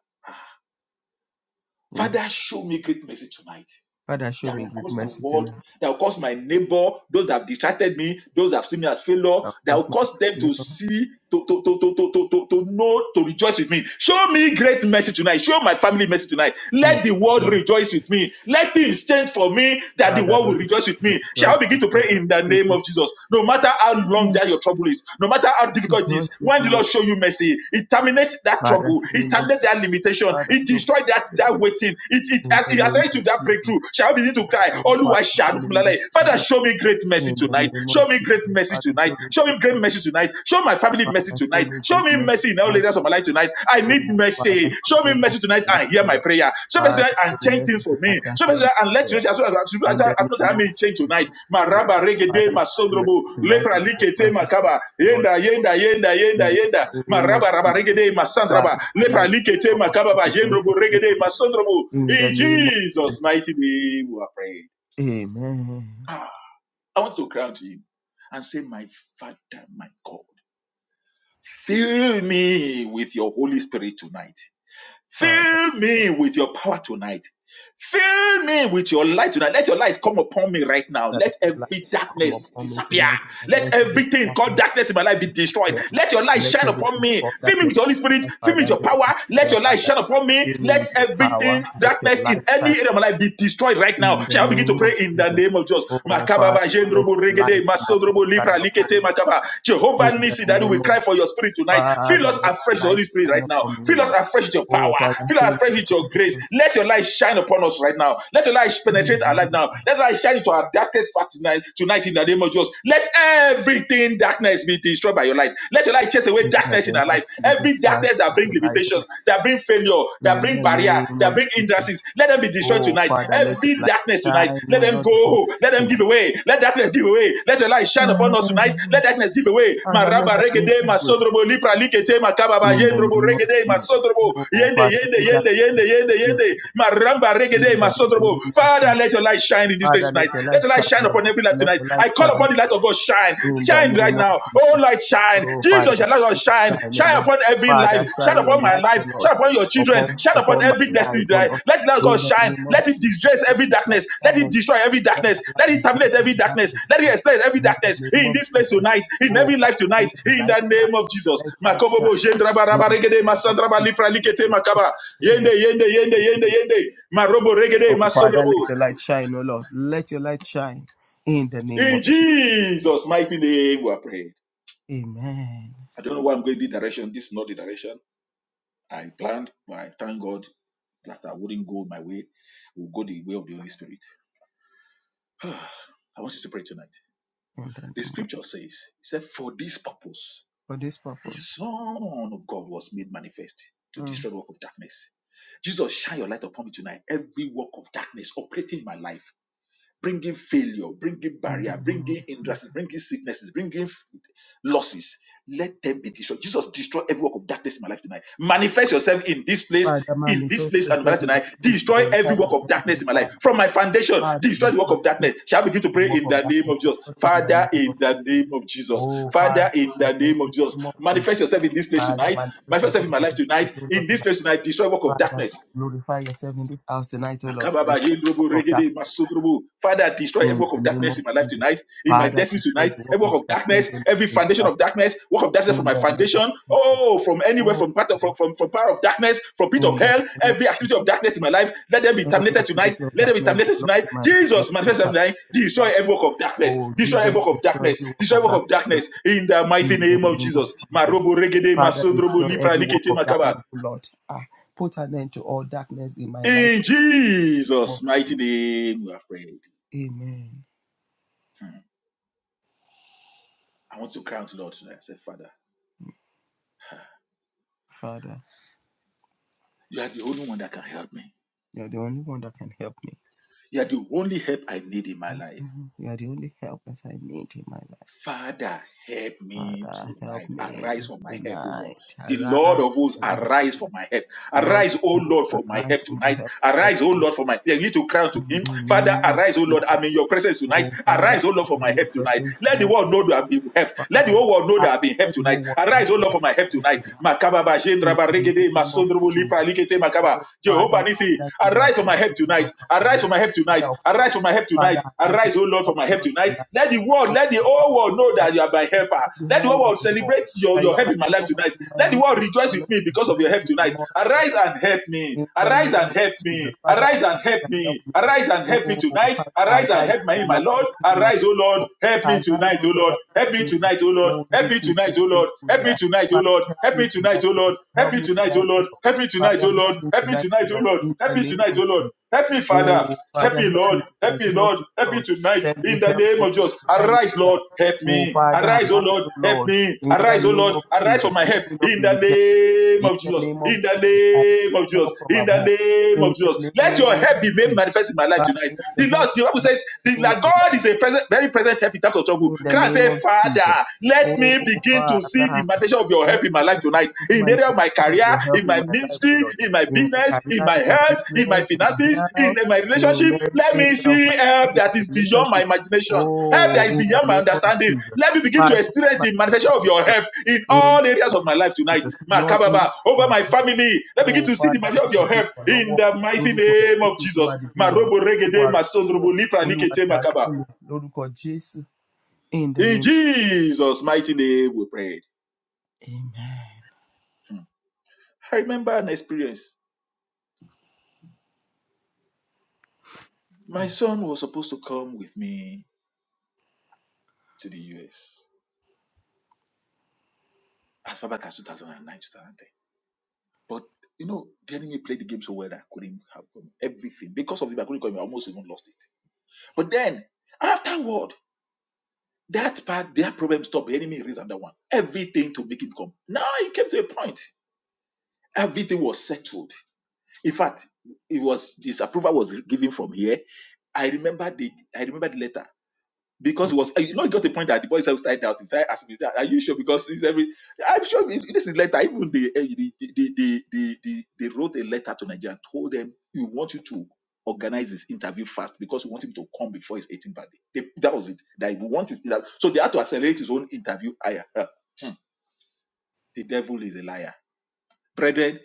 [SPEAKER 2] mm.
[SPEAKER 1] Father, show me great mercy tonight
[SPEAKER 2] Father, show
[SPEAKER 1] that will
[SPEAKER 2] me great
[SPEAKER 1] cause the
[SPEAKER 2] mercy
[SPEAKER 1] world,
[SPEAKER 2] tonight.
[SPEAKER 1] that will cause my neighbor, those that have distracted me, those that have seen me as failure,
[SPEAKER 2] I'll
[SPEAKER 1] that
[SPEAKER 2] cause
[SPEAKER 1] will
[SPEAKER 2] my
[SPEAKER 1] cause them to
[SPEAKER 2] neighbor.
[SPEAKER 1] see, to, to, to, to, to, to, to, to know, to rejoice with me. Show me great mercy tonight. Show my family mercy tonight. Let the world rejoice with me. Let things change for me that the
[SPEAKER 2] Father,
[SPEAKER 1] world will
[SPEAKER 2] let me
[SPEAKER 1] rejoice with me. Shall
[SPEAKER 2] rejoice
[SPEAKER 1] I begin
[SPEAKER 2] with
[SPEAKER 1] to
[SPEAKER 2] you,
[SPEAKER 1] pray
[SPEAKER 2] Lord.
[SPEAKER 1] in the name
[SPEAKER 2] Thank
[SPEAKER 1] of Jesus? No matter how long
[SPEAKER 2] you.
[SPEAKER 1] that your trouble is. No matter how difficult it is,
[SPEAKER 2] Rejoice with
[SPEAKER 1] when the
[SPEAKER 2] me, Lord.
[SPEAKER 1] Lord show you mercy, it terminates that
[SPEAKER 2] Father,
[SPEAKER 1] trouble,
[SPEAKER 2] show me
[SPEAKER 1] it terminates
[SPEAKER 2] mercy.
[SPEAKER 1] that limitation,
[SPEAKER 2] Father,
[SPEAKER 1] it
[SPEAKER 2] show me
[SPEAKER 1] destroys that
[SPEAKER 2] mercy,
[SPEAKER 1] that
[SPEAKER 2] Lord.
[SPEAKER 1] waiting, it it
[SPEAKER 2] In
[SPEAKER 1] as
[SPEAKER 2] the
[SPEAKER 1] it has
[SPEAKER 2] name of
[SPEAKER 1] to that breakthrough.
[SPEAKER 2] Jesus.
[SPEAKER 1] Shall I begin to cry?
[SPEAKER 2] Oh, Father,
[SPEAKER 1] Oluwa
[SPEAKER 2] show
[SPEAKER 1] ṣàánú
[SPEAKER 2] me
[SPEAKER 1] fún mi lálẹ́.
[SPEAKER 2] mercy,
[SPEAKER 1] Father,
[SPEAKER 2] Lord.
[SPEAKER 1] show me great mercy
[SPEAKER 2] In the
[SPEAKER 1] tonight.
[SPEAKER 2] name
[SPEAKER 1] Show
[SPEAKER 2] of
[SPEAKER 1] me great
[SPEAKER 2] Jesus.
[SPEAKER 1] mercy
[SPEAKER 2] Father,
[SPEAKER 1] tonight.
[SPEAKER 2] show me
[SPEAKER 1] Show me
[SPEAKER 2] great
[SPEAKER 1] great
[SPEAKER 2] mercy
[SPEAKER 1] mercy tonight.
[SPEAKER 2] tonight.
[SPEAKER 1] Show my family mercy
[SPEAKER 2] Father, show
[SPEAKER 1] tonight.
[SPEAKER 2] me
[SPEAKER 1] Show
[SPEAKER 2] great
[SPEAKER 1] me
[SPEAKER 2] mercy
[SPEAKER 1] mercy in all
[SPEAKER 2] tonight.
[SPEAKER 1] areas of my life tonight. I
[SPEAKER 2] Lord.
[SPEAKER 1] need
[SPEAKER 2] Oh,
[SPEAKER 1] mercy.
[SPEAKER 2] Father, show
[SPEAKER 1] Show me
[SPEAKER 2] me
[SPEAKER 1] mercy
[SPEAKER 2] mercy
[SPEAKER 1] tonight
[SPEAKER 2] tonight,
[SPEAKER 1] and hear my
[SPEAKER 2] Lord.
[SPEAKER 1] prayer. Show me mercy tonight
[SPEAKER 2] Father,
[SPEAKER 1] and
[SPEAKER 2] show me
[SPEAKER 1] change
[SPEAKER 2] mercy
[SPEAKER 1] things for
[SPEAKER 2] tonight.
[SPEAKER 1] me.
[SPEAKER 2] I
[SPEAKER 1] Show me
[SPEAKER 2] hear
[SPEAKER 1] mercy
[SPEAKER 2] my
[SPEAKER 1] tonight and let you
[SPEAKER 2] prayer. In the
[SPEAKER 1] know
[SPEAKER 2] name
[SPEAKER 1] I may
[SPEAKER 2] of
[SPEAKER 1] change tonight.
[SPEAKER 2] Jesus.
[SPEAKER 1] Ma
[SPEAKER 2] Oh,
[SPEAKER 1] raba regede
[SPEAKER 2] Father,
[SPEAKER 1] ma
[SPEAKER 2] show me
[SPEAKER 1] sondrobo
[SPEAKER 2] mercy tonight.
[SPEAKER 1] lepra
[SPEAKER 2] Let your
[SPEAKER 1] likete
[SPEAKER 2] mercy speak
[SPEAKER 1] makaba
[SPEAKER 2] for me, O
[SPEAKER 1] yenda yenda yenda yenda
[SPEAKER 2] in
[SPEAKER 1] yenda
[SPEAKER 2] the
[SPEAKER 1] ma
[SPEAKER 2] name of
[SPEAKER 1] raba raba
[SPEAKER 2] Jesus.
[SPEAKER 1] regede ma sandraba
[SPEAKER 2] Father,
[SPEAKER 1] lepra
[SPEAKER 2] tonight,
[SPEAKER 1] likete
[SPEAKER 2] Lord,
[SPEAKER 1] makaba
[SPEAKER 2] let
[SPEAKER 1] ba
[SPEAKER 2] your mercy
[SPEAKER 1] yendrobo
[SPEAKER 2] speak for
[SPEAKER 1] regede ma
[SPEAKER 2] me.
[SPEAKER 1] sondrobo.
[SPEAKER 2] In the
[SPEAKER 1] In
[SPEAKER 2] name of
[SPEAKER 1] Jesus'
[SPEAKER 2] Jesus.
[SPEAKER 1] mighty name we are praying.
[SPEAKER 2] Amen.
[SPEAKER 1] Ah, I want to crown to him and say, my Father, my God, fill me with your Holy Spirit tonight.
[SPEAKER 2] Father,
[SPEAKER 1] Fill me with your power tonight. Fill me with your light tonight. Let your light come upon me right now.
[SPEAKER 2] that let
[SPEAKER 1] Let
[SPEAKER 2] your
[SPEAKER 1] every
[SPEAKER 2] light come
[SPEAKER 1] darkness
[SPEAKER 2] upon me
[SPEAKER 1] disappear.
[SPEAKER 2] tonight. That
[SPEAKER 1] Let
[SPEAKER 2] let every
[SPEAKER 1] everything called
[SPEAKER 2] darkness
[SPEAKER 1] darkness in my life be destroyed.
[SPEAKER 2] disappear.
[SPEAKER 1] Let your light
[SPEAKER 2] Let
[SPEAKER 1] shine upon
[SPEAKER 2] everything
[SPEAKER 1] me.
[SPEAKER 2] fall
[SPEAKER 1] Fill me
[SPEAKER 2] darkness.
[SPEAKER 1] with your Holy Spirit. Fill me with
[SPEAKER 2] Father,
[SPEAKER 1] your
[SPEAKER 2] let the
[SPEAKER 1] power. Let
[SPEAKER 2] disappear,
[SPEAKER 1] your light
[SPEAKER 2] Father.
[SPEAKER 1] shine upon me.
[SPEAKER 2] Fill me
[SPEAKER 1] Let
[SPEAKER 2] with your
[SPEAKER 1] everything
[SPEAKER 2] power. Let your
[SPEAKER 1] darkness in
[SPEAKER 2] light
[SPEAKER 1] any
[SPEAKER 2] shine
[SPEAKER 1] area of my life be destroyed right now.
[SPEAKER 2] in the
[SPEAKER 1] Shall we begin to
[SPEAKER 2] name of
[SPEAKER 1] pray in the
[SPEAKER 2] Jesus.
[SPEAKER 1] name of Jesus?
[SPEAKER 2] Oh, Father,
[SPEAKER 1] Makababa,
[SPEAKER 2] let
[SPEAKER 1] Jendrobo, Regede,
[SPEAKER 2] light from above
[SPEAKER 1] Masodrobo, Lipra,
[SPEAKER 2] shine upon
[SPEAKER 1] Likete,
[SPEAKER 2] me
[SPEAKER 1] Makaba. Jehovah
[SPEAKER 2] in the
[SPEAKER 1] Nisi, Daddy, we
[SPEAKER 2] name
[SPEAKER 1] cry
[SPEAKER 2] of
[SPEAKER 1] for your spirit tonight. Fill
[SPEAKER 2] Father,
[SPEAKER 1] us
[SPEAKER 2] let
[SPEAKER 1] afresh,
[SPEAKER 2] your
[SPEAKER 1] with the
[SPEAKER 2] light
[SPEAKER 1] Holy Spirit,
[SPEAKER 2] shine
[SPEAKER 1] right now.
[SPEAKER 2] upon me, O
[SPEAKER 1] Fill us
[SPEAKER 2] Lord.
[SPEAKER 1] afresh with your power.
[SPEAKER 2] Oh, Father,
[SPEAKER 1] Fill
[SPEAKER 2] save
[SPEAKER 1] us afresh
[SPEAKER 2] me
[SPEAKER 1] with your
[SPEAKER 2] fresh, O
[SPEAKER 1] grace.
[SPEAKER 2] Lord.
[SPEAKER 1] Let your light shine upon us right now. Let your light penetrate our life
[SPEAKER 2] In
[SPEAKER 1] now. Let your light shine into our darkest part tonight, tonight in the name of Jesus. Let everything darkness be destroyed by your light. Let your light chase away
[SPEAKER 2] the
[SPEAKER 1] darkness in
[SPEAKER 2] name
[SPEAKER 1] our
[SPEAKER 2] of
[SPEAKER 1] life.
[SPEAKER 2] Jesus,
[SPEAKER 1] Every
[SPEAKER 2] Father,
[SPEAKER 1] darkness that
[SPEAKER 2] let
[SPEAKER 1] bring
[SPEAKER 2] your light, O
[SPEAKER 1] limitations,
[SPEAKER 2] Lord.
[SPEAKER 1] that bring failure, that
[SPEAKER 2] In
[SPEAKER 1] bring
[SPEAKER 2] the
[SPEAKER 1] barrier,
[SPEAKER 2] name
[SPEAKER 1] that
[SPEAKER 2] of
[SPEAKER 1] bring
[SPEAKER 2] Jesus.
[SPEAKER 1] hindrances, let them be destroyed
[SPEAKER 2] Oh,
[SPEAKER 1] tonight.
[SPEAKER 2] Father, let your
[SPEAKER 1] Every
[SPEAKER 2] light
[SPEAKER 1] darkness tonight,
[SPEAKER 2] shine,
[SPEAKER 1] let
[SPEAKER 2] O
[SPEAKER 1] them
[SPEAKER 2] Lord, upon
[SPEAKER 1] go. Let
[SPEAKER 2] my
[SPEAKER 1] them give
[SPEAKER 2] tonight.
[SPEAKER 1] away. Let darkness give away. Let your light shine upon us tonight. Let
[SPEAKER 2] Amen.
[SPEAKER 1] darkness give away.
[SPEAKER 2] Father, let
[SPEAKER 1] Maraba
[SPEAKER 2] that
[SPEAKER 1] regede
[SPEAKER 2] message work.
[SPEAKER 1] masodrobo lipra likete makababa
[SPEAKER 2] In the
[SPEAKER 1] yendrobo
[SPEAKER 2] name of
[SPEAKER 1] regede
[SPEAKER 2] Jesus.
[SPEAKER 1] masodrobo
[SPEAKER 2] Oh,
[SPEAKER 1] yende
[SPEAKER 2] Father,
[SPEAKER 1] yende
[SPEAKER 2] let that
[SPEAKER 1] yende yende
[SPEAKER 2] message
[SPEAKER 1] yende yende
[SPEAKER 2] work.
[SPEAKER 1] maramba
[SPEAKER 2] In
[SPEAKER 1] regede
[SPEAKER 2] the
[SPEAKER 1] masodrobo.
[SPEAKER 2] name of
[SPEAKER 1] Father,
[SPEAKER 2] Jesus.
[SPEAKER 1] let your light shine in this place
[SPEAKER 2] Father,
[SPEAKER 1] tonight.
[SPEAKER 2] let your
[SPEAKER 1] Let
[SPEAKER 2] light
[SPEAKER 1] your light
[SPEAKER 2] shine,
[SPEAKER 1] shine
[SPEAKER 2] O
[SPEAKER 1] upon
[SPEAKER 2] Lord.
[SPEAKER 1] every life
[SPEAKER 2] Let
[SPEAKER 1] tonight.
[SPEAKER 2] your light
[SPEAKER 1] I call upon
[SPEAKER 2] shine.
[SPEAKER 1] the light of God shine,
[SPEAKER 2] in the
[SPEAKER 1] shine right
[SPEAKER 2] name of
[SPEAKER 1] now. Oh,
[SPEAKER 2] Jesus.
[SPEAKER 1] light shine.
[SPEAKER 2] Oh
[SPEAKER 1] Jesus the
[SPEAKER 2] Father,
[SPEAKER 1] light will
[SPEAKER 2] let
[SPEAKER 1] shine,
[SPEAKER 2] your light shine, O
[SPEAKER 1] shine
[SPEAKER 2] Lord.
[SPEAKER 1] upon every life,
[SPEAKER 2] Father,
[SPEAKER 1] shine
[SPEAKER 2] shine your
[SPEAKER 1] upon my
[SPEAKER 2] light, O
[SPEAKER 1] life,
[SPEAKER 2] Lord,
[SPEAKER 1] shine upon your children,
[SPEAKER 2] upon
[SPEAKER 1] shine upon
[SPEAKER 2] upon my
[SPEAKER 1] every destiny.
[SPEAKER 2] life, O
[SPEAKER 1] Right?
[SPEAKER 2] Lord.
[SPEAKER 1] Let the light of God
[SPEAKER 2] In the
[SPEAKER 1] shine.
[SPEAKER 2] name of
[SPEAKER 1] Let it
[SPEAKER 2] Jesus,
[SPEAKER 1] disgrace
[SPEAKER 2] let
[SPEAKER 1] every
[SPEAKER 2] the light
[SPEAKER 1] darkness.
[SPEAKER 2] shine,
[SPEAKER 1] Let
[SPEAKER 2] O
[SPEAKER 1] it
[SPEAKER 2] Lord.
[SPEAKER 1] destroy every
[SPEAKER 2] Let the
[SPEAKER 1] darkness.
[SPEAKER 2] light
[SPEAKER 1] Let
[SPEAKER 2] be
[SPEAKER 1] it
[SPEAKER 2] seen
[SPEAKER 1] terminate
[SPEAKER 2] in
[SPEAKER 1] every
[SPEAKER 2] the
[SPEAKER 1] darkness.
[SPEAKER 2] darkness,
[SPEAKER 1] Let
[SPEAKER 2] O
[SPEAKER 1] it
[SPEAKER 2] Lord.
[SPEAKER 1] explain every
[SPEAKER 2] In the
[SPEAKER 1] darkness
[SPEAKER 2] name
[SPEAKER 1] in
[SPEAKER 2] of
[SPEAKER 1] this place
[SPEAKER 2] Jesus.
[SPEAKER 1] tonight, in
[SPEAKER 2] Oh
[SPEAKER 1] every life
[SPEAKER 2] Father,
[SPEAKER 1] tonight,
[SPEAKER 2] let the
[SPEAKER 1] in
[SPEAKER 2] light
[SPEAKER 1] the
[SPEAKER 2] shine.
[SPEAKER 1] name of Jesus.
[SPEAKER 2] Let light
[SPEAKER 1] Makobobo,
[SPEAKER 2] shine.
[SPEAKER 1] jendraba, raba, regede,
[SPEAKER 2] In the
[SPEAKER 1] masandraba, lipra,
[SPEAKER 2] name of
[SPEAKER 1] likete,
[SPEAKER 2] Jesus. My
[SPEAKER 1] makaba.
[SPEAKER 2] Lord. Let your
[SPEAKER 1] Yende,
[SPEAKER 2] light shine.
[SPEAKER 1] yende, yende, yende, yende. Marobo, regede,
[SPEAKER 2] Oh Father,
[SPEAKER 1] masondrobo.
[SPEAKER 2] let your light shine, O Lord. Let your light shine. In the name
[SPEAKER 1] In
[SPEAKER 2] of Jesus.
[SPEAKER 1] Jesus' mighty name, we are praying.
[SPEAKER 2] Amen.
[SPEAKER 1] I don't know why I'm going this direction. This is not the direction. I planned, but I thank God that I wouldn't go my way, will go the way of the Holy Spirit. I want you to pray tonight.
[SPEAKER 2] In the name
[SPEAKER 1] The
[SPEAKER 2] of
[SPEAKER 1] scripture says, it said, For this purpose,
[SPEAKER 2] for this
[SPEAKER 1] the
[SPEAKER 2] purpose.
[SPEAKER 1] Son of God was made manifest to
[SPEAKER 2] Mm.
[SPEAKER 1] destroy the work of darkness. Jesus, shine your light upon me tonight. Every work of darkness operating in my life, bringing failure, bringing
[SPEAKER 2] In the
[SPEAKER 1] barrier,
[SPEAKER 2] name
[SPEAKER 1] bringing
[SPEAKER 2] of Jesus.
[SPEAKER 1] hindrances, bringing sicknesses, bringing f- losses. Let them be destroyed. Jesus, destroy every work of darkness in my life tonight. Manifest yourself in this place,
[SPEAKER 2] Father,
[SPEAKER 1] in this
[SPEAKER 2] manifest
[SPEAKER 1] place, and in my
[SPEAKER 2] yourself
[SPEAKER 1] life
[SPEAKER 2] in
[SPEAKER 1] tonight.
[SPEAKER 2] this place,
[SPEAKER 1] Destroy
[SPEAKER 2] glorify
[SPEAKER 1] every work of
[SPEAKER 2] yourself in
[SPEAKER 1] darkness
[SPEAKER 2] this
[SPEAKER 1] in my life.
[SPEAKER 2] house.
[SPEAKER 1] From my foundation,
[SPEAKER 2] Father,
[SPEAKER 1] destroy the work
[SPEAKER 2] destroy
[SPEAKER 1] of darkness. Shall I begin to
[SPEAKER 2] the
[SPEAKER 1] pray
[SPEAKER 2] work
[SPEAKER 1] in
[SPEAKER 2] of
[SPEAKER 1] the name
[SPEAKER 2] darkness
[SPEAKER 1] of Jesus?
[SPEAKER 2] Lord, in the
[SPEAKER 1] Father,
[SPEAKER 2] name of
[SPEAKER 1] in the
[SPEAKER 2] Jesus.
[SPEAKER 1] name of Jesus.
[SPEAKER 2] Oh,
[SPEAKER 1] Father,
[SPEAKER 2] Father,
[SPEAKER 1] in
[SPEAKER 2] in
[SPEAKER 1] the
[SPEAKER 2] the
[SPEAKER 1] name of Jesus.
[SPEAKER 2] name of Jesus.
[SPEAKER 1] Manifest yourself in this place
[SPEAKER 2] Father,
[SPEAKER 1] tonight.
[SPEAKER 2] manifest
[SPEAKER 1] Manifest yourself in
[SPEAKER 2] yourself
[SPEAKER 1] my
[SPEAKER 2] in
[SPEAKER 1] life
[SPEAKER 2] this
[SPEAKER 1] tonight.
[SPEAKER 2] place, O
[SPEAKER 1] In
[SPEAKER 2] Lord,
[SPEAKER 1] this
[SPEAKER 2] tonight.
[SPEAKER 1] place tonight, destroy work of
[SPEAKER 2] Father,
[SPEAKER 1] darkness.
[SPEAKER 2] glorify yourself in this house tonight, O Lord.
[SPEAKER 1] Makababa,
[SPEAKER 2] Destroy the
[SPEAKER 1] Yendrobo,
[SPEAKER 2] work of
[SPEAKER 1] Regede,
[SPEAKER 2] darkness
[SPEAKER 1] Masodrobo. Father, destroy every
[SPEAKER 2] in
[SPEAKER 1] work
[SPEAKER 2] the
[SPEAKER 1] of
[SPEAKER 2] name
[SPEAKER 1] darkness
[SPEAKER 2] of
[SPEAKER 1] in my life
[SPEAKER 2] Jesus.
[SPEAKER 1] tonight, in my
[SPEAKER 2] Father,
[SPEAKER 1] destiny
[SPEAKER 2] destroy
[SPEAKER 1] tonight,
[SPEAKER 2] the work
[SPEAKER 1] every work
[SPEAKER 2] of
[SPEAKER 1] of
[SPEAKER 2] darkness,
[SPEAKER 1] darkness,
[SPEAKER 2] O Lord,
[SPEAKER 1] every
[SPEAKER 2] in this
[SPEAKER 1] foundation
[SPEAKER 2] house
[SPEAKER 1] of darkness, work of darkness
[SPEAKER 2] tonight,
[SPEAKER 1] from
[SPEAKER 2] in
[SPEAKER 1] my
[SPEAKER 2] the name of
[SPEAKER 1] foundation,
[SPEAKER 2] Jesus.
[SPEAKER 1] oh, from anywhere, from part of,
[SPEAKER 2] Oh,
[SPEAKER 1] from, from, from power of darkness, from pit
[SPEAKER 2] In
[SPEAKER 1] of
[SPEAKER 2] the
[SPEAKER 1] hell,
[SPEAKER 2] name of
[SPEAKER 1] every
[SPEAKER 2] Jesus,
[SPEAKER 1] activity of darkness in my life, let them be
[SPEAKER 2] every
[SPEAKER 1] terminated tonight,
[SPEAKER 2] activity of
[SPEAKER 1] let them be
[SPEAKER 2] darkness, the
[SPEAKER 1] terminated
[SPEAKER 2] Lord
[SPEAKER 1] tonight.
[SPEAKER 2] in my hand, let
[SPEAKER 1] Jesus,
[SPEAKER 2] it be
[SPEAKER 1] manifest yourself tonight,
[SPEAKER 2] terminated
[SPEAKER 1] destroy
[SPEAKER 2] tonight.
[SPEAKER 1] every work of darkness,
[SPEAKER 2] Oh,
[SPEAKER 1] destroy every
[SPEAKER 2] Jesus,
[SPEAKER 1] work of
[SPEAKER 2] destroy
[SPEAKER 1] darkness,
[SPEAKER 2] every work
[SPEAKER 1] destroy
[SPEAKER 2] of
[SPEAKER 1] every work
[SPEAKER 2] darkness,
[SPEAKER 1] of
[SPEAKER 2] O Lord.
[SPEAKER 1] darkness, in the mighty
[SPEAKER 2] In the
[SPEAKER 1] name of
[SPEAKER 2] name
[SPEAKER 1] Jesus.
[SPEAKER 2] of Jesus.
[SPEAKER 1] Marobo, Regede,
[SPEAKER 2] Father,
[SPEAKER 1] Masodrobo,
[SPEAKER 2] destroy
[SPEAKER 1] Lipra,
[SPEAKER 2] every work
[SPEAKER 1] Likete,
[SPEAKER 2] of
[SPEAKER 1] Makaba.
[SPEAKER 2] darkness, O Lord. Ah, put an end to all darkness in my life.
[SPEAKER 1] In
[SPEAKER 2] Lord.
[SPEAKER 1] Jesus' mighty name, we are praying.
[SPEAKER 2] Amen.
[SPEAKER 1] Mm. I want to cry out to the Lord tonight. I say, Father,
[SPEAKER 2] Father,
[SPEAKER 1] you are the only one that can help me.
[SPEAKER 2] you're the only one that can help me.
[SPEAKER 1] You are the only help I need in my life.
[SPEAKER 2] Mhm. You are the only help that I need in my life.
[SPEAKER 1] Father, help me
[SPEAKER 2] Father, help
[SPEAKER 1] tonight.
[SPEAKER 2] me
[SPEAKER 1] Arise for my help, O Lord.
[SPEAKER 2] tonight.
[SPEAKER 1] The Lord
[SPEAKER 2] Arise.
[SPEAKER 1] of hosts, arise for my help.
[SPEAKER 2] Lord
[SPEAKER 1] Arise,
[SPEAKER 2] of
[SPEAKER 1] O Lord,
[SPEAKER 2] hosts,
[SPEAKER 1] for my
[SPEAKER 2] arise
[SPEAKER 1] help
[SPEAKER 2] for my
[SPEAKER 1] tonight.
[SPEAKER 2] help. Lord,
[SPEAKER 1] Arise, O Lord, for my help. You need to cry to
[SPEAKER 2] In
[SPEAKER 1] Him.
[SPEAKER 2] the
[SPEAKER 1] Father,
[SPEAKER 2] name of
[SPEAKER 1] arise, O Lord.
[SPEAKER 2] Jesus,
[SPEAKER 1] I'm in your presence tonight.
[SPEAKER 2] oh Father,
[SPEAKER 1] Arise, O
[SPEAKER 2] I
[SPEAKER 1] Lord, for
[SPEAKER 2] am in
[SPEAKER 1] my
[SPEAKER 2] your
[SPEAKER 1] help tonight.
[SPEAKER 2] presence
[SPEAKER 1] Let the
[SPEAKER 2] tonight,
[SPEAKER 1] world
[SPEAKER 2] oh
[SPEAKER 1] know that I've been helped. Let the
[SPEAKER 2] Father.
[SPEAKER 1] whole world know
[SPEAKER 2] I
[SPEAKER 1] that I've been helped
[SPEAKER 2] let the whole
[SPEAKER 1] tonight.
[SPEAKER 2] world know
[SPEAKER 1] Arise, O Lord,
[SPEAKER 2] that
[SPEAKER 1] for my help
[SPEAKER 2] I love
[SPEAKER 1] tonight.
[SPEAKER 2] tonight.
[SPEAKER 1] Makababa,
[SPEAKER 2] In
[SPEAKER 1] Jendraba,
[SPEAKER 2] the
[SPEAKER 1] Regede,
[SPEAKER 2] name of
[SPEAKER 1] Masondrobo, Lipra,
[SPEAKER 2] Jesus,
[SPEAKER 1] Likete, Makaba.
[SPEAKER 2] oh
[SPEAKER 1] Jehovah
[SPEAKER 2] Father, let
[SPEAKER 1] Nisi,
[SPEAKER 2] that be my
[SPEAKER 1] arise for my
[SPEAKER 2] life,
[SPEAKER 1] help
[SPEAKER 2] oh Lord,
[SPEAKER 1] tonight.
[SPEAKER 2] of
[SPEAKER 1] Arise for my
[SPEAKER 2] transformation,
[SPEAKER 1] help tonight
[SPEAKER 2] of
[SPEAKER 1] tonight.
[SPEAKER 2] help, oh Lord.
[SPEAKER 1] Arise for my help
[SPEAKER 2] Father,
[SPEAKER 1] tonight.
[SPEAKER 2] arise on
[SPEAKER 1] Arise, O Lord,
[SPEAKER 2] my
[SPEAKER 1] for
[SPEAKER 2] help,
[SPEAKER 1] my
[SPEAKER 2] oh
[SPEAKER 1] help
[SPEAKER 2] Lord,
[SPEAKER 1] tonight.
[SPEAKER 2] tonight.
[SPEAKER 1] Let the world,
[SPEAKER 2] Oh
[SPEAKER 1] let the
[SPEAKER 2] Father,
[SPEAKER 1] whole world know
[SPEAKER 2] arise
[SPEAKER 1] that you are my
[SPEAKER 2] on my
[SPEAKER 1] helper.
[SPEAKER 2] help. Let the
[SPEAKER 1] Let the
[SPEAKER 2] whole
[SPEAKER 1] whole
[SPEAKER 2] world
[SPEAKER 1] world
[SPEAKER 2] know
[SPEAKER 1] celebrate your,
[SPEAKER 2] that you
[SPEAKER 1] your
[SPEAKER 2] are
[SPEAKER 1] help
[SPEAKER 2] my
[SPEAKER 1] in my life
[SPEAKER 2] help
[SPEAKER 1] tonight.
[SPEAKER 2] and in my
[SPEAKER 1] Let the world
[SPEAKER 2] weakness, oh,
[SPEAKER 1] rejoice with
[SPEAKER 2] Lord.
[SPEAKER 1] me
[SPEAKER 2] Let
[SPEAKER 1] because of
[SPEAKER 2] your
[SPEAKER 1] your
[SPEAKER 2] grace
[SPEAKER 1] help
[SPEAKER 2] be
[SPEAKER 1] tonight.
[SPEAKER 2] more than sufficient.
[SPEAKER 1] Arise and help me.
[SPEAKER 2] In the
[SPEAKER 1] Arise
[SPEAKER 2] name
[SPEAKER 1] and
[SPEAKER 2] of
[SPEAKER 1] help me.
[SPEAKER 2] Jesus, Father,
[SPEAKER 1] Arise
[SPEAKER 2] arise
[SPEAKER 1] and help
[SPEAKER 2] and help
[SPEAKER 1] me.
[SPEAKER 2] me.
[SPEAKER 1] Arise and help me
[SPEAKER 2] Oh,
[SPEAKER 1] tonight.
[SPEAKER 2] Father,
[SPEAKER 1] Arise and
[SPEAKER 2] arise
[SPEAKER 1] help me, my Lord.
[SPEAKER 2] tonight in my
[SPEAKER 1] Arise, O
[SPEAKER 2] God.
[SPEAKER 1] Lord. Help me tonight,
[SPEAKER 2] Arise, oh
[SPEAKER 1] O
[SPEAKER 2] Lord,
[SPEAKER 1] Lord.
[SPEAKER 2] and
[SPEAKER 1] Help
[SPEAKER 2] help
[SPEAKER 1] me
[SPEAKER 2] me.
[SPEAKER 1] tonight, O Lord.
[SPEAKER 2] Oh,
[SPEAKER 1] Help me
[SPEAKER 2] yeki, yeki,
[SPEAKER 1] tonight, O
[SPEAKER 2] yeki,
[SPEAKER 1] Lord. Help me
[SPEAKER 2] yeki.
[SPEAKER 1] tonight, O
[SPEAKER 2] Father,
[SPEAKER 1] Lord.
[SPEAKER 2] help
[SPEAKER 1] Help
[SPEAKER 2] me
[SPEAKER 1] me
[SPEAKER 2] tonight,
[SPEAKER 1] tonight, O
[SPEAKER 2] oh
[SPEAKER 1] Lord.
[SPEAKER 2] Lord.
[SPEAKER 1] Help
[SPEAKER 2] Help
[SPEAKER 1] me
[SPEAKER 2] me
[SPEAKER 1] tonight, O
[SPEAKER 2] tonight, oh
[SPEAKER 1] Lord.
[SPEAKER 2] Lord.
[SPEAKER 1] Help me tonight,
[SPEAKER 2] Father,
[SPEAKER 1] O Lord.
[SPEAKER 2] help me
[SPEAKER 1] Help me
[SPEAKER 2] tonight, oh
[SPEAKER 1] tonight, O
[SPEAKER 2] Lord.
[SPEAKER 1] Lord.
[SPEAKER 2] In
[SPEAKER 1] Help
[SPEAKER 2] the
[SPEAKER 1] me
[SPEAKER 2] name of
[SPEAKER 1] tonight, O Lord.
[SPEAKER 2] Jesus.
[SPEAKER 1] Help me, Father.
[SPEAKER 2] Oh,
[SPEAKER 1] Help
[SPEAKER 2] Father,
[SPEAKER 1] me,
[SPEAKER 2] help
[SPEAKER 1] Lord.
[SPEAKER 2] me
[SPEAKER 1] Help
[SPEAKER 2] tonight.
[SPEAKER 1] me,
[SPEAKER 2] Help
[SPEAKER 1] Lord.
[SPEAKER 2] me,
[SPEAKER 1] Help me
[SPEAKER 2] Lord.
[SPEAKER 1] tonight
[SPEAKER 2] Send
[SPEAKER 1] in
[SPEAKER 2] me
[SPEAKER 1] the
[SPEAKER 2] help,
[SPEAKER 1] name
[SPEAKER 2] oh
[SPEAKER 1] of
[SPEAKER 2] Lord.
[SPEAKER 1] Jesus.
[SPEAKER 2] Send me
[SPEAKER 1] Arise, Lord.
[SPEAKER 2] help.
[SPEAKER 1] Help
[SPEAKER 2] Oh,
[SPEAKER 1] me.
[SPEAKER 2] Father,
[SPEAKER 1] Arise, O
[SPEAKER 2] arise,
[SPEAKER 1] Lord.
[SPEAKER 2] oh
[SPEAKER 1] Help
[SPEAKER 2] Lord.
[SPEAKER 1] me.
[SPEAKER 2] In the
[SPEAKER 1] Arise, O
[SPEAKER 2] name
[SPEAKER 1] Lord.
[SPEAKER 2] of
[SPEAKER 1] Arise for
[SPEAKER 2] Jesus.
[SPEAKER 1] my
[SPEAKER 2] Let
[SPEAKER 1] help
[SPEAKER 2] me not
[SPEAKER 1] in
[SPEAKER 2] be
[SPEAKER 1] the
[SPEAKER 2] rejected.
[SPEAKER 1] name
[SPEAKER 2] In
[SPEAKER 1] of
[SPEAKER 2] the
[SPEAKER 1] Jesus.
[SPEAKER 2] name of
[SPEAKER 1] In the
[SPEAKER 2] Jesus, I
[SPEAKER 1] name of Jesus.
[SPEAKER 2] help from
[SPEAKER 1] In the
[SPEAKER 2] above.
[SPEAKER 1] name of
[SPEAKER 2] In the
[SPEAKER 1] Jesus. Let your
[SPEAKER 2] name
[SPEAKER 1] help
[SPEAKER 2] of
[SPEAKER 1] be made
[SPEAKER 2] Jesus.
[SPEAKER 1] manifest in my life
[SPEAKER 2] Father,
[SPEAKER 1] tonight.
[SPEAKER 2] let your
[SPEAKER 1] The Lord,
[SPEAKER 2] help
[SPEAKER 1] the Bible
[SPEAKER 2] be
[SPEAKER 1] says, the,
[SPEAKER 2] manifest, O Lord,
[SPEAKER 1] that
[SPEAKER 2] in my
[SPEAKER 1] God
[SPEAKER 2] life
[SPEAKER 1] is a present, very present help in times of trouble.
[SPEAKER 2] in the
[SPEAKER 1] Christ
[SPEAKER 2] name
[SPEAKER 1] said,
[SPEAKER 2] of
[SPEAKER 1] Father,
[SPEAKER 2] Jesus.
[SPEAKER 1] let me
[SPEAKER 2] Oh,
[SPEAKER 1] begin to see the
[SPEAKER 2] Father,
[SPEAKER 1] manifestation of your help
[SPEAKER 2] let
[SPEAKER 1] in my
[SPEAKER 2] me
[SPEAKER 1] life
[SPEAKER 2] begin to
[SPEAKER 1] tonight,
[SPEAKER 2] see the
[SPEAKER 1] in the area of my
[SPEAKER 2] manifestation of
[SPEAKER 1] career,
[SPEAKER 2] your
[SPEAKER 1] in
[SPEAKER 2] help in
[SPEAKER 1] my
[SPEAKER 2] my life, oh
[SPEAKER 1] ministry,
[SPEAKER 2] Lord.
[SPEAKER 1] in my
[SPEAKER 2] In my
[SPEAKER 1] business, in
[SPEAKER 2] career,
[SPEAKER 1] my
[SPEAKER 2] in my
[SPEAKER 1] health, in my
[SPEAKER 2] business, in my
[SPEAKER 1] finances, in
[SPEAKER 2] health,
[SPEAKER 1] my
[SPEAKER 2] in
[SPEAKER 1] relationship.
[SPEAKER 2] every
[SPEAKER 1] Let me
[SPEAKER 2] area of
[SPEAKER 1] see
[SPEAKER 2] my life,
[SPEAKER 1] help
[SPEAKER 2] in my
[SPEAKER 1] that is beyond my
[SPEAKER 2] relationship.
[SPEAKER 1] imagination, help that
[SPEAKER 2] Oh,
[SPEAKER 1] is
[SPEAKER 2] in the
[SPEAKER 1] beyond my
[SPEAKER 2] name of
[SPEAKER 1] understanding.
[SPEAKER 2] Jesus.
[SPEAKER 1] Let me begin to
[SPEAKER 2] Father, help
[SPEAKER 1] experience
[SPEAKER 2] my
[SPEAKER 1] the manifestation of
[SPEAKER 2] understanding,
[SPEAKER 1] your
[SPEAKER 2] oh Lord.
[SPEAKER 1] help in
[SPEAKER 2] In the
[SPEAKER 1] all areas of my
[SPEAKER 2] name
[SPEAKER 1] life
[SPEAKER 2] of
[SPEAKER 1] tonight.
[SPEAKER 2] Jesus, in all
[SPEAKER 1] Makababa,
[SPEAKER 2] areas of
[SPEAKER 1] over
[SPEAKER 2] my
[SPEAKER 1] my
[SPEAKER 2] life.
[SPEAKER 1] family. Let me begin
[SPEAKER 2] Oh,
[SPEAKER 1] to see the
[SPEAKER 2] Father,
[SPEAKER 1] manifestation of your
[SPEAKER 2] dìde
[SPEAKER 1] help in
[SPEAKER 2] ìrànlọ́wọ́
[SPEAKER 1] the mighty
[SPEAKER 2] lórúkọ
[SPEAKER 1] name of
[SPEAKER 2] Jésù Olúwa
[SPEAKER 1] Jesus.
[SPEAKER 2] dìde ìrànlọ́wọ́
[SPEAKER 1] Marobo
[SPEAKER 2] Olúwa
[SPEAKER 1] regede,
[SPEAKER 2] ràn mí lọ́wọ́
[SPEAKER 1] masondrobo lipra
[SPEAKER 2] Olúwa
[SPEAKER 1] likete
[SPEAKER 2] ṣàánú
[SPEAKER 1] makaba.
[SPEAKER 2] fún mi lórúkọ Jésù in the
[SPEAKER 1] In
[SPEAKER 2] name.
[SPEAKER 1] Jesus' mighty name, we pray.
[SPEAKER 2] Amen.
[SPEAKER 1] Hmm. I remember an experience. My
[SPEAKER 2] Thank you.
[SPEAKER 1] son was supposed to come with me to the US as far back as 2009, 2010. But, you know, the enemy played the game so well that I couldn't have come. Everything. Because of him, I couldn't come. I almost even lost it. But then, afterward, that part, their problem stopped. The enemy raised another one. Everything to make him come. Now it came to a point. Everything was settled. In fact, it was this approval was given from here. I remember the I remember the letter. because it was eh, you know he got the point that the boys have started out. He started asking me are you sure? Because he's every I'm sure this is letter. Even the eh, the the the the, they wrote a letter to Nigeria and told them we want you to organize his interview fast because we want him to come before his 18th birthday. They, that was it. That we want his interview. So they had to accelerate his own interview higher. Hmm. The devil is a liar. Brethren,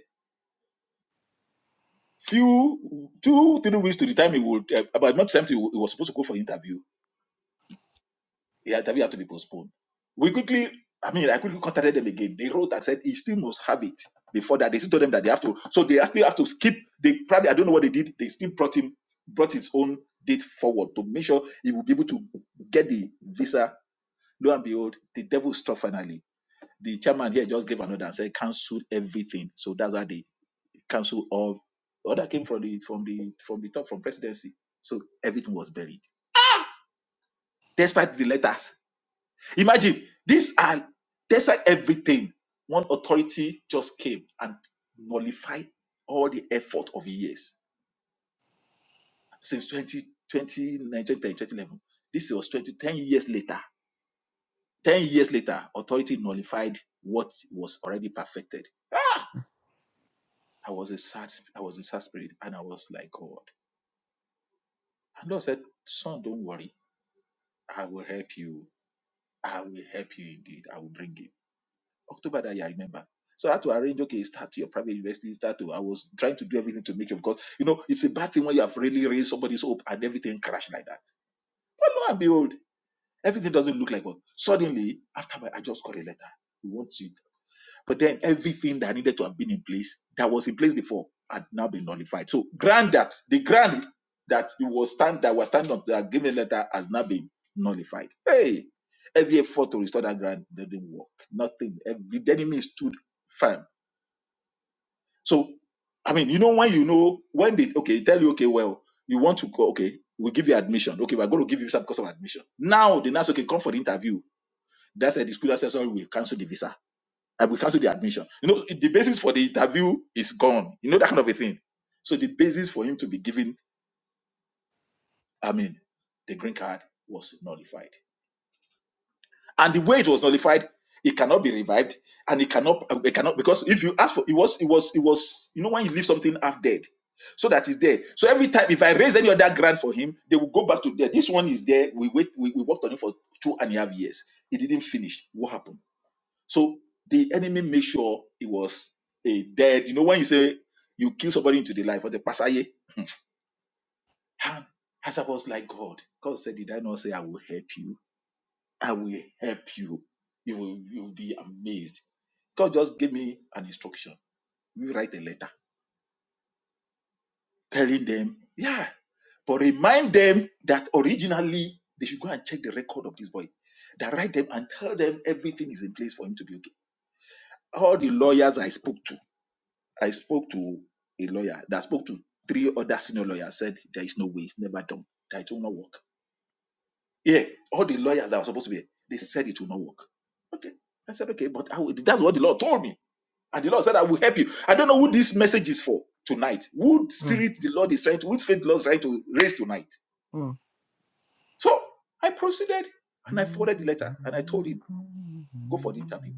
[SPEAKER 1] few two, three weeks to the time he would uh, about not time he was supposed to go for interview Yeah, The interview had to be postponed. We quickly, I mean, I quickly contacted them again. They wrote and said he still must have it before that. They still told them that they have to, so they still have to skip. They probably, I don't know what they did. They still brought him, brought his own date forward to make sure he will be able to get the visa. Lo and behold, the devil struck finally. The chairman here just gave another and said cancel everything. So that's why they cancel all. Order came from the from the from the top from presidency. So everything was buried. Despite the letters Imagine these are despite everything, one authority just came and nullified all the effort of years since 2020, 2011. This was 20, 10 years later. 10 years later, authority nullified what was already perfected. Ah! I was a sad, I was in sad spirit and I was like, God. And Lord said, Son, don't worry. I will help you. I will help you indeed. I will bring it. October that year, I remember. So I had to arrange, okay, start to your private university, start to, I was trying to do everything to make it, because, you know, it's a bad thing when you have really raised somebody's hope and everything crashed like that. But lo and behold, everything doesn't look like what. Suddenly, after my, I just got a letter. We want you. But then everything that needed to have been in place, that was in place before, had now been nullified. So grant that the grant that it was stand that was standing on, that given letter has now been nullified. Hey, every effort to restore that grant didn't work. Nothing. Every the enemy stood firm. So I mean, you know when you know when they okay tell you okay well you want to go okay we give you admission okay we're going to give you some cost of admission. Now the nurse okay come for the interview. That's a the school says sorry we cancel the visa I will cancel the admission. You know, the basis for the interview is gone. You know that kind of a thing. So the basis for him to be given, I mean, the green card was nullified. And the way it was nullified, it cannot be revived, and it cannot, uh, it cannot because if you ask for, it was, it was, it was. You know, when you leave something half dead, so that is there. So every time, if I raise any other grant for him, they will go back to there. This one is there. We wait. We, we worked on it for two and a half years. It didn't finish. What happened? So the enemy made sure it was a dead. You know, when you say you kill somebody into the life of the Pasaye, and Hazard was like, God, God said, Did I not say I will help you? I will help you. You will, you will be amazed. God just gave me an instruction. You write a letter telling them, yeah, but remind them that originally they should go and check the record of this boy. That write them and tell them everything is in place for him to be okay. All the lawyers I spoke to I spoke to a lawyer that spoke to three other senior lawyers, said there is no way, it's never done, that it will not work. Yeah, all the lawyers that were supposed to be, they said it will not work. Okay. I said, okay, but I will, that's what the Lord told me. And the Lord said, I will help you. I don't know who this message is for tonight. Who
[SPEAKER 2] Mm,
[SPEAKER 1] spirit the Lord is trying to, which faith the Lord is trying to raise tonight.
[SPEAKER 2] mm.
[SPEAKER 1] So I proceeded and I
[SPEAKER 2] Mm,
[SPEAKER 1] forwarded the
[SPEAKER 2] mm,
[SPEAKER 1] letter and I told him,
[SPEAKER 2] mm.
[SPEAKER 1] go for the interview.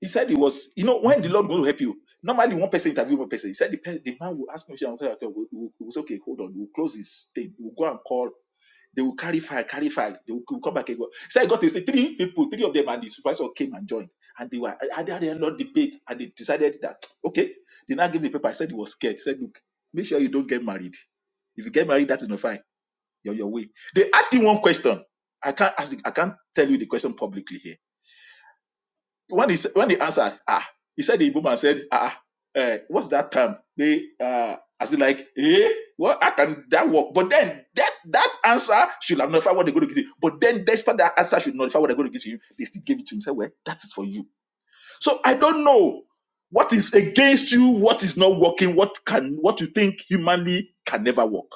[SPEAKER 1] He said he was, you know, when the Lord will help you, normally one person interview one person. He said the, pe- the man will ask me, okay, okay, okay, we- we- okay, hold on, we'll close his thing, we'll go and call. They will carry file, carry file. They will, will come back and go. So I got this three people, three of them, and the supervisor came and joined. And they were, and they had a lot debate, and they decided that, okay, they now gave me paper. I said he was scared. He said, look, make sure you don't get married. If you get married, that's enough fine. You're on your way. They asked him one question. I can't ask, I can't tell you the question publicly here when he when he answered, ah, he said the woman said, ah, ah, eh, what's that term? They uh, as in like, eh, what how can that work? But then that that answer should have notified what they're going to give you. But then despite that answer should notify what they're going to give you, they still gave it to him. Say, well, that is for you. So I don't know what is against you, what is not working, what can what you think humanly can never work,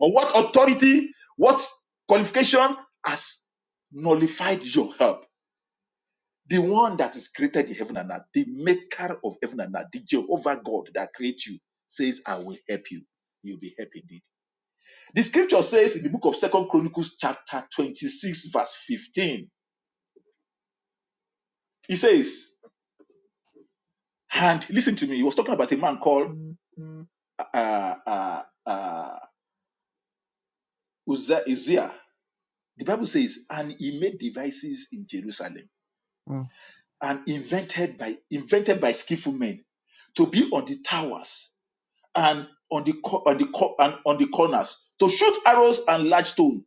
[SPEAKER 1] or what authority, what qualification has nullified your help the one that is created in heaven and earth, the maker of heaven and earth, the Jehovah God that creates you, says, I will help you. You'll be happy indeed. The scripture says in the book of Second Chronicles, chapter 26, verse 15, it says, and listen to me, he was talking about a man called uh, uh, uh, Uzza- Uzziah. The Bible says, and he made devices in Jerusalem
[SPEAKER 2] mm,
[SPEAKER 1] and invented by invented by skillful men to be on the towers and on the co- on the co- and on the corners to shoot arrows and large stone.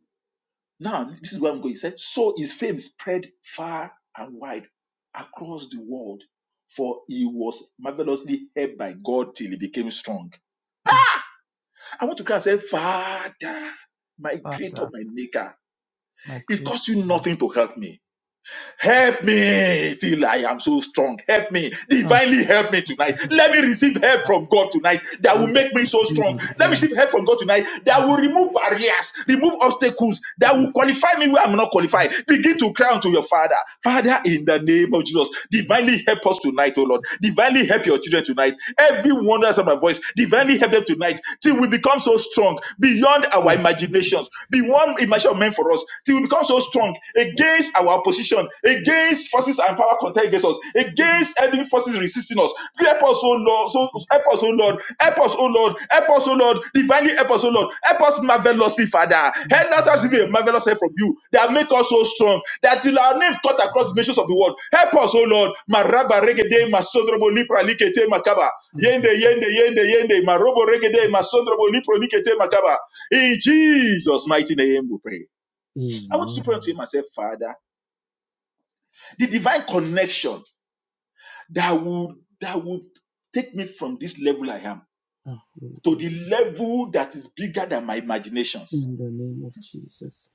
[SPEAKER 1] Now this is where I'm going. He said, so his fame spread far and wide across the world, for he was marvelously helped by God till he became strong.
[SPEAKER 2] mm.
[SPEAKER 1] I want to cry and say, Father, my creator,
[SPEAKER 2] Father,
[SPEAKER 1] my maker,
[SPEAKER 2] my
[SPEAKER 1] it
[SPEAKER 2] creator,
[SPEAKER 1] cost you
[SPEAKER 2] my maker.
[SPEAKER 1] nothing to help me. Help me till I am so strong. Help me. Divinely help me
[SPEAKER 2] Mm,
[SPEAKER 1] tonight. Let me receive help
[SPEAKER 2] mm,
[SPEAKER 1] from God tonight that will make me
[SPEAKER 2] mm. Hallelujah.
[SPEAKER 1] so
[SPEAKER 2] You will
[SPEAKER 1] strong.
[SPEAKER 2] be
[SPEAKER 1] Let me
[SPEAKER 2] very
[SPEAKER 1] receive help from God tonight that will remove barriers, remove obstacles, that will qualify me where I'm not qualified. Begin to cry unto your Father. Father, in the name of Jesus, divinely help us tonight, oh Lord. Divinely help your children tonight. Everyone that's on my voice, divinely help them tonight till we become so strong beyond our imaginations, beyond imagination of men for us us till we become so strong against our opposition, against forces and power contend against us, against enemy forces resisting us. Help us, oh Lord, so help us, oh Lord, help us, oh Lord, help us, oh Lord, divinely help us, oh Lord, help us marvelously, Father. Help not us to be a marvelous help from you that make us so strong that till our name cut across the nations of the world. Help us, oh Lord. Maraba regede masodrobo lipra likete makaba. Yende
[SPEAKER 2] Mm,
[SPEAKER 1] yende yende yende marobo regede masodrobo lipro likete makaba. In Jesus' mighty name we pray. I want you to pray
[SPEAKER 2] Amen.
[SPEAKER 1] unto him and say, Father, the divine connection that would that would take me from this level I am
[SPEAKER 2] Ah, Lord
[SPEAKER 1] to
[SPEAKER 2] God.
[SPEAKER 1] the level that is bigger than my imaginations.
[SPEAKER 2] In the name of Jesus,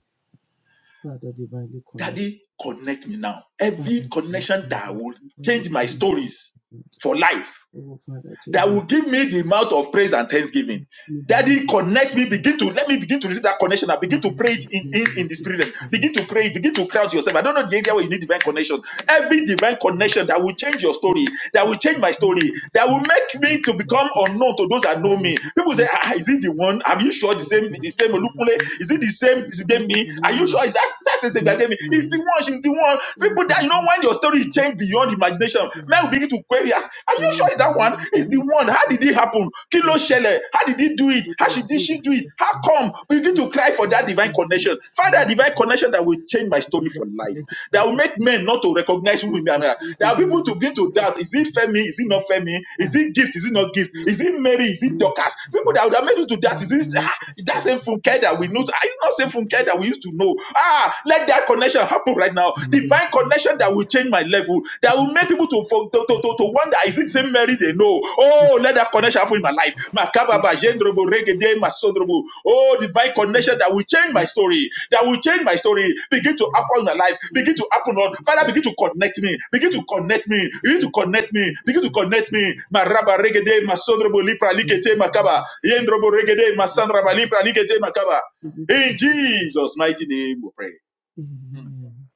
[SPEAKER 2] Father, divinely connect.
[SPEAKER 1] Daddy, connect me now.
[SPEAKER 2] Father,
[SPEAKER 1] Every
[SPEAKER 2] connect
[SPEAKER 1] connection
[SPEAKER 2] me.
[SPEAKER 1] that will
[SPEAKER 2] Every
[SPEAKER 1] change my
[SPEAKER 2] connection.
[SPEAKER 1] stories for life
[SPEAKER 2] Oh, Father, change
[SPEAKER 1] that
[SPEAKER 2] my.
[SPEAKER 1] will give me the mouth of praise and thanksgiving.
[SPEAKER 2] May the mouth of
[SPEAKER 1] Daddy, connect me.
[SPEAKER 2] the Father,
[SPEAKER 1] Begin to let me begin to receive that connection. I
[SPEAKER 2] may
[SPEAKER 1] begin
[SPEAKER 2] the
[SPEAKER 1] to
[SPEAKER 2] mouth
[SPEAKER 1] pray
[SPEAKER 2] of
[SPEAKER 1] it
[SPEAKER 2] the
[SPEAKER 1] in, in, in the
[SPEAKER 2] receive
[SPEAKER 1] spirit.
[SPEAKER 2] that
[SPEAKER 1] realm. Begin to pray.
[SPEAKER 2] connection.
[SPEAKER 1] it. Begin to crowd yourself. I don't know the area where you need divine connection. Every divine connection that will change your
[SPEAKER 2] Thank
[SPEAKER 1] story, that will change my story, that will make me to become unknown to those that know me. People say,
[SPEAKER 2] you.
[SPEAKER 1] ah, ah, "Is it the one? Are you sure the same? The same Olukunle? Is it the same? Is it me? Are you sure? Is that that's the same that gave me? It's the one. She's the one. People that you know when your story change beyond." beyond imagination. Men will begin to query us. Are you sure it's that one? It's the one. How did it happen? Kilo Shele. How did he do it? How she- did she do it? How come? We begin to cry for that divine connection. Father, divine connection that will change my story for life. That will make men not to recognize who we are. There are people to begin to doubt. Is it Femi? Is it not Femi? Is it gift? Is it not gift? Is it Mary? Is it Dorcas? People that would have made you to doubt. Is it ah, that same Funke that we know? Is it not same Funke that we used to know? Ah, let that connection connection happen right now. Divine connection that will change my level, that will make people to for- to, to, to, to wonder, is it same Mary they know? Oh, let that connection happen in my life. Makababa, jendrobo, regede, masodrobo. Oh, divine connection that will change my story, that will change my story. Begin to happen in my life, begin to happen on. Father, begin to connect me, begin to connect me, begin to connect me, begin to connect me. Maraba, regede, masodrobo, lipra,
[SPEAKER 2] Thank
[SPEAKER 1] likete,
[SPEAKER 2] you,
[SPEAKER 1] makaba.
[SPEAKER 2] Lord.
[SPEAKER 1] Yendrobo, regede,
[SPEAKER 2] As
[SPEAKER 1] masandraba, lipra, likete, makaba.
[SPEAKER 2] we continue to
[SPEAKER 1] In
[SPEAKER 2] connect
[SPEAKER 1] Jesus' mighty name, we pray.
[SPEAKER 2] In your name,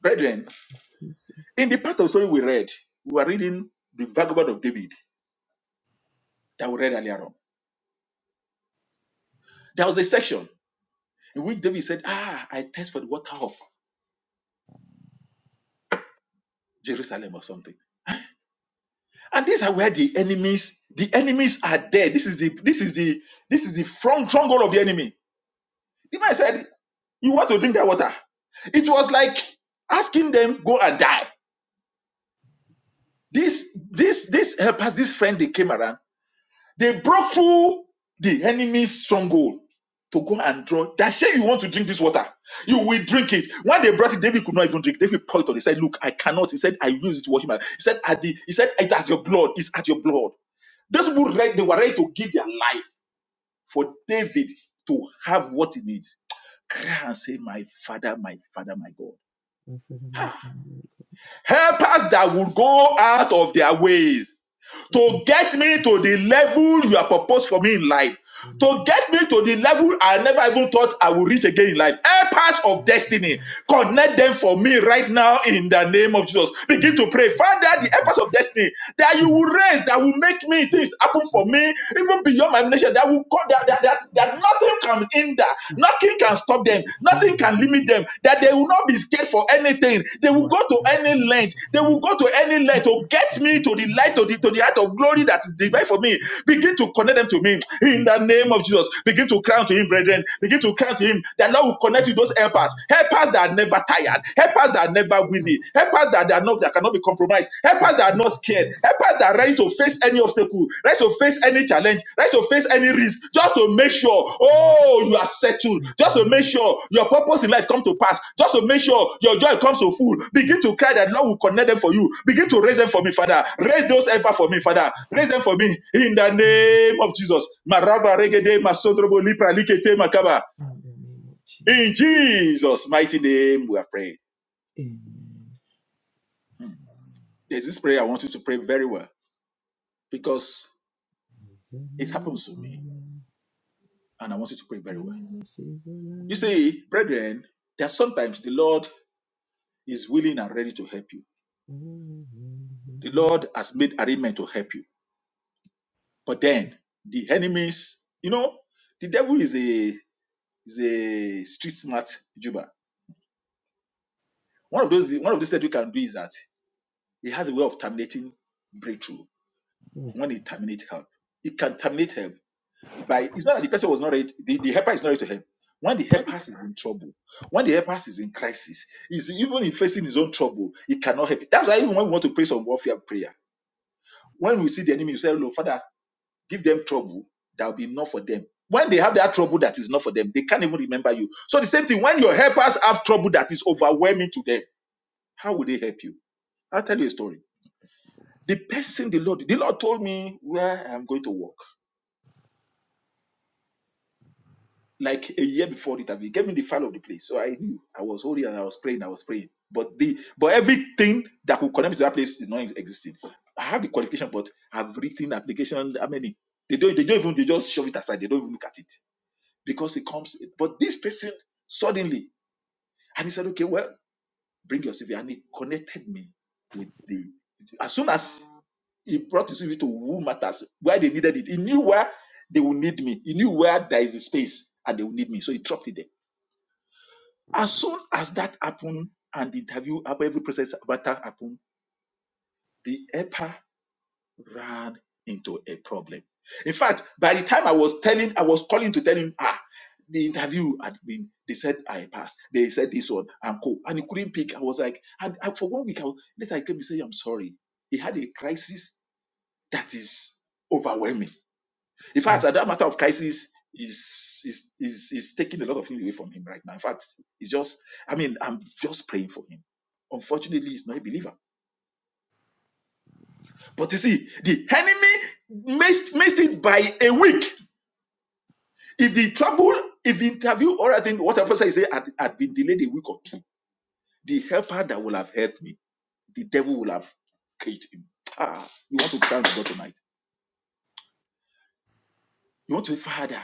[SPEAKER 1] Brethren,
[SPEAKER 2] we seek
[SPEAKER 1] in the part of story we read, we were reading the vagabond of David that we read earlier on. There was a section in which David said, Ah, I thirst for the water of Jerusalem or something. And these are where the enemies, the enemies are there. This is the this is the this is the front stronghold of the enemy. The man said, You want to drink that water? It was like asking them, go and die. This this this helpers, this friend they came around They broke through the enemy's stronghold to go and draw. They say you want to drink this water, you will drink it. When they brought it, David could not even drink. David poured it on. He said, "Look, I cannot." He said, "I use it to wash my." He said, "At the," he said, "It has your blood. It's at your blood." Those people, read, they were ready to give their life for David to have what he needs. Cry and say, "My father, my father, my God,
[SPEAKER 2] your favor from you.
[SPEAKER 1] help us that will go out of their ways." to
[SPEAKER 2] Lord,
[SPEAKER 1] get me to the level you have proposed for me in life, to get me to the level I never even thought I would reach again in life. Helpers of destiny, connect them for me right now in the name of Jesus. Begin to pray, Father, the helpers of destiny that you will raise, that will make me things happen for me, even beyond my nation, that will that, that, that, that nothing can hinder, nothing can stop them them.
[SPEAKER 2] you
[SPEAKER 1] Nothing
[SPEAKER 2] are
[SPEAKER 1] can limit them. That they will not be scared for anything. They will
[SPEAKER 2] Lord,
[SPEAKER 1] go to
[SPEAKER 2] Lord, Lord,
[SPEAKER 1] any length. They will go to any length to get me to the light, to the, to the height of glory that is divine for me. Begin to connect them to me in the name of Jesus. Begin to cry to him, brethren. Begin to cry to him that Lord will connect you those helpers. Helpers that are never tired.
[SPEAKER 2] Lord, Lord,
[SPEAKER 1] Helpers that are never weary. Helpers that, that, are not, that cannot be compromised. Helpers that are not scared Help us that are ready to face any obstacle, ready to face any challenge, ready to face any risk, just to make sure, oh, you are settled,
[SPEAKER 2] help me to
[SPEAKER 1] just to make sure your purpose in life come to pass, just to make sure your joy comes to full. Begin to cry that Lord will connect them for you. Begin to raise them for me, Father. Raise those ever for me, Father. Raise them for me in the name of Jesus. Maraba regede masodrobo lipra likete makaba.
[SPEAKER 2] love you in the name of Jesus.
[SPEAKER 1] In Jesus' mighty name, we are praying.
[SPEAKER 2] Amen.
[SPEAKER 1] Hmm. There's this prayer I want you to pray very well because
[SPEAKER 2] He's
[SPEAKER 1] it
[SPEAKER 2] alive.
[SPEAKER 1] happens to me.
[SPEAKER 2] Amen.
[SPEAKER 1] and I want you to pray very well.
[SPEAKER 2] Jesus is
[SPEAKER 1] You
[SPEAKER 2] alive.
[SPEAKER 1] see, brethren, there are sometimes the Lord is willing and ready to help you.
[SPEAKER 2] Oh, he's
[SPEAKER 1] The
[SPEAKER 2] alive.
[SPEAKER 1] Lord has made arrangement to help you, but then the enemies, you know, the devil is a is a street smart juba. One of those one of those things we can do is that he has a way of terminating breakthrough
[SPEAKER 2] Oh,
[SPEAKER 1] when he terminates help. He can terminate help by it's not that the person was not ready to- the, the helper is not ready to help when the helper is in trouble when the helper is in crisis is even in facing his own trouble he cannot help it. that's why even when we want to pray some warfare prayer when we see the enemy we say look father give them trouble that will be enough for them when they have that trouble that is not for them they can't even remember you so the same thing when your helpers have trouble that is overwhelming to them how will they help you i'll tell you a story the person the lord the lord told me where i'm going to work like a year before it. He gave me the file of the place, so I knew I was holy and I was praying. I was praying, but the but everything that could connect me to that place is not existing. I have the qualification, but I've written application. How many? They don't. They don't even. They just shove it aside. They don't even look at it because it comes. But this person suddenly, and he said, "Okay, well, bring your CV," and he connected me with the. As soon as he brought his CV to who matters, where they needed it, he knew where they will need me. He knew where there is a space and they will need me, so he dropped it there As soon as that happened and the interview, after every process about that happened, the helper ran into a problem. In fact, by the time I was telling, I was calling to tell him, ah, the interview had been, they said I passed, they said this one, and co. And he couldn't pick. I was like, and I, for one week, I was, later I came and said, I'm sorry. He had a crisis that is overwhelming in fact,
[SPEAKER 2] oh,
[SPEAKER 1] at that matter of crisis is is is is taking a lot of things away from him right now. In fact, it's just I mean I'm just praying for him. Unfortunately, he's not a believer. But you see, the enemy missed missed it by a week. If the trouble, if the interview or I think whatever I say had, had been delayed a week or two, the helper that will have helped me, the devil will have killed him. Ah, you want to thank God tonight. You want to say, Father.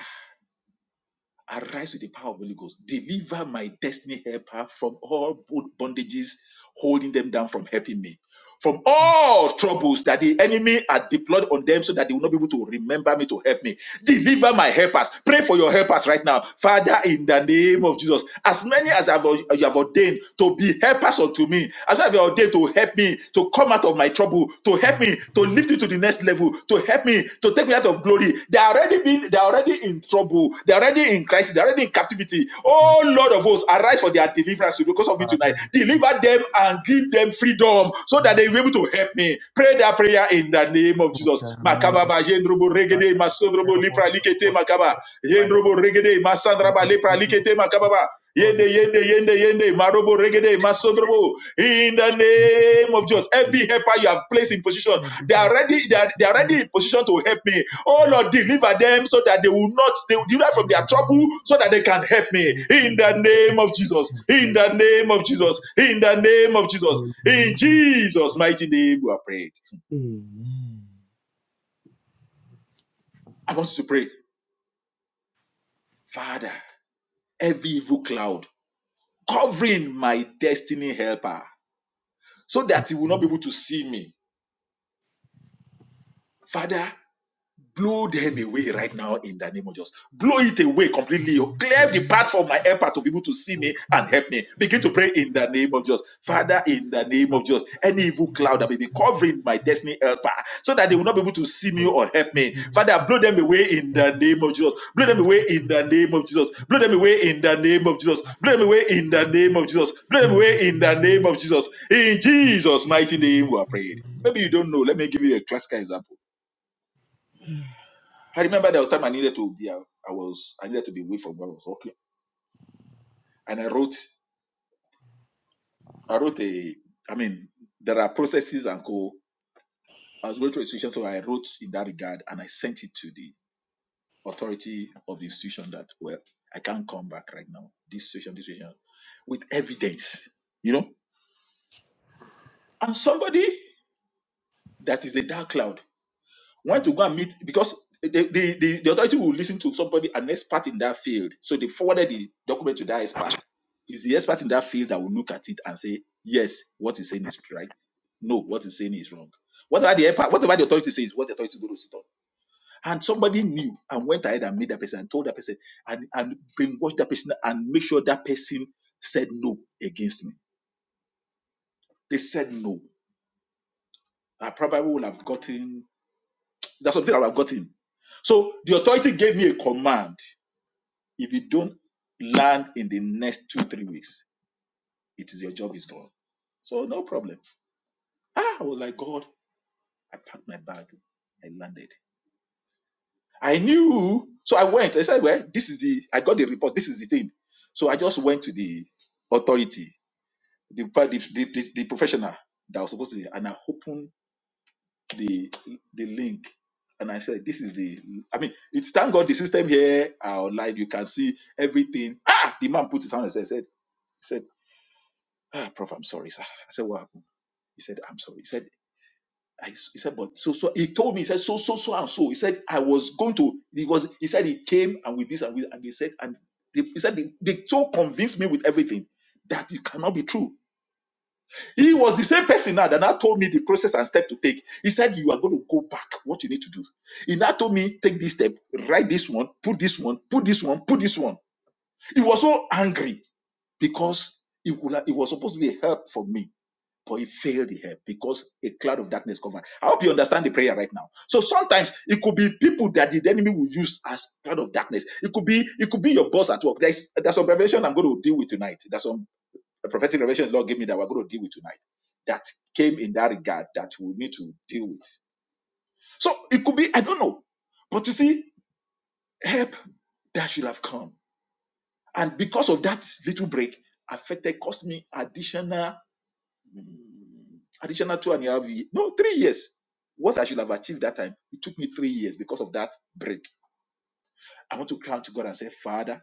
[SPEAKER 1] Arise with the power of the Holy Ghost. Deliver my destiny helper from all bo- bondages holding them down from helping me. From all troubles that the enemy had deployed on them so that they will not be able to remember me to help me. Deliver my helpers. Pray for your helpers right now. Father, in the name of Jesus, as
[SPEAKER 2] oh,
[SPEAKER 1] many
[SPEAKER 2] oh,
[SPEAKER 1] as I have, you have ordained to be helpers unto me, as I have ordained to help me, to come out of my trouble, to help me, to
[SPEAKER 2] oh,
[SPEAKER 1] lift me to the next level, to to help me to take me out of glory. They are already been, they are already in trouble. They are already in crisis. They are already in captivity.
[SPEAKER 2] oh,
[SPEAKER 1] Oh Lord of hosts, arise for their deliverance because of me tonight.
[SPEAKER 2] Father, we
[SPEAKER 1] Deliver them and give them freedom so that
[SPEAKER 2] do
[SPEAKER 1] they will be able to help me. Pray that prayer in the name of
[SPEAKER 2] in
[SPEAKER 1] Jesus.
[SPEAKER 2] the
[SPEAKER 1] Makaba
[SPEAKER 2] name
[SPEAKER 1] ba jendrobo
[SPEAKER 2] of
[SPEAKER 1] regede
[SPEAKER 2] Father, help
[SPEAKER 1] masodrobo
[SPEAKER 2] us, Lord,
[SPEAKER 1] lipra likete
[SPEAKER 2] for
[SPEAKER 1] makaba.
[SPEAKER 2] all my help.
[SPEAKER 1] Jendrobo regede
[SPEAKER 2] In
[SPEAKER 1] masandraba
[SPEAKER 2] the
[SPEAKER 1] lipra
[SPEAKER 2] name of
[SPEAKER 1] likete makaba ba.
[SPEAKER 2] God, my
[SPEAKER 1] Yende, yende, yende, yende, marobo regede masodrobo. In the name of
[SPEAKER 2] help.
[SPEAKER 1] Jesus,
[SPEAKER 2] Lord.
[SPEAKER 1] every helper you have placed in position
[SPEAKER 2] Father, in the name
[SPEAKER 1] they are ready, they
[SPEAKER 2] of
[SPEAKER 1] are, they are ready
[SPEAKER 2] Jesus,
[SPEAKER 1] in position to help me. Oh Lord, deliver them so that they will not they will deliver from their trouble so that they can help me. In the name of Jesus. In the name of Jesus. In the name of Jesus. In Jesus' mighty name, we are prayed. I want you to pray, Father, every evil cloud covering my destiny helper so that he will not be able to see me. Father, Blow them away right now in the name of Jesus. Blow it away completely. Clear the path for my helper to be able to see me and help me. Begin to pray in the name of Jesus. Father, in the name of Jesus, any evil cloud that may be covering my destiny helper so that they will not be able to see me or help me. Father, blow them away in the name of Jesus. Blow them away in the name of Jesus. Blow them away in the name of Jesus. Blow them away in the name of Jesus. Blow them away in the name of Jesus. In Jesus' mighty name, we are praying. Maybe you don't know. Let me give you a classical example. I remember there was time I needed to be I I was I needed to be away from where I was working. And I wrote I wrote a I mean, there are processes and co I was going through institution, so I wrote in that regard and I sent it to the authority of the institution that well, I can't come back right now. This situation, this situation with evidence, you know? And somebody that is a dark cloud went to go and meet because the, the, the, the authority will listen to somebody, an expert in that field. So they forwarded the document to that expert. It's the expert in that field that will look at it and say, yes, what he's saying is right. No, what he's saying is wrong. Whatever the empa- whatever the authority says, what the authority is going to sit on. And somebody knew and went ahead and made that person and told that person and, and brainwashed that person and make sure that person said no against me. They said no. I probably would have gotten, that's something I would have gotten. So the authority gave me a command If you don't land in the next two, three weeks, it is your job is gone. So no problem. Ah, I was like, God, I packed my bag. I landed. I knew. So I went. I said, Well, this is the I got the report. This is the thing. So I just went to the authority, the the, the, the, professional that was supposed to be, and I opened the the link. And I said, This is the I mean, it's thank God the system here are online. You can see everything. Ah, the man put his hand and said, said, said ah, Prof, I'm sorry, sir. I said, what happened? He said, I'm sorry. He said, I, he said, but so, so, he told me, he said, so, so, so, and so. He said, I was going to, he was, he said, he came and with this and with, and he said, and they, he said, they, they so convinced me with everything that it cannot be true. He was the same person now that now told me the process and step to take. He said, you are going to go back, what you need to do. He now told me, take this step, write this one, put this one, put this one, put this one. He was so angry because it, would- it was supposed to be a help for me but he failed the help because a cloud of darkness covered. I hope you understand the prayer right now. So sometimes it could be people that the enemy will use as cloud of darkness. It could be it could be your boss at work. There's there's some revelation I'm going to deal with tonight. There's some prophetic revelation the Lord gave me that we're going to deal with tonight that came in that regard that we need to deal with. So it could be I don't know, but you see help that should have come, and because of that little break affected cost me additional Mm, additional two and a half years. No, three years. What I should have achieved that time, it took me three years because of that break. I want to cry out to God and say, Father,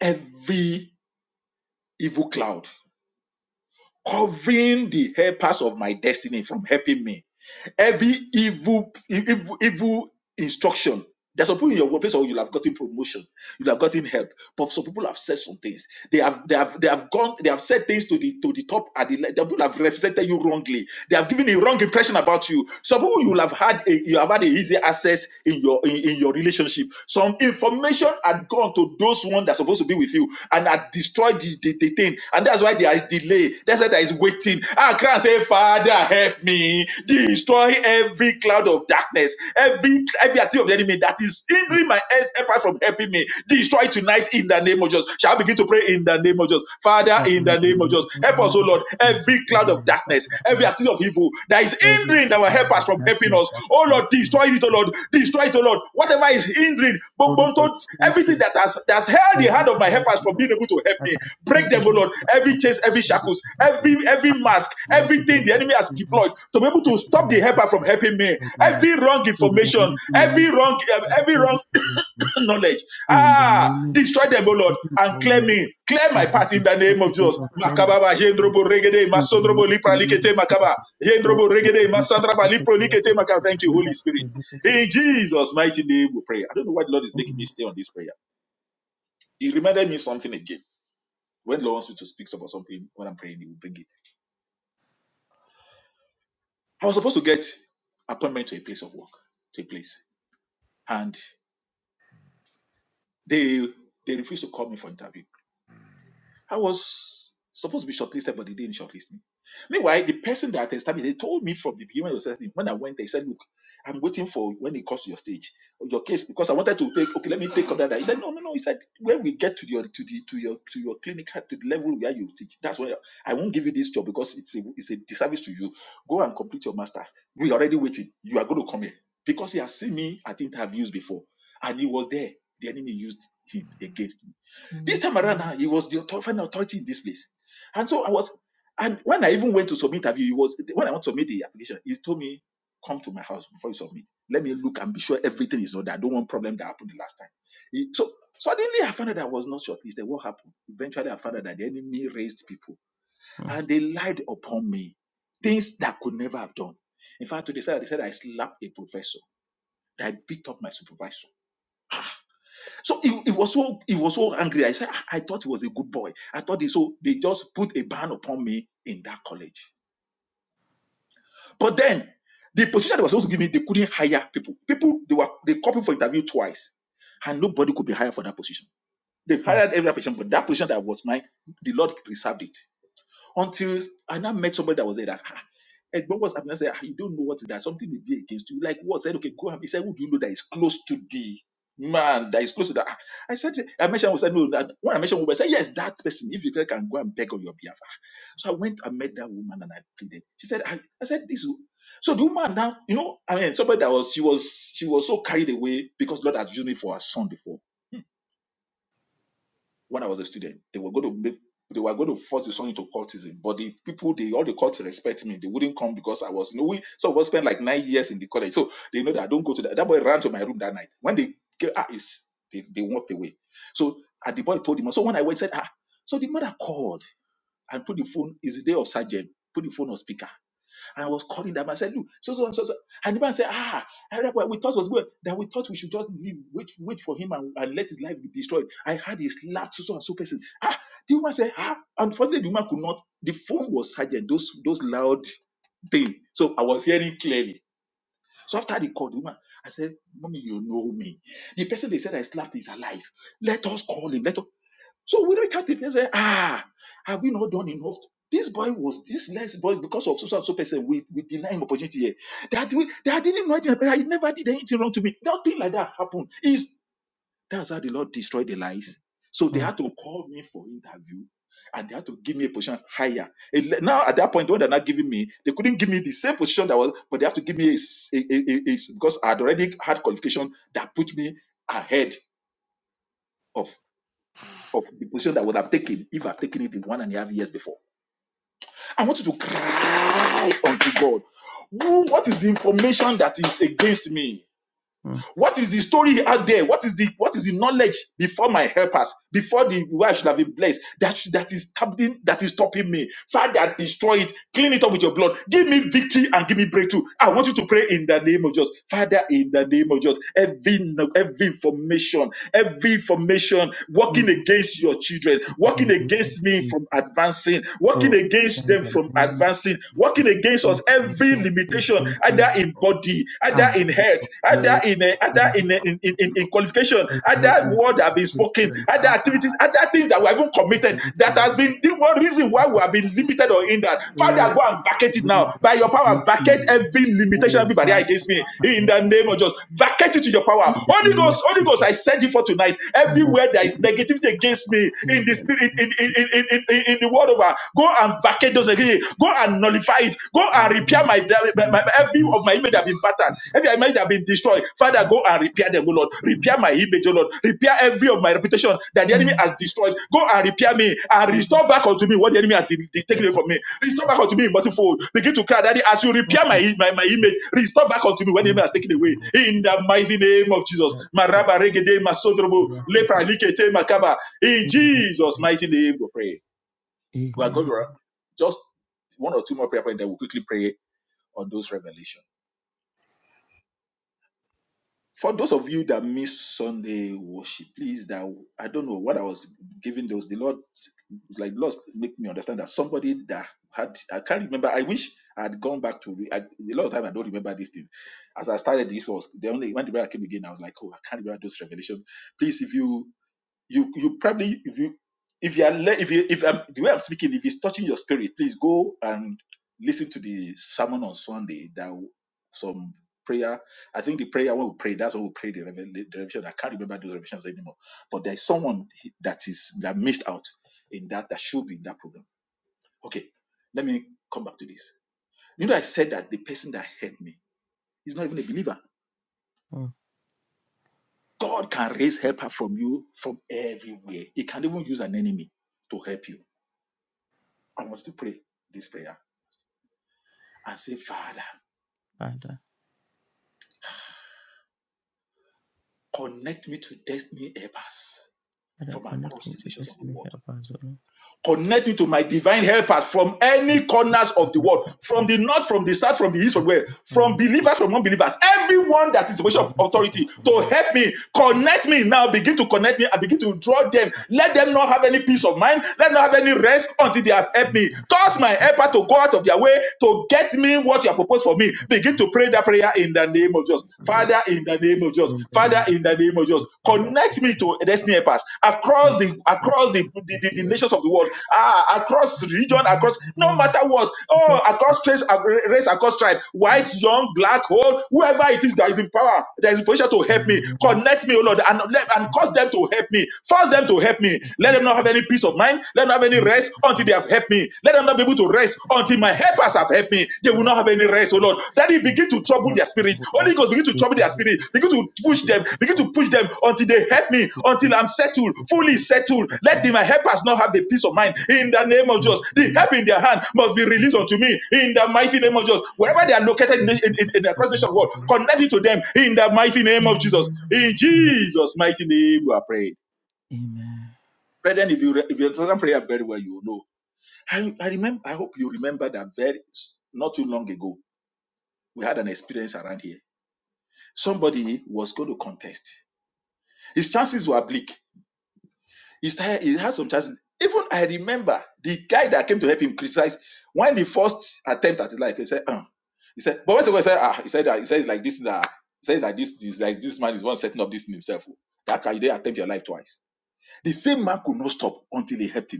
[SPEAKER 1] every evil cloud covering the helpers of my destiny from helping me Every evil, evil, evil instruction. There's some people in your workplace or you'll have gotten promotion, you'll have gotten help, but some people have said some things. They have, they have, they have gone, they have said things to the to the top at the, le- the people have represented you wrongly. They have given a wrong impression about you. Some people you will have had, a, you have had a easy access in your in, in your relationship. Some information had gone to those one that's supposed to be with you and had destroyed the, the, the thing, and that's why there is delay. That's why there is waiting. Ah, cry and say, Father. Father, help me. Destroy every cloud of darkness, every every activity of the enemy that is hindering my health apart from helping me. Destroy tonight in the name of Jesus. Shall I begin to pray in the name of Jesus? Father, in the name of Jesus, help us, O Lord, every cloud of
[SPEAKER 2] oh,
[SPEAKER 1] darkness,
[SPEAKER 2] Father,
[SPEAKER 1] every
[SPEAKER 2] help
[SPEAKER 1] activity of evil that is
[SPEAKER 2] Every
[SPEAKER 1] hindering our
[SPEAKER 2] cloud
[SPEAKER 1] helpers
[SPEAKER 2] of
[SPEAKER 1] from helping
[SPEAKER 2] darkness
[SPEAKER 1] us.
[SPEAKER 2] that is
[SPEAKER 1] Oh Lord,
[SPEAKER 2] lifting up.
[SPEAKER 1] destroy it, oh Lord, destroy it, oh Lord. Whatever is hindering, bo-
[SPEAKER 2] Lórúkọ
[SPEAKER 1] everything that
[SPEAKER 2] Jésù,
[SPEAKER 1] spirit that has, that has held the
[SPEAKER 2] every
[SPEAKER 1] hand of my
[SPEAKER 2] demon
[SPEAKER 1] helpers from being
[SPEAKER 2] law
[SPEAKER 1] able to help
[SPEAKER 2] that
[SPEAKER 1] me,
[SPEAKER 2] has
[SPEAKER 1] break
[SPEAKER 2] said they
[SPEAKER 1] them, O
[SPEAKER 2] have
[SPEAKER 1] Lord. Every
[SPEAKER 2] myself and
[SPEAKER 1] chains,
[SPEAKER 2] to
[SPEAKER 1] every
[SPEAKER 2] be able to
[SPEAKER 1] shackles,
[SPEAKER 2] help me.
[SPEAKER 1] every every
[SPEAKER 2] Father,
[SPEAKER 1] mask,
[SPEAKER 2] present to them
[SPEAKER 1] everything the
[SPEAKER 2] in the
[SPEAKER 1] enemy has
[SPEAKER 2] humans,
[SPEAKER 1] deployed to be able to
[SPEAKER 2] everything
[SPEAKER 1] stop the
[SPEAKER 2] that they
[SPEAKER 1] helper from
[SPEAKER 2] have
[SPEAKER 1] helping me.
[SPEAKER 2] from the Lord.
[SPEAKER 1] Every wrong
[SPEAKER 2] In the
[SPEAKER 1] information,
[SPEAKER 2] mighty name of
[SPEAKER 1] every
[SPEAKER 2] Jesus,
[SPEAKER 1] wrong, um,
[SPEAKER 2] Father,
[SPEAKER 1] every
[SPEAKER 2] every
[SPEAKER 1] wrong
[SPEAKER 2] wrong information.
[SPEAKER 1] knowledge.
[SPEAKER 2] In the
[SPEAKER 1] Ah,
[SPEAKER 2] name of
[SPEAKER 1] destroy them, O
[SPEAKER 2] Jesus,
[SPEAKER 1] Lord,
[SPEAKER 2] every
[SPEAKER 1] and
[SPEAKER 2] wrong
[SPEAKER 1] clear me.
[SPEAKER 2] knowledge.
[SPEAKER 1] Clear my
[SPEAKER 2] Father,
[SPEAKER 1] path in the
[SPEAKER 2] destroy
[SPEAKER 1] name of
[SPEAKER 2] the
[SPEAKER 1] Jesus.
[SPEAKER 2] mode of claim my
[SPEAKER 1] Makababa,
[SPEAKER 2] pain.
[SPEAKER 1] Yendrobo, Regede,
[SPEAKER 2] In the
[SPEAKER 1] Masondrobo,
[SPEAKER 2] mighty
[SPEAKER 1] Lipra,
[SPEAKER 2] name of
[SPEAKER 1] Likete,
[SPEAKER 2] Jesus.
[SPEAKER 1] Makaba.
[SPEAKER 2] Oh,
[SPEAKER 1] Yendrobo,
[SPEAKER 2] my
[SPEAKER 1] Regede, Masandraba, Lipro, Likete, Makaba. Thank you, Holy Spirit.
[SPEAKER 2] God,
[SPEAKER 1] In Jesus' mighty name we pray. I don't know why the Lord is making me
[SPEAKER 2] Mm,
[SPEAKER 1] stay on this prayer. He reminded me something again. When Lord wants me to speak about something when I'm praying, he will bring it. I was supposed to get appointment to a place of work, to a place, and they they refused to call me for interview. I was supposed to be shortlisted, but they didn't shortlist me. Meanwhile, the person that established, they told me from the beginning of the when I went they said, Look, I'm waiting for when it comes to your stage, your case, because I wanted to take, okay, let me take under that. He said, No, no, no. He said, When we get to your to the to your to your clinic to the level where you teach, that's when I won't give you this job because it's a it's a disservice to you. Go and complete your masters. We're already waiting. You are going to come here. Because he has seen me at interviews before, and he was there. The enemy used him against me. This time around, huh, he was the author- final authority in this place. And so I was, and when I even went to submit interview, he was when I want to submit the application, he told me, come to my house before you submit. Let me look and be sure everything is ordered. I don't want problem that happened the last time. He- so suddenly I found out that I was not shortlisted. What happened? Eventually I found out that the enemy raised people
[SPEAKER 2] mm,
[SPEAKER 1] and they lied upon me. Things that I could never have done. In fact, to the side, they said I slapped a professor, that I beat up my supervisor. So he, he was so he was so angry. I said, "Ah, I thought he was a good boy. I thought they so they just put a ban upon me in that college. But then the position they were supposed to give me, they couldn't hire people. People they were they called me for interview twice, and nobody could be hired for that position. They
[SPEAKER 2] mm,
[SPEAKER 1] hired every position, but that position that was mine, the Lord reserved it. Until I now met somebody that was there that "Ah, Egbon was happening. I said, "Ah, you don't know what that something may be against you. Like what? I said, okay, go and he said, Who do you know that is close to the man that is close to that? Ah, I said, I mentioned I said, no, that when I mentioned woman, I said, Yes, that person, if you can can go and beg on your behalf. Ah, So I went and met that woman and I pleaded. She said, I, I said, this so the woman now, you know, I mean, somebody that was she was she was so carried away because Lord has used me for her son before when I was a student. They were going to make they were going to force the son into cultism, but the people, they all the cults respect me. They wouldn't come because I was, you know, we so we spent like nine years in the college, so they know that I don't go to that. That boy ran to my room that night. When they get ah, is they, they walked away. So and the boy told him. So when I went, said ah, so the mother called and put the phone. It's the day of surgery. Put the phone on speaker. And I was calling that man. I said, Look, so, so, so, so. And the man said, Ah, I heard what we thought was good. That we thought we should just leave, wait, wait for him and, and let his life be destroyed. I had his lap to so and so person. Ah, the woman said, Ah, unfortunately, the woman could not. The phone was silent, those, those loud thing. So I was hearing clearly. So after the called the woman, I said, Mommy, you know me. The person they said I slapped is alive. Let us call him. Let us. So we reach out to the person, ah, have we not done enough? This boy was this less boy because of so and so person. We, we deny him opportunity here. That we that didn't know anything, but I never did anything wrong to me. Nothing like that happened. Is that's how the Lord destroyed the lies. So they
[SPEAKER 2] mm,
[SPEAKER 1] had to call me for interview and they had to give me a position higher. A le- Now at that point, what they're not giving me, they couldn't give me the same position that was, but they have to give me a, s- a- a- a- a- because I had already had qualification that put me ahead of of the position that I would have taken if I've taken it in one and a half years before. I want you to cry unto God. Who- What is the information that is against me?
[SPEAKER 2] mm,
[SPEAKER 1] What is the story out there? What is the what is the knowledge before my helpers, before the way I should have been blessed? That should- that is stopping that is stopping me. Father, destroy it. Clean it up with your blood. Give me victory and give me breakthrough. I want you to pray in the name of Jesus, Father. In the name of Jesus, every no- every information, every information working
[SPEAKER 2] mm.
[SPEAKER 1] against your children,
[SPEAKER 2] In the
[SPEAKER 1] working
[SPEAKER 2] name of
[SPEAKER 1] against me from
[SPEAKER 2] Jesus.
[SPEAKER 1] advancing, working
[SPEAKER 2] Oh,
[SPEAKER 1] against
[SPEAKER 2] in
[SPEAKER 1] them
[SPEAKER 2] the
[SPEAKER 1] from
[SPEAKER 2] name of
[SPEAKER 1] advancing, working
[SPEAKER 2] Jesus.
[SPEAKER 1] against
[SPEAKER 2] Every
[SPEAKER 1] us. Every
[SPEAKER 2] information
[SPEAKER 1] limitation
[SPEAKER 2] working
[SPEAKER 1] limitation,
[SPEAKER 2] against me.
[SPEAKER 1] either in
[SPEAKER 2] Lord.
[SPEAKER 1] body, either
[SPEAKER 2] Ah,
[SPEAKER 1] in
[SPEAKER 2] Lord,
[SPEAKER 1] health,
[SPEAKER 2] for
[SPEAKER 1] either
[SPEAKER 2] this
[SPEAKER 1] in uh,
[SPEAKER 2] in
[SPEAKER 1] either in, uh,
[SPEAKER 2] help,
[SPEAKER 1] in, in, in in
[SPEAKER 2] Lord.
[SPEAKER 1] qualification,
[SPEAKER 2] Oh, Lord,
[SPEAKER 1] either
[SPEAKER 2] in for
[SPEAKER 1] word that have
[SPEAKER 2] the
[SPEAKER 1] been spoken,
[SPEAKER 2] Christian,
[SPEAKER 1] other activities,
[SPEAKER 2] Ah,
[SPEAKER 1] other things that we haven't
[SPEAKER 2] have
[SPEAKER 1] committed.
[SPEAKER 2] mercy,
[SPEAKER 1] That
[SPEAKER 2] oh
[SPEAKER 1] has
[SPEAKER 2] Lord.
[SPEAKER 1] been the one reason why
[SPEAKER 2] Have
[SPEAKER 1] we have been
[SPEAKER 2] mercy,
[SPEAKER 1] limited or
[SPEAKER 2] Lord.
[SPEAKER 1] hindered.
[SPEAKER 2] Oh,
[SPEAKER 1] Father, go and
[SPEAKER 2] every
[SPEAKER 1] vacate
[SPEAKER 2] lies
[SPEAKER 1] it
[SPEAKER 2] going
[SPEAKER 1] now.
[SPEAKER 2] around
[SPEAKER 1] By your power,
[SPEAKER 2] against me.
[SPEAKER 1] vacate
[SPEAKER 2] Lord.
[SPEAKER 1] every limitation,
[SPEAKER 2] Oh,
[SPEAKER 1] every barrier
[SPEAKER 2] Father,
[SPEAKER 1] against me.
[SPEAKER 2] put my
[SPEAKER 1] In
[SPEAKER 2] name
[SPEAKER 1] the
[SPEAKER 2] to
[SPEAKER 1] name
[SPEAKER 2] stop
[SPEAKER 1] of Jesus, vacate it to your power.
[SPEAKER 2] in the
[SPEAKER 1] Holy
[SPEAKER 2] name of
[SPEAKER 1] Ghost, Holy Ghost,
[SPEAKER 2] Jesus.
[SPEAKER 1] I send you for tonight.
[SPEAKER 2] Come on,
[SPEAKER 1] Everywhere there is negativity against me in
[SPEAKER 2] in
[SPEAKER 1] the
[SPEAKER 2] the name
[SPEAKER 1] spirit, in
[SPEAKER 2] of
[SPEAKER 1] in in, in, in in the world over, go Go and vacate those
[SPEAKER 2] Jesus.
[SPEAKER 1] agreements. Go and nullify it. Go
[SPEAKER 2] Amen.
[SPEAKER 1] and repair my, my, my every of my image that have been battered, every image that have been destroyed. Father,
[SPEAKER 2] Oh,
[SPEAKER 1] go and repair them, O Lord. Repair my image, O Lord. Repair every of my reputation that the enemy has destroyed. Go and repair me and restore back unto me what the enemy has de- de- taken
[SPEAKER 2] Father,
[SPEAKER 1] away from me. Restore back unto me in multifold. Begin to cry, Daddy, as you repair my, my, my image, restore back unto me what the enemy has taken away. In the mighty name of Jesus. Maraba regede masodrobo lepra likete makaba. In Jesus' mighty name, we pray. We're going to just one or two more prayer points that we'll quickly pray on those revelations. For those of you that miss Sunday worship, please that I don't know what I was giving those. The Lord it's like Lord make me understand that somebody that had I can't remember. I wish I had gone back to re- I, a lot of time I don't remember this thing. As I started this was the only when the prayer came again, I was like, oh, I can't remember those revelations. Please, if you you you probably if you if you are le- if you if I'm, the way I'm speaking if it's touching your spirit, please go and listen to the sermon on Sunday. That w- some prayer. I think the prayer when we pray, that's when we pray the revel- the revelation. I can't remember those revelations anymore. But there's someone that is that missed out in that that should be in that program. Okay, let me come back to this. You know, I said that the person that helped me is not even a believer. God can raise helper from you from everywhere. He can even use an enemy to help you I want to pray this prayer and say, Father, connect me to destiny helpers
[SPEAKER 2] Father,
[SPEAKER 1] from
[SPEAKER 2] connect
[SPEAKER 1] across
[SPEAKER 2] me
[SPEAKER 1] the
[SPEAKER 2] to
[SPEAKER 1] nations of the
[SPEAKER 2] destiny.
[SPEAKER 1] world.
[SPEAKER 2] Help us, O Lord.
[SPEAKER 1] Connect me to my divine helpers from any corners of
[SPEAKER 2] Help
[SPEAKER 1] the
[SPEAKER 2] me to
[SPEAKER 1] world,
[SPEAKER 2] help
[SPEAKER 1] from the
[SPEAKER 2] help
[SPEAKER 1] north, from the south, from the east, from where,
[SPEAKER 2] on
[SPEAKER 1] from
[SPEAKER 2] us.
[SPEAKER 1] believers, from non-believers, everyone that is a position of
[SPEAKER 2] Deliver us from
[SPEAKER 1] authority to
[SPEAKER 2] deliver us
[SPEAKER 1] help me, connect me now, begin to connect me and begin to draw them. Let them not have any peace of mind, let them not have any rest until they have helped me.
[SPEAKER 2] from
[SPEAKER 1] Cause
[SPEAKER 2] the
[SPEAKER 1] my
[SPEAKER 2] world.
[SPEAKER 1] helper to go out of their way to get me what you have proposed for me.
[SPEAKER 2] Help us, help us, to
[SPEAKER 1] Begin
[SPEAKER 2] help
[SPEAKER 1] to pray that prayer in the
[SPEAKER 2] us,
[SPEAKER 1] name of Jesus.
[SPEAKER 2] O Lord.
[SPEAKER 1] Father, in the name of Jesus. Jesus.
[SPEAKER 2] In the
[SPEAKER 1] Father,
[SPEAKER 2] name
[SPEAKER 1] in
[SPEAKER 2] of
[SPEAKER 1] the name of Jesus,
[SPEAKER 2] the Father, the
[SPEAKER 1] connect
[SPEAKER 2] Son,
[SPEAKER 1] me to destiny helpers
[SPEAKER 2] and
[SPEAKER 1] across the
[SPEAKER 2] the
[SPEAKER 1] across the, the,
[SPEAKER 2] Holy
[SPEAKER 1] the, the
[SPEAKER 2] Spirit. Help us. to Help us.
[SPEAKER 1] nations of the world, ah, across region,
[SPEAKER 2] Help
[SPEAKER 1] across
[SPEAKER 2] us. to Help us.
[SPEAKER 1] no matter what,
[SPEAKER 2] Help us to help
[SPEAKER 1] oh, across race, race, across tribe,
[SPEAKER 2] us.
[SPEAKER 1] white, young, black, old, whoever it is that is in power, that is in position to help me,
[SPEAKER 2] Amen. Mm.
[SPEAKER 1] connect me, oh Lord, and let and cause them to help me, force them to help me. Let them not have any peace of mind. Let them not have any rest until they have helped me. Let them not be able to rest until. Till my helpers have helped me, they will not have any rest, oh Lord. That Daddy, begin to trouble their spirit. Holy Ghost, begin to trouble their spirit. Begin to push them. Begin to push them until they help me, until I'm settled, fully settled. Let the, my helpers not have a peace of mind. In the name of Jesus, the help in their hand must be released unto me. In the mighty name of Jesus, wherever they are located in, in, in, in the cross nation of God, connect me to them. In the mighty name of Jesus. In Jesus' mighty name, we are praying. Brethren, if you if you understand prayer very well, you will know I, I remember, I hope you remember that very not too long ago, we had an experience around here. Somebody was going to contest. His chances were bleak. He, started, he had some chances. Even I remember the guy that came to help him criticize when the first attempt at it, like he said, uh, he said, but when he said, ah, he said that he says like this is a, he says that this is like this man is one setting up this in himself. oh. That can you dare attempt your life twice. The same man could not stop until he helped him.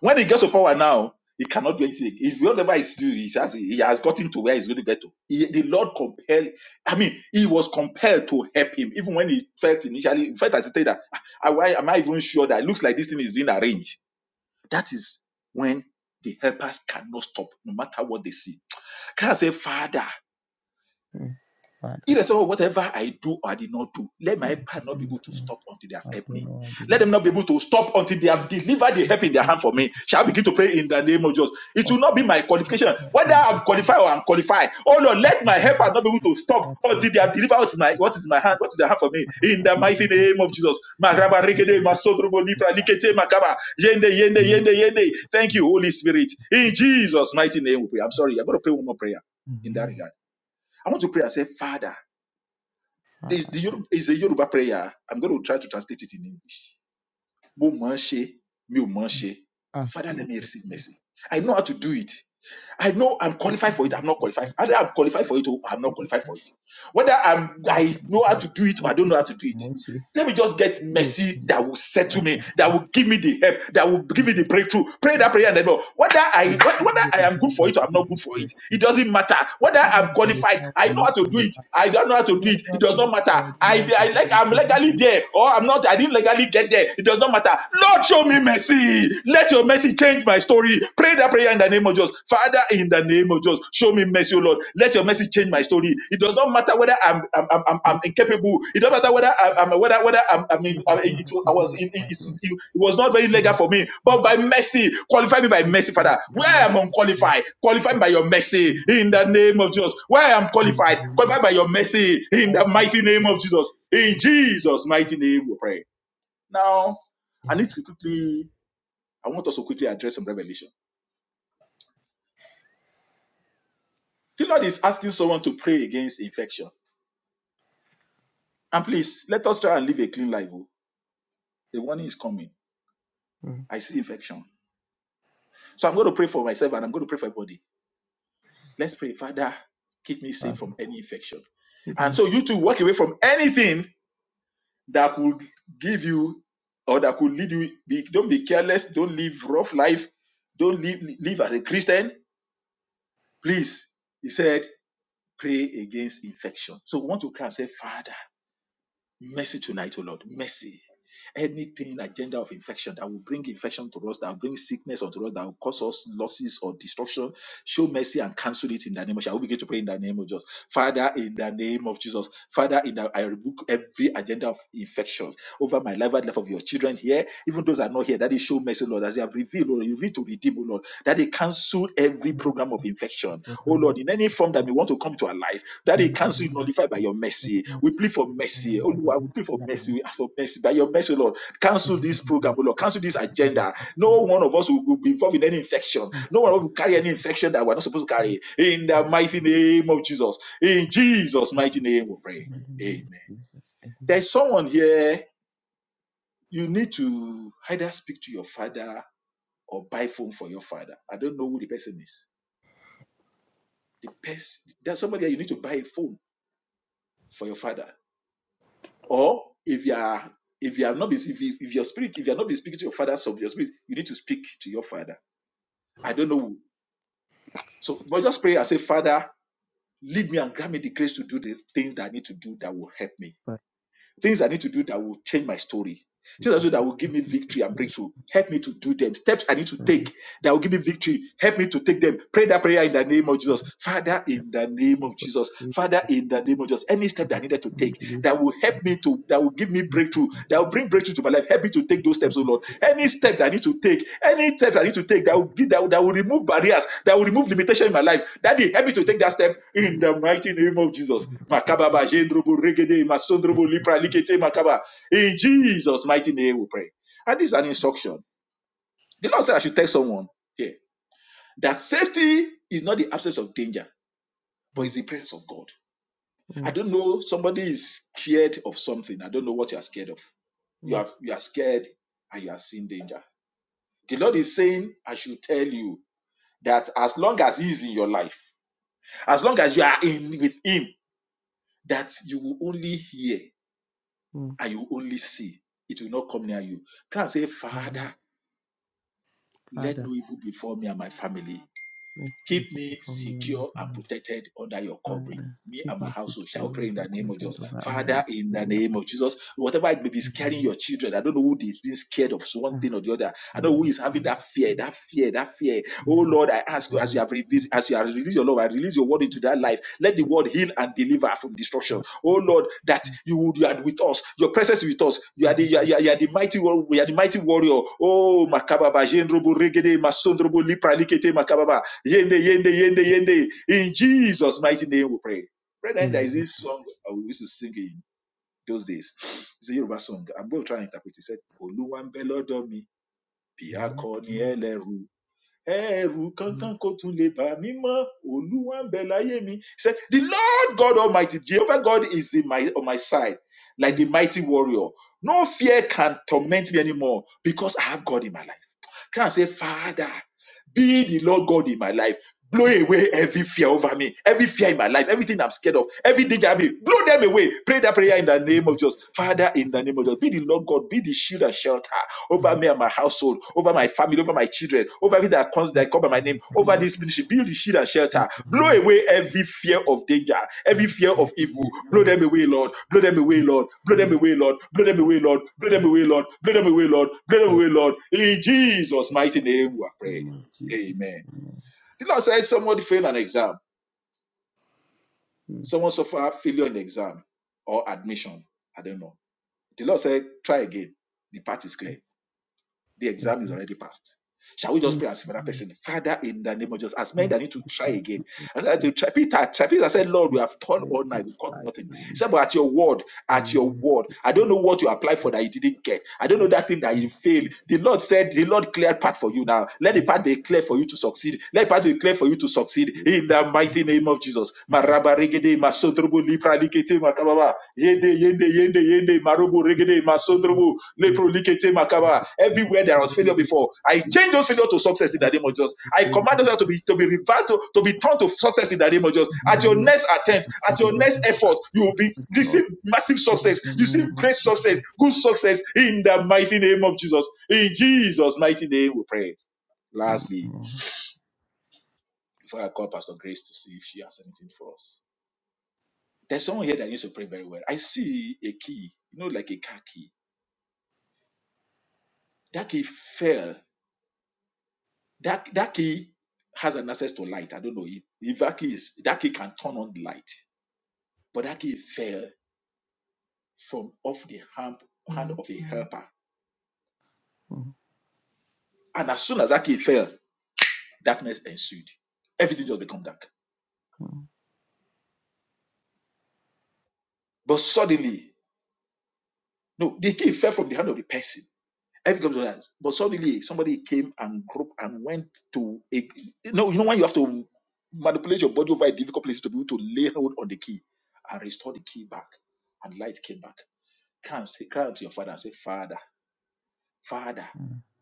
[SPEAKER 1] When he gets to power now, he cannot do anything. If whatever he's doing, he has, he has gotten to where he's going to get to. He- the Lord compelled, I mean, he was compelled to help him, even when he felt initially, In fact, as he said that, "Ah, ah, why am I even sure that it looks like this thing is being arranged? That is when the helpers cannot stop, no matter what they see. Can I say, Father?
[SPEAKER 2] Father,
[SPEAKER 1] Irrespective of whatever I do or I did not do, let my
[SPEAKER 2] it is
[SPEAKER 1] helper
[SPEAKER 2] a
[SPEAKER 1] not be able to stop until they have
[SPEAKER 2] I've
[SPEAKER 1] helped
[SPEAKER 2] done
[SPEAKER 1] me.
[SPEAKER 2] all I did,
[SPEAKER 1] Let them not be able to stop until they have delivered the help in their hand for me. Shall I begin
[SPEAKER 2] not
[SPEAKER 1] to pray in the name of Jesus? It will not be my
[SPEAKER 2] Amen.
[SPEAKER 1] qualification, whether I'm qualified or I'm qualified. Oh Lord, let my helper not be able to stop until they have delivered what is my what is in my hand, what is their hand for me. In the mighty name of Jesus. Maraba regede, masodrobo lipra likete makaba. Yende, yende, yende, yende. Thank you, Holy Spirit. In Jesus' mighty name we pray. I'm sorry, I'm going to pray one more prayer in that regard. I want to pray and say, Father the,
[SPEAKER 2] Father,
[SPEAKER 1] the Yoruba, is a Yoruba prayer. I'm going to try to translate it in English. Mo mọ̀ ọ́n ṣe, mi ò mọ̀ ọ́n
[SPEAKER 2] ah,
[SPEAKER 1] Father, let
[SPEAKER 2] Lord
[SPEAKER 1] me
[SPEAKER 2] of
[SPEAKER 1] receive
[SPEAKER 2] grace,
[SPEAKER 1] mercy. I know how to do it. I know I'm
[SPEAKER 2] we
[SPEAKER 1] qualified for it, I'm
[SPEAKER 2] thank
[SPEAKER 1] not
[SPEAKER 2] you
[SPEAKER 1] qualified.
[SPEAKER 2] for
[SPEAKER 1] Either I'm qualified for it or I'm not
[SPEAKER 2] this.
[SPEAKER 1] qualified for it. Whether I'm,
[SPEAKER 2] We seek
[SPEAKER 1] I
[SPEAKER 2] your
[SPEAKER 1] know how to
[SPEAKER 2] help.
[SPEAKER 1] do it or I
[SPEAKER 2] Lord,
[SPEAKER 1] don't
[SPEAKER 2] we
[SPEAKER 1] know
[SPEAKER 2] thank
[SPEAKER 1] how
[SPEAKER 2] you
[SPEAKER 1] to do
[SPEAKER 2] for
[SPEAKER 1] it.
[SPEAKER 2] mercy.
[SPEAKER 1] Let me just get
[SPEAKER 2] We
[SPEAKER 1] mercy
[SPEAKER 2] extend
[SPEAKER 1] that
[SPEAKER 2] mercy
[SPEAKER 1] will
[SPEAKER 2] to
[SPEAKER 1] settle
[SPEAKER 2] us
[SPEAKER 1] me,
[SPEAKER 2] and we
[SPEAKER 1] that will give me the help, that will give me
[SPEAKER 2] thank
[SPEAKER 1] the breakthrough. Pray
[SPEAKER 2] you.
[SPEAKER 1] that prayer and then know whether I
[SPEAKER 2] And we
[SPEAKER 1] whe- whether
[SPEAKER 2] give
[SPEAKER 1] I
[SPEAKER 2] you
[SPEAKER 1] am good for
[SPEAKER 2] that
[SPEAKER 1] it or I'm
[SPEAKER 2] we
[SPEAKER 1] not
[SPEAKER 2] give you
[SPEAKER 1] good for it. It
[SPEAKER 2] breakthrough.
[SPEAKER 1] doesn't matter. Whether
[SPEAKER 2] When I
[SPEAKER 1] I'm qualified,
[SPEAKER 2] qualify,
[SPEAKER 1] I
[SPEAKER 2] I'm
[SPEAKER 1] know
[SPEAKER 2] not
[SPEAKER 1] how to do
[SPEAKER 2] qualified.
[SPEAKER 1] it.
[SPEAKER 2] I
[SPEAKER 1] I don't know how to do
[SPEAKER 2] don't
[SPEAKER 1] it.
[SPEAKER 2] know how
[SPEAKER 1] It
[SPEAKER 2] to do
[SPEAKER 1] does not
[SPEAKER 2] it, I
[SPEAKER 1] matter.
[SPEAKER 2] don't know how
[SPEAKER 1] I
[SPEAKER 2] to
[SPEAKER 1] I
[SPEAKER 2] do it,
[SPEAKER 1] like I'm
[SPEAKER 2] there's no
[SPEAKER 1] legally
[SPEAKER 2] how to
[SPEAKER 1] there or I'm not. I didn't legally get there. It does not matter. Lord, show me mercy. Let your mercy change my story. Pray that prayer prayer in the name of Jesus. Father, in the name of Jesus, show me mercy, O Lord. Let your mercy change my story. It does not matter whether I'm I'm, I'm, I'm
[SPEAKER 2] do
[SPEAKER 1] I'm
[SPEAKER 2] it.
[SPEAKER 1] incapable. It doesn't matter whether I'm, I'm whether whether I'm, I
[SPEAKER 2] If I
[SPEAKER 1] mean I,
[SPEAKER 2] know
[SPEAKER 1] mean,
[SPEAKER 2] how
[SPEAKER 1] it, wa- I
[SPEAKER 2] to
[SPEAKER 1] was
[SPEAKER 2] do it,
[SPEAKER 1] it, it,
[SPEAKER 2] I
[SPEAKER 1] it-
[SPEAKER 2] don't
[SPEAKER 1] it was not very legal
[SPEAKER 2] have
[SPEAKER 1] for me, but
[SPEAKER 2] have
[SPEAKER 1] by mercy, qualify me by mercy, Father.
[SPEAKER 2] experience
[SPEAKER 1] Where
[SPEAKER 2] in
[SPEAKER 1] I'm unqualified, qualify me
[SPEAKER 2] at
[SPEAKER 1] by your mercy
[SPEAKER 2] any
[SPEAKER 1] in
[SPEAKER 2] of
[SPEAKER 1] the name of Jesus. Where I'm
[SPEAKER 2] the
[SPEAKER 1] qualified, qualify by your mercy
[SPEAKER 2] I
[SPEAKER 1] in the
[SPEAKER 2] don't know
[SPEAKER 1] mighty
[SPEAKER 2] how
[SPEAKER 1] name of
[SPEAKER 2] to
[SPEAKER 1] Jesus. In Jesus' mighty name, we pray. Now, I need to quickly. I want us to quickly address some revelation. The Lord is asking someone to pray against infection. And please, let us try and live a clean life. oh. The warning is coming. I see infection. So I'm going to pray for myself and I'm going to pray for everybody. Let's pray, Father, keep me safe from
[SPEAKER 2] Father,
[SPEAKER 1] any infection.
[SPEAKER 2] keep
[SPEAKER 1] And
[SPEAKER 2] me
[SPEAKER 1] so you two walk away from anything that could give you or that could lead you. Be, don't be careless. Don't live rough life. Don't live, live as a Christian. Please, he said, pray against infection. So we want to cry and say, Father. Mercy tonight, O Lord. Mercy. Anything agenda of infection that will bring infection to us, that will bring sickness unto us, that will cause us losses or destruction, show mercy and cancel it in the name of. Shall we begin to pray in the name of Jesus? Father, in the name of Jesus, Father, in the, I rebuke every agenda of infection over my life and life of your children here, even those that are not here. That is show mercy, Lord, as you have revealed, Lord, you revealed to redeem, Lord, that they cancel every program of infection
[SPEAKER 2] for
[SPEAKER 1] Oh Lord, in any form that may want to come to our life, that it
[SPEAKER 2] and
[SPEAKER 1] cancel nullify by your
[SPEAKER 2] Over
[SPEAKER 1] mercy.
[SPEAKER 2] my
[SPEAKER 1] We plead
[SPEAKER 2] children,
[SPEAKER 1] for
[SPEAKER 2] over my
[SPEAKER 1] mercy. Oh
[SPEAKER 2] life,
[SPEAKER 1] Lord, we plead for
[SPEAKER 2] that
[SPEAKER 1] mercy.
[SPEAKER 2] was
[SPEAKER 1] We ask for mercy. By your mercy, Lord, cancel
[SPEAKER 2] ever to
[SPEAKER 1] this
[SPEAKER 2] be
[SPEAKER 1] program, oh Lord, cancel this agenda.
[SPEAKER 2] to
[SPEAKER 1] No
[SPEAKER 2] do.
[SPEAKER 1] one of us will, will be involved in any infection.
[SPEAKER 2] so,
[SPEAKER 1] No one will carry any infection that we're not supposed to carry. In the mighty name of Jesus. In Jesus' mighty name, we pray.
[SPEAKER 2] in the name of
[SPEAKER 1] Amen.
[SPEAKER 2] Jesus, amen.
[SPEAKER 1] There's someone here, you need to either speak to your father or buy phone for your father. I don't know who the person is. The person, there's somebody here, you need to buy a phone for your father. Or if you are if you have not been if, you- if your spirit if you are not been speaking to your father so your spirit you need to speak to your father. I don't know. who. So but just pray and say, Father, lead me and grant me the grace to do the things that I need to do that will help me.
[SPEAKER 2] Father,
[SPEAKER 1] Things I need to do that will change my story
[SPEAKER 2] keep
[SPEAKER 1] Things
[SPEAKER 2] me
[SPEAKER 1] also that will give me
[SPEAKER 2] secure
[SPEAKER 1] victory and
[SPEAKER 2] for your
[SPEAKER 1] breakthrough. Help me to do them. Steps I need to
[SPEAKER 2] Father,
[SPEAKER 1] take that will give me victory. Help me to take them. Pray that prayer in the name of
[SPEAKER 2] for
[SPEAKER 1] Jesus.
[SPEAKER 2] your
[SPEAKER 1] Father, in the name of
[SPEAKER 2] for
[SPEAKER 1] Jesus.
[SPEAKER 2] your
[SPEAKER 1] Father, in the name of Jesus. Any step that I needed to take that
[SPEAKER 2] wisdom,
[SPEAKER 1] will help me to, that will give me breakthrough, that will bring breakthrough to my life. Help me to take those steps, oh Lord. Any step that I need to take, any step that I need to take that will give, that, will- that will remove barriers, that will remove limitation in my life. Daddy, help me to take that step in the mighty name of Jesus. Makaba ba jendrobo regede masondrobo lipra likete makaba. In Jesus' mighty name, we pray. And this is an instruction. The Lord said I should tell someone here that safety is not the absence of danger, but it's the presence of God. I don't know, somebody is scared of something. I don't know what you are scared of. You are, you are scared and you are seeing danger. The Lord is saying, I should tell you that as long as He is in your life, as long as you are in with Him, that you will only hear and you will only see. It will not come near you. Can I say, Father? Let
[SPEAKER 2] Father,
[SPEAKER 1] no evil befall me and my family.
[SPEAKER 2] let me
[SPEAKER 1] Keep me
[SPEAKER 2] before me and my
[SPEAKER 1] secure and
[SPEAKER 2] family.
[SPEAKER 1] protected under your covering.
[SPEAKER 2] Father,
[SPEAKER 1] Me and
[SPEAKER 2] keep
[SPEAKER 1] my
[SPEAKER 2] me secure
[SPEAKER 1] household shall pray
[SPEAKER 2] and
[SPEAKER 1] in the name of
[SPEAKER 2] protected
[SPEAKER 1] Jesus.
[SPEAKER 2] over under
[SPEAKER 1] Father, in the
[SPEAKER 2] me and
[SPEAKER 1] name of Jesus, whatever it may be
[SPEAKER 2] my
[SPEAKER 1] scaring
[SPEAKER 2] family.
[SPEAKER 1] your children, I don't know who is being scared of one
[SPEAKER 2] Ah,
[SPEAKER 1] thing or the other. I don't know who is having that fear, that fear, that fear. Oh Lord, I ask you as you have revealed, as you have revealed your love, I release your your word into their life. Let the word heal and deliver from destruction. Oh Lord, that you would you are with us. Your presence is with us. You are the
[SPEAKER 2] Amen.
[SPEAKER 1] you are, you are- you are the mighty war- you are the mighty warrior. Oh makababa jendrobo regede masondrobo lipra likete makababa yende yende yende yende. In Jesus' mighty name we pray. Brethren, there is this song uh, we used to sing in those days. It's a Yoruba song. I'm going to try and interpret it. It said, Oluwambelodomi, Biakoni Eleru ẹ̀rù kankan kò tún lè bà mí mọ́ olúwa ń bẹ láyé mi he said the lord god almighty jehovah god is in my, on my side like the mighty warrior no fear can torment me anymore because i have god in my life can i say father be the lord god in my life blow away every fear over me every fear in my life everything i'm scared of every danger i mean blow them away pray that prayer in the name of jesus father in the name of jesus be the lord god be the shield and shelter over me
[SPEAKER 2] Oh,
[SPEAKER 1] and my household, over my family, over my children, over everything that comes
[SPEAKER 2] oh,
[SPEAKER 1] that come by my
[SPEAKER 2] oh,
[SPEAKER 1] name, over
[SPEAKER 2] oh.
[SPEAKER 1] this ministry. Build the shield and shelter. Blow away every fear of danger, every fear of evil. Blow them away, Lord. Blow them away, Lord. Blow them away, Lord. Blow them away, Lord. Blow them
[SPEAKER 2] Amen.
[SPEAKER 1] away, Lord. Blow them away, Lord. Blow them away, Lord. In Jesus' mighty
[SPEAKER 2] Lord,
[SPEAKER 1] name, we are
[SPEAKER 2] in the
[SPEAKER 1] prayed.
[SPEAKER 2] name of Jesus.
[SPEAKER 1] Amen.
[SPEAKER 2] Amen.
[SPEAKER 1] The Lord said someone failed an exam.
[SPEAKER 2] Mm.
[SPEAKER 1] Someone suffered failure in exam or admission. I don't know. The Lord said, try again. The path is clear The exam is
[SPEAKER 2] Amen.
[SPEAKER 1] already passed. Shall we just pray as for that
[SPEAKER 2] Amen.
[SPEAKER 1] person? Father, in the name of Jesus, as
[SPEAKER 2] I
[SPEAKER 1] men
[SPEAKER 2] thank
[SPEAKER 1] that need to try
[SPEAKER 2] you,
[SPEAKER 1] again. As many that
[SPEAKER 2] Jesus.
[SPEAKER 1] need to try. Peter, try. Peter said, Lord, we have toiled
[SPEAKER 2] I
[SPEAKER 1] all night, we caught
[SPEAKER 2] defy
[SPEAKER 1] nothing. He
[SPEAKER 2] him.
[SPEAKER 1] said, but at your word, at your
[SPEAKER 2] Amen.
[SPEAKER 1] word, I don't
[SPEAKER 2] Yes,
[SPEAKER 1] know what you applied for that you didn't get. I don't
[SPEAKER 2] I
[SPEAKER 1] know that thing that
[SPEAKER 2] thank
[SPEAKER 1] you failed.
[SPEAKER 2] you,
[SPEAKER 1] The Lord said, the Lord cleared path for you
[SPEAKER 2] Lord,
[SPEAKER 1] now. Let
[SPEAKER 2] for
[SPEAKER 1] the
[SPEAKER 2] the
[SPEAKER 1] path be clear for you to succeed. Let the path be clear for you to succeed.
[SPEAKER 2] Spirit,
[SPEAKER 1] In the mighty name of Jesus.
[SPEAKER 2] Jesus.
[SPEAKER 1] Maraba regede, masodrobo, lipra likete, makababa. Yende, yende, yende, yende, marobo regede,
[SPEAKER 2] In the
[SPEAKER 1] masodrobo,
[SPEAKER 2] name of Jesus. As if
[SPEAKER 1] Everywhere there
[SPEAKER 2] the
[SPEAKER 1] was
[SPEAKER 2] Lord
[SPEAKER 1] failure
[SPEAKER 2] would
[SPEAKER 1] before, I
[SPEAKER 2] be
[SPEAKER 1] change those failure to success in the
[SPEAKER 2] very,
[SPEAKER 1] name of
[SPEAKER 2] very
[SPEAKER 1] Jesus. I
[SPEAKER 2] good
[SPEAKER 1] command
[SPEAKER 2] and
[SPEAKER 1] those failure to
[SPEAKER 2] good.
[SPEAKER 1] be to be reversed, to, to be turned to success in the name of Jesus.
[SPEAKER 2] In the
[SPEAKER 1] At your
[SPEAKER 2] name
[SPEAKER 1] next
[SPEAKER 2] of
[SPEAKER 1] attempt,
[SPEAKER 2] Jesus, I
[SPEAKER 1] at your next
[SPEAKER 2] deliver her.
[SPEAKER 1] effort, you will be
[SPEAKER 2] Success, Lord,
[SPEAKER 1] receive massive
[SPEAKER 2] in
[SPEAKER 1] success,
[SPEAKER 2] the name
[SPEAKER 1] receive
[SPEAKER 2] of
[SPEAKER 1] great success,
[SPEAKER 2] Jesus.
[SPEAKER 1] good success in the mighty name of Jesus. In Jesus' mighty name, we pray.
[SPEAKER 2] Amen.
[SPEAKER 1] Lastly,
[SPEAKER 2] Mm,
[SPEAKER 1] before I call Pastor Grace to see if she has anything for us, there's someone here that needs to pray very well. I see a key, you know, like a car key. That key fell That that key has an access to light. I don't know if, if that key is that key can turn on the light, but that key fell from off the hand, hand of a helper. And as soon as that key fell, darkness ensued. Everything just become dark.
[SPEAKER 2] mm,
[SPEAKER 1] But suddenly, no, the key fell from the hand of the person. Everything was dark. But suddenly, somebody came and groped and went to a. No, you know when you have to manipulate your body over a difficult place to be able to lay hold on the key and restore the key back, and light came back. Can say, cry out to your father and say, Father, Father,
[SPEAKER 2] mm.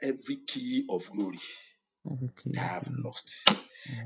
[SPEAKER 1] every key of glory
[SPEAKER 2] every key
[SPEAKER 1] that
[SPEAKER 2] of
[SPEAKER 1] I have
[SPEAKER 2] the way,
[SPEAKER 1] lost.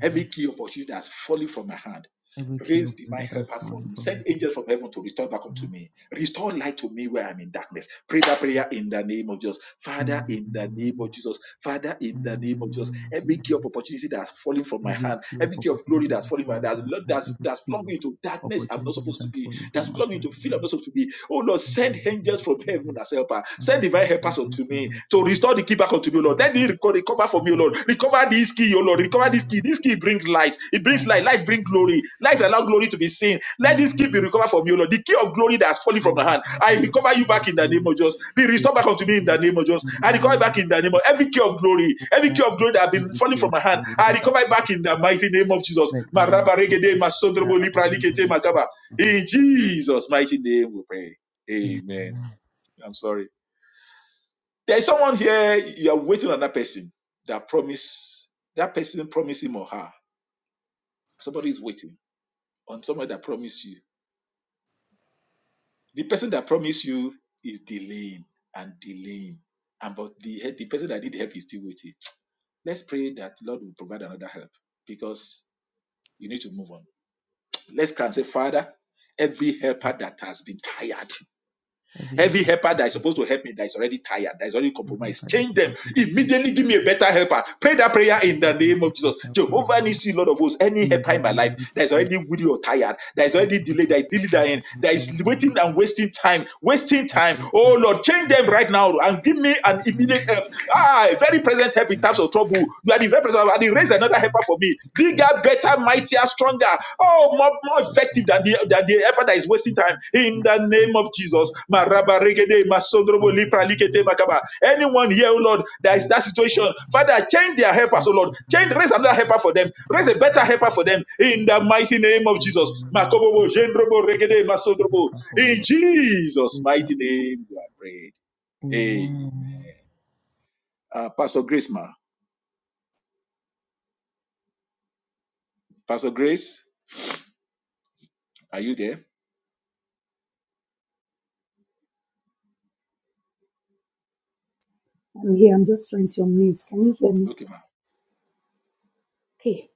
[SPEAKER 1] Every key of opportunity that's falling from my hand,
[SPEAKER 2] Every key
[SPEAKER 1] raise
[SPEAKER 2] of the
[SPEAKER 1] divine
[SPEAKER 2] that has
[SPEAKER 1] helper for
[SPEAKER 2] fallen
[SPEAKER 1] me.
[SPEAKER 2] from
[SPEAKER 1] Send
[SPEAKER 2] my hand.
[SPEAKER 1] angels from heaven to restore back unto
[SPEAKER 2] Lord.
[SPEAKER 1] me. Restore light to me where I'm in darkness. Pray that prayer in the name of Jesus. Father,
[SPEAKER 2] In the
[SPEAKER 1] in the
[SPEAKER 2] name
[SPEAKER 1] name
[SPEAKER 2] of
[SPEAKER 1] of
[SPEAKER 2] Jesus.
[SPEAKER 1] Jesus. Father, in the
[SPEAKER 2] In the
[SPEAKER 1] name of Jesus.
[SPEAKER 2] name of
[SPEAKER 1] Every key of
[SPEAKER 2] Jesus.
[SPEAKER 1] opportunity that's falling from my
[SPEAKER 2] Every
[SPEAKER 1] hand,
[SPEAKER 2] key of
[SPEAKER 1] every key of glory
[SPEAKER 2] opportunity that
[SPEAKER 1] that's
[SPEAKER 2] has
[SPEAKER 1] falling from my
[SPEAKER 2] fallen
[SPEAKER 1] hand.
[SPEAKER 2] from
[SPEAKER 1] that's,
[SPEAKER 2] my hand.
[SPEAKER 1] that's,
[SPEAKER 2] Every
[SPEAKER 1] that's
[SPEAKER 2] key
[SPEAKER 1] plugged
[SPEAKER 2] of
[SPEAKER 1] me into darkness I'm not
[SPEAKER 2] opportunity
[SPEAKER 1] supposed
[SPEAKER 2] that
[SPEAKER 1] to
[SPEAKER 2] has
[SPEAKER 1] be,
[SPEAKER 2] fallen
[SPEAKER 1] that's
[SPEAKER 2] from my
[SPEAKER 1] plugged me
[SPEAKER 2] hand.
[SPEAKER 1] into fear I'm
[SPEAKER 2] Lord.
[SPEAKER 1] not supposed to be. Oh Lord,
[SPEAKER 2] In
[SPEAKER 1] send
[SPEAKER 2] the name
[SPEAKER 1] angels
[SPEAKER 2] of
[SPEAKER 1] from heaven
[SPEAKER 2] Jesus.
[SPEAKER 1] as helper.
[SPEAKER 2] And I
[SPEAKER 1] Send
[SPEAKER 2] say,
[SPEAKER 1] divine helpers
[SPEAKER 2] thank you
[SPEAKER 1] unto
[SPEAKER 2] for
[SPEAKER 1] me to
[SPEAKER 2] Lord.
[SPEAKER 1] restore Give back unto me, O
[SPEAKER 2] In
[SPEAKER 1] Lord.
[SPEAKER 2] the name
[SPEAKER 1] Let
[SPEAKER 2] of
[SPEAKER 1] me reco- recover
[SPEAKER 2] Jesus.
[SPEAKER 1] for
[SPEAKER 2] In
[SPEAKER 1] me, O Lord. Recover this key, O Lord.
[SPEAKER 2] the
[SPEAKER 1] Recover
[SPEAKER 2] name
[SPEAKER 1] this
[SPEAKER 2] of
[SPEAKER 1] key. This
[SPEAKER 2] Jesus.
[SPEAKER 1] key brings life. It brings
[SPEAKER 2] Father,
[SPEAKER 1] life.
[SPEAKER 2] we
[SPEAKER 1] Life brings
[SPEAKER 2] come at this
[SPEAKER 1] glory. Life
[SPEAKER 2] time, Lord.
[SPEAKER 1] allow glory to be seen. Let
[SPEAKER 2] In
[SPEAKER 1] this
[SPEAKER 2] the
[SPEAKER 1] key be
[SPEAKER 2] name of
[SPEAKER 1] recovered
[SPEAKER 2] Jesus.
[SPEAKER 1] from you, O Lord. The key of glory that has fallen from my
[SPEAKER 2] Oh,
[SPEAKER 1] hand. I
[SPEAKER 2] Father, let it
[SPEAKER 1] recover you
[SPEAKER 2] be
[SPEAKER 1] back
[SPEAKER 2] your
[SPEAKER 1] in the name
[SPEAKER 2] glory.
[SPEAKER 1] of Jesus. Be
[SPEAKER 2] Let
[SPEAKER 1] restored
[SPEAKER 2] it
[SPEAKER 1] back unto
[SPEAKER 2] be your
[SPEAKER 1] me in the
[SPEAKER 2] glory.
[SPEAKER 1] name of Jesus.
[SPEAKER 2] In
[SPEAKER 1] I
[SPEAKER 2] the
[SPEAKER 1] recover
[SPEAKER 2] name
[SPEAKER 1] back
[SPEAKER 2] of
[SPEAKER 1] in the
[SPEAKER 2] Jesus.
[SPEAKER 1] name of every key of glory.
[SPEAKER 2] Oh,
[SPEAKER 1] Every key
[SPEAKER 2] Father,
[SPEAKER 1] of
[SPEAKER 2] I
[SPEAKER 1] glory that has
[SPEAKER 2] thank
[SPEAKER 1] been
[SPEAKER 2] you
[SPEAKER 1] falling
[SPEAKER 2] for
[SPEAKER 1] from
[SPEAKER 2] your
[SPEAKER 1] my hand.
[SPEAKER 2] glory
[SPEAKER 1] I
[SPEAKER 2] that I
[SPEAKER 1] recover it
[SPEAKER 2] put it
[SPEAKER 1] back in the
[SPEAKER 2] back.
[SPEAKER 1] mighty name of Jesus.
[SPEAKER 2] Let me be
[SPEAKER 1] Maraba
[SPEAKER 2] proper
[SPEAKER 1] regede, masodrobo
[SPEAKER 2] now
[SPEAKER 1] lipra
[SPEAKER 2] in the
[SPEAKER 1] likete
[SPEAKER 2] name
[SPEAKER 1] makaba.
[SPEAKER 2] of
[SPEAKER 1] In
[SPEAKER 2] Jesus.
[SPEAKER 1] Jesus' mighty name we pray. Amen.
[SPEAKER 2] Amen.
[SPEAKER 1] I'm sorry. There is someone here, you are waiting on that person that promise, that person promised him or her. Somebody is waiting on somebody that promised you. The person that promised you is delaying and delaying. And but the, the person that need help is still waiting. Let's pray that Lord will provide another help because you need to move on. Let's cry and say, Father, every helper that has been tired.
[SPEAKER 2] Every
[SPEAKER 1] Every
[SPEAKER 2] effort,
[SPEAKER 1] helper that is supposed to help me that is already tired, that is already
[SPEAKER 2] every
[SPEAKER 1] compromised,
[SPEAKER 2] effort that's
[SPEAKER 1] change them
[SPEAKER 2] supposed to help me,
[SPEAKER 1] immediately. Give me a better helper. Pray that prayer
[SPEAKER 2] I
[SPEAKER 1] in the
[SPEAKER 2] give you
[SPEAKER 1] name
[SPEAKER 2] that
[SPEAKER 1] of
[SPEAKER 2] can
[SPEAKER 1] Jesus.
[SPEAKER 2] help my
[SPEAKER 1] Jehovah
[SPEAKER 2] hand.
[SPEAKER 1] Nissi, Lord of hosts, any
[SPEAKER 2] In the
[SPEAKER 1] helper in my life
[SPEAKER 2] name of
[SPEAKER 1] that is
[SPEAKER 2] Jesus,
[SPEAKER 1] already weary or tired, that is
[SPEAKER 2] oh,
[SPEAKER 1] already
[SPEAKER 2] the
[SPEAKER 1] delayed, that is
[SPEAKER 2] effort
[SPEAKER 1] delayed,
[SPEAKER 2] my
[SPEAKER 1] that is
[SPEAKER 2] life is
[SPEAKER 1] that is
[SPEAKER 2] already
[SPEAKER 1] waiting
[SPEAKER 2] with you.
[SPEAKER 1] and wasting time, wasting
[SPEAKER 2] That
[SPEAKER 1] time.
[SPEAKER 2] will fit
[SPEAKER 1] Oh Lord, change
[SPEAKER 2] my
[SPEAKER 1] them
[SPEAKER 2] life.
[SPEAKER 1] right now and give me
[SPEAKER 2] In
[SPEAKER 1] an
[SPEAKER 2] the
[SPEAKER 1] immediate
[SPEAKER 2] name
[SPEAKER 1] help.
[SPEAKER 2] of Jesus.
[SPEAKER 1] Ah, very
[SPEAKER 2] Amen.
[SPEAKER 1] present help in
[SPEAKER 2] In the
[SPEAKER 1] times
[SPEAKER 2] name of
[SPEAKER 1] of trouble. You are the very present. help. And
[SPEAKER 2] God,
[SPEAKER 1] raise
[SPEAKER 2] we
[SPEAKER 1] another helper for me. This
[SPEAKER 2] thank
[SPEAKER 1] out
[SPEAKER 2] you,
[SPEAKER 1] better,
[SPEAKER 2] Father.
[SPEAKER 1] mightier, stronger, oh, more, more effective than the
[SPEAKER 2] I
[SPEAKER 1] than the effort that is wasting
[SPEAKER 2] Thank
[SPEAKER 1] time.
[SPEAKER 2] you,
[SPEAKER 1] In
[SPEAKER 2] my
[SPEAKER 1] the name
[SPEAKER 2] Jesus,
[SPEAKER 1] of
[SPEAKER 2] for
[SPEAKER 1] Jesus,
[SPEAKER 2] help us. oh, In the name
[SPEAKER 1] anyone here, oh Lord,
[SPEAKER 2] of
[SPEAKER 1] that is
[SPEAKER 2] Jesus.
[SPEAKER 1] that situation,
[SPEAKER 2] oh, Father,
[SPEAKER 1] Father, change their helpers,
[SPEAKER 2] Amen.
[SPEAKER 1] oh Lord, change, raise another helper for them, raise a better helper for them. In the mighty name of Jesus, in Jesus' mighty name, we are prayed. Amen. Uh, Pastor Grace, ma, Pastor Grace, are you there?
[SPEAKER 3] I'm here. I'm just trying to unmute. Can you hear me?
[SPEAKER 1] Okay, ma.
[SPEAKER 3] Okay.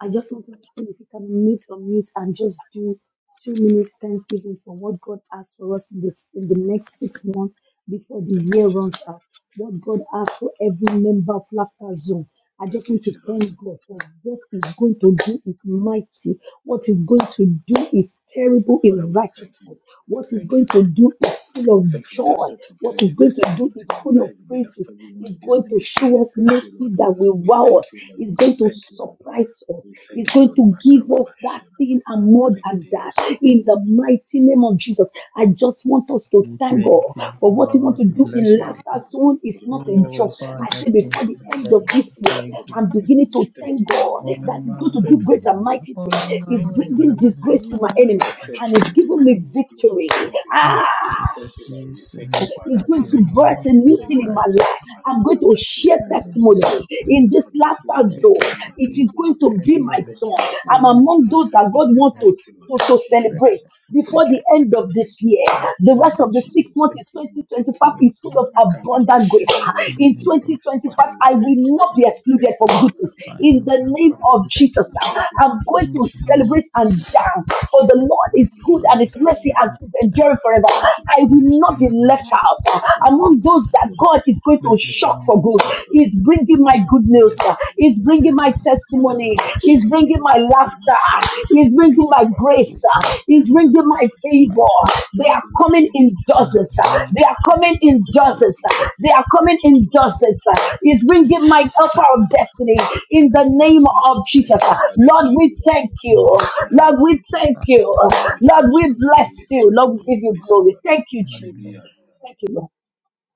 [SPEAKER 3] I just want us to, if you can unmute, unmute, and just do two minutes thanksgiving for what God has for us in this in the next six months before the
[SPEAKER 1] Thank you,
[SPEAKER 3] year
[SPEAKER 1] Jesus.
[SPEAKER 3] runs out. What God has for every member of Laughter Zone. I just
[SPEAKER 1] Thank you,
[SPEAKER 3] want to thank
[SPEAKER 1] Jesus.
[SPEAKER 3] God for what He's going to do is mighty. What He's going to do is terrible
[SPEAKER 1] Father,
[SPEAKER 3] in
[SPEAKER 1] we thank you.
[SPEAKER 3] righteousness.
[SPEAKER 1] We
[SPEAKER 3] What He's
[SPEAKER 1] thank
[SPEAKER 3] going
[SPEAKER 1] you,
[SPEAKER 3] to
[SPEAKER 1] Lord.
[SPEAKER 3] do is full
[SPEAKER 1] We
[SPEAKER 3] of
[SPEAKER 1] thank you for what you are
[SPEAKER 3] joy.
[SPEAKER 1] set to do
[SPEAKER 3] What
[SPEAKER 1] in
[SPEAKER 3] He's
[SPEAKER 1] the
[SPEAKER 3] going
[SPEAKER 1] next
[SPEAKER 3] to
[SPEAKER 1] six
[SPEAKER 3] do
[SPEAKER 1] months
[SPEAKER 3] is
[SPEAKER 1] in my
[SPEAKER 3] full of
[SPEAKER 1] life, in the life of
[SPEAKER 3] praises
[SPEAKER 1] everyone
[SPEAKER 3] He's
[SPEAKER 1] in this
[SPEAKER 3] going to
[SPEAKER 1] ministry. We
[SPEAKER 3] show us
[SPEAKER 1] thank you,
[SPEAKER 3] mercy
[SPEAKER 1] Lord.
[SPEAKER 3] that will
[SPEAKER 1] We
[SPEAKER 3] wow
[SPEAKER 1] thank
[SPEAKER 3] us.
[SPEAKER 1] you, Lord.
[SPEAKER 3] He's
[SPEAKER 1] We
[SPEAKER 3] going to
[SPEAKER 1] thank you, Lord.
[SPEAKER 3] surprise us.
[SPEAKER 1] We
[SPEAKER 3] He's
[SPEAKER 1] thank you,
[SPEAKER 3] going
[SPEAKER 1] Lord.
[SPEAKER 3] to give us that
[SPEAKER 1] Makarabashenaba,
[SPEAKER 3] thing and more than that. In the
[SPEAKER 1] Rigidemasakubufu.
[SPEAKER 3] mighty name of Jesus, I just want us to
[SPEAKER 2] We
[SPEAKER 3] thank God
[SPEAKER 2] thank you,
[SPEAKER 3] for what He wants
[SPEAKER 2] Lord.
[SPEAKER 1] Father,
[SPEAKER 3] to
[SPEAKER 1] we
[SPEAKER 2] We
[SPEAKER 3] do
[SPEAKER 1] thank
[SPEAKER 2] bless
[SPEAKER 3] in
[SPEAKER 1] you.
[SPEAKER 2] your name.
[SPEAKER 3] laughter zone.
[SPEAKER 1] What
[SPEAKER 3] It's
[SPEAKER 1] you
[SPEAKER 3] not
[SPEAKER 1] what you
[SPEAKER 3] a
[SPEAKER 1] left
[SPEAKER 2] Oh,
[SPEAKER 3] joke.
[SPEAKER 1] us, Lord.
[SPEAKER 3] I
[SPEAKER 2] Father,
[SPEAKER 3] say
[SPEAKER 1] Thank you,
[SPEAKER 2] thank
[SPEAKER 3] before
[SPEAKER 1] Lord.
[SPEAKER 3] the
[SPEAKER 2] you,
[SPEAKER 1] Thank you,
[SPEAKER 3] end
[SPEAKER 2] thank
[SPEAKER 3] of
[SPEAKER 1] thank you.
[SPEAKER 2] you,
[SPEAKER 1] Left
[SPEAKER 3] this
[SPEAKER 1] us.
[SPEAKER 3] year,
[SPEAKER 1] Thank you thank God
[SPEAKER 2] thank
[SPEAKER 1] to
[SPEAKER 2] you.
[SPEAKER 1] do
[SPEAKER 3] I'm
[SPEAKER 1] in this
[SPEAKER 3] beginning to
[SPEAKER 1] ministry. Thank you to
[SPEAKER 3] thank
[SPEAKER 1] do in
[SPEAKER 3] God
[SPEAKER 1] every
[SPEAKER 2] Ọmọ
[SPEAKER 3] that
[SPEAKER 1] life.
[SPEAKER 3] He's
[SPEAKER 2] máa
[SPEAKER 3] going to
[SPEAKER 1] Thank
[SPEAKER 3] do
[SPEAKER 1] you,
[SPEAKER 3] great
[SPEAKER 2] wẹ̀yìn,
[SPEAKER 1] Lord.
[SPEAKER 3] and
[SPEAKER 1] Thank
[SPEAKER 3] mighty
[SPEAKER 1] you,
[SPEAKER 3] things.
[SPEAKER 1] Father.
[SPEAKER 2] ọmọ
[SPEAKER 1] We
[SPEAKER 2] máa
[SPEAKER 3] He's
[SPEAKER 1] thank you,
[SPEAKER 2] wẹ̀yìn,
[SPEAKER 3] bringing
[SPEAKER 1] Father. We thank
[SPEAKER 2] ọmọ
[SPEAKER 3] disgrace to
[SPEAKER 1] you.
[SPEAKER 3] my
[SPEAKER 2] ìlú
[SPEAKER 3] enemy
[SPEAKER 1] We
[SPEAKER 2] ọ̀pọ̀.
[SPEAKER 1] thank
[SPEAKER 3] and
[SPEAKER 1] you.
[SPEAKER 3] He's
[SPEAKER 1] We do
[SPEAKER 3] giving
[SPEAKER 1] it.
[SPEAKER 3] me
[SPEAKER 1] We do it.
[SPEAKER 3] victory.
[SPEAKER 1] We thank you,
[SPEAKER 3] Ah
[SPEAKER 1] Lord. We thank you, Lord. We
[SPEAKER 2] Jésù
[SPEAKER 1] thank you,
[SPEAKER 2] Kristi
[SPEAKER 1] Father.
[SPEAKER 2] ló
[SPEAKER 3] is
[SPEAKER 1] We
[SPEAKER 3] going
[SPEAKER 2] fi
[SPEAKER 3] to
[SPEAKER 1] thank
[SPEAKER 2] ọ̀nà
[SPEAKER 1] you,
[SPEAKER 3] birth
[SPEAKER 1] Lord.
[SPEAKER 3] a
[SPEAKER 1] We
[SPEAKER 2] ọ̀hún
[SPEAKER 3] new
[SPEAKER 1] thank
[SPEAKER 3] thing
[SPEAKER 1] you,
[SPEAKER 3] in my
[SPEAKER 1] Lord.
[SPEAKER 2] ṣàìsàn.
[SPEAKER 3] life.
[SPEAKER 1] We are
[SPEAKER 3] I'm
[SPEAKER 1] talking
[SPEAKER 3] going
[SPEAKER 1] about
[SPEAKER 3] to share
[SPEAKER 2] Ṣé
[SPEAKER 1] Thank you, for
[SPEAKER 2] ọmọ
[SPEAKER 1] new
[SPEAKER 3] testimony
[SPEAKER 2] ṣe
[SPEAKER 1] thing.
[SPEAKER 2] ọmọ
[SPEAKER 3] in
[SPEAKER 1] Thank you for
[SPEAKER 3] this
[SPEAKER 1] the
[SPEAKER 2] ṣe
[SPEAKER 1] testimony.
[SPEAKER 3] laughter
[SPEAKER 1] Thank
[SPEAKER 3] zone.
[SPEAKER 2] ẹ̀jẹ̀
[SPEAKER 1] you,
[SPEAKER 2] àti
[SPEAKER 1] Lord.
[SPEAKER 3] It
[SPEAKER 1] Thank
[SPEAKER 3] is
[SPEAKER 1] you,
[SPEAKER 3] going
[SPEAKER 1] Lord.
[SPEAKER 3] to
[SPEAKER 1] Thank you,
[SPEAKER 3] be
[SPEAKER 2] ìmọ̀
[SPEAKER 1] Lord.
[SPEAKER 3] my
[SPEAKER 1] Thank
[SPEAKER 3] song.
[SPEAKER 1] you, Lord. Thank
[SPEAKER 3] I'm
[SPEAKER 1] you,
[SPEAKER 2] Yes,
[SPEAKER 1] Lord.
[SPEAKER 3] among those that
[SPEAKER 1] Thank you,
[SPEAKER 3] God
[SPEAKER 1] Lord.
[SPEAKER 3] wants to,
[SPEAKER 1] Thank you, Lord.
[SPEAKER 3] to,
[SPEAKER 1] Thank
[SPEAKER 3] to
[SPEAKER 1] you,
[SPEAKER 3] celebrate
[SPEAKER 1] Jesus. Thank
[SPEAKER 3] before
[SPEAKER 1] you
[SPEAKER 3] the
[SPEAKER 1] for
[SPEAKER 3] end
[SPEAKER 1] that.
[SPEAKER 3] of
[SPEAKER 1] Thank
[SPEAKER 3] this
[SPEAKER 1] you,
[SPEAKER 3] year.
[SPEAKER 1] Lord.
[SPEAKER 3] The
[SPEAKER 1] Thank
[SPEAKER 3] rest
[SPEAKER 1] you,
[SPEAKER 3] of the six
[SPEAKER 1] Jesus.
[SPEAKER 3] months
[SPEAKER 1] Thank
[SPEAKER 3] is
[SPEAKER 1] you, Lord. Thank
[SPEAKER 3] 2025
[SPEAKER 1] you, Lord.
[SPEAKER 3] is full of
[SPEAKER 1] Makababa
[SPEAKER 3] abundant grace.
[SPEAKER 1] Shedogo. Thank
[SPEAKER 3] In
[SPEAKER 1] you, Lord.
[SPEAKER 3] 2025,
[SPEAKER 1] Father, we
[SPEAKER 3] I
[SPEAKER 1] thank
[SPEAKER 3] will
[SPEAKER 1] you.
[SPEAKER 3] not be
[SPEAKER 1] Father, we
[SPEAKER 3] excluded
[SPEAKER 1] thank you.
[SPEAKER 3] from
[SPEAKER 1] Father,
[SPEAKER 3] goodness.
[SPEAKER 1] thank you,
[SPEAKER 3] In
[SPEAKER 1] Lord.
[SPEAKER 3] the name
[SPEAKER 1] Father, we
[SPEAKER 3] of
[SPEAKER 1] thank
[SPEAKER 3] Jesus,
[SPEAKER 1] you. Thank you, Lord.
[SPEAKER 3] I'm
[SPEAKER 1] Thank
[SPEAKER 3] going
[SPEAKER 1] you,
[SPEAKER 3] to
[SPEAKER 1] Jesus.
[SPEAKER 3] celebrate and dance. For the Lord
[SPEAKER 1] Thank
[SPEAKER 3] is
[SPEAKER 1] you,
[SPEAKER 3] good and
[SPEAKER 1] Lord.
[SPEAKER 3] his
[SPEAKER 1] Thank
[SPEAKER 3] mercy
[SPEAKER 1] you, Lord.
[SPEAKER 3] has endured forever.
[SPEAKER 1] Thank you,
[SPEAKER 3] I
[SPEAKER 1] Jesus.
[SPEAKER 3] will not
[SPEAKER 1] Thank
[SPEAKER 3] be
[SPEAKER 1] you, Lord.
[SPEAKER 3] left out
[SPEAKER 1] Thank you,
[SPEAKER 3] among those that
[SPEAKER 1] Lord.
[SPEAKER 3] God is going to
[SPEAKER 1] Thank you,
[SPEAKER 3] shock
[SPEAKER 1] Lord.
[SPEAKER 3] for
[SPEAKER 1] Thank
[SPEAKER 3] good.
[SPEAKER 1] you, Jesus.
[SPEAKER 3] He's
[SPEAKER 1] Thank you,
[SPEAKER 3] bringing
[SPEAKER 1] Lord.
[SPEAKER 3] my
[SPEAKER 1] Thank
[SPEAKER 3] good
[SPEAKER 1] you, Lord.
[SPEAKER 3] news.
[SPEAKER 1] Thank you, Lord.
[SPEAKER 3] He's
[SPEAKER 1] Thank you,
[SPEAKER 3] bringing
[SPEAKER 1] Lord.
[SPEAKER 3] my testimony.
[SPEAKER 1] Makababa,
[SPEAKER 3] He's
[SPEAKER 1] Shingo,
[SPEAKER 3] bringing
[SPEAKER 1] Dore,
[SPEAKER 3] my
[SPEAKER 1] Dore,
[SPEAKER 3] laughter.
[SPEAKER 1] Maso, Dore,
[SPEAKER 3] He's
[SPEAKER 1] Dore. Thank
[SPEAKER 3] bringing
[SPEAKER 1] you,
[SPEAKER 3] my
[SPEAKER 1] Father.
[SPEAKER 3] grace.
[SPEAKER 1] Thank you, Lord. Thank
[SPEAKER 3] He's
[SPEAKER 1] you, Lord.
[SPEAKER 3] bringing
[SPEAKER 1] Thank
[SPEAKER 3] my
[SPEAKER 1] you, Jesus.
[SPEAKER 3] favor. They
[SPEAKER 1] Thank
[SPEAKER 3] are
[SPEAKER 1] you, Lord.
[SPEAKER 3] coming
[SPEAKER 1] Thank you,
[SPEAKER 3] in dozens
[SPEAKER 1] Father.
[SPEAKER 3] justice.
[SPEAKER 1] Thank you,
[SPEAKER 3] They are
[SPEAKER 1] Lord. Thank
[SPEAKER 3] coming
[SPEAKER 1] you, Lord.
[SPEAKER 3] in
[SPEAKER 1] Thank you,
[SPEAKER 3] justice.
[SPEAKER 1] Jesus.
[SPEAKER 3] They are
[SPEAKER 1] Thank
[SPEAKER 3] coming
[SPEAKER 1] you,
[SPEAKER 3] in
[SPEAKER 1] Lord. Thank
[SPEAKER 3] justice.
[SPEAKER 1] you, Lord. Thank
[SPEAKER 3] He's
[SPEAKER 1] you, Lord.
[SPEAKER 3] bringing my helper of destiny in
[SPEAKER 1] Thank
[SPEAKER 3] the
[SPEAKER 1] you, Lord
[SPEAKER 3] name
[SPEAKER 1] Jesus.
[SPEAKER 3] of
[SPEAKER 1] Thank
[SPEAKER 3] Jesus.
[SPEAKER 1] you, Father.
[SPEAKER 3] Lord,
[SPEAKER 1] Thank
[SPEAKER 3] we
[SPEAKER 1] you, Lord.
[SPEAKER 3] thank
[SPEAKER 1] Thank you, Lord.
[SPEAKER 3] you.
[SPEAKER 1] Father, we
[SPEAKER 3] Lord, we
[SPEAKER 1] thank you, Lord.
[SPEAKER 3] thank you.
[SPEAKER 1] Father, we
[SPEAKER 3] Lord,
[SPEAKER 1] thank you,
[SPEAKER 3] we
[SPEAKER 1] Lord. Father,
[SPEAKER 3] bless
[SPEAKER 1] we
[SPEAKER 3] you.
[SPEAKER 1] thank you,
[SPEAKER 3] Lord, we
[SPEAKER 1] Lord. We
[SPEAKER 3] give you
[SPEAKER 1] bless you,
[SPEAKER 3] glory.
[SPEAKER 1] Lord.
[SPEAKER 3] Thank you, Jesus.
[SPEAKER 1] Hallelujah.
[SPEAKER 3] Thank you, Lord.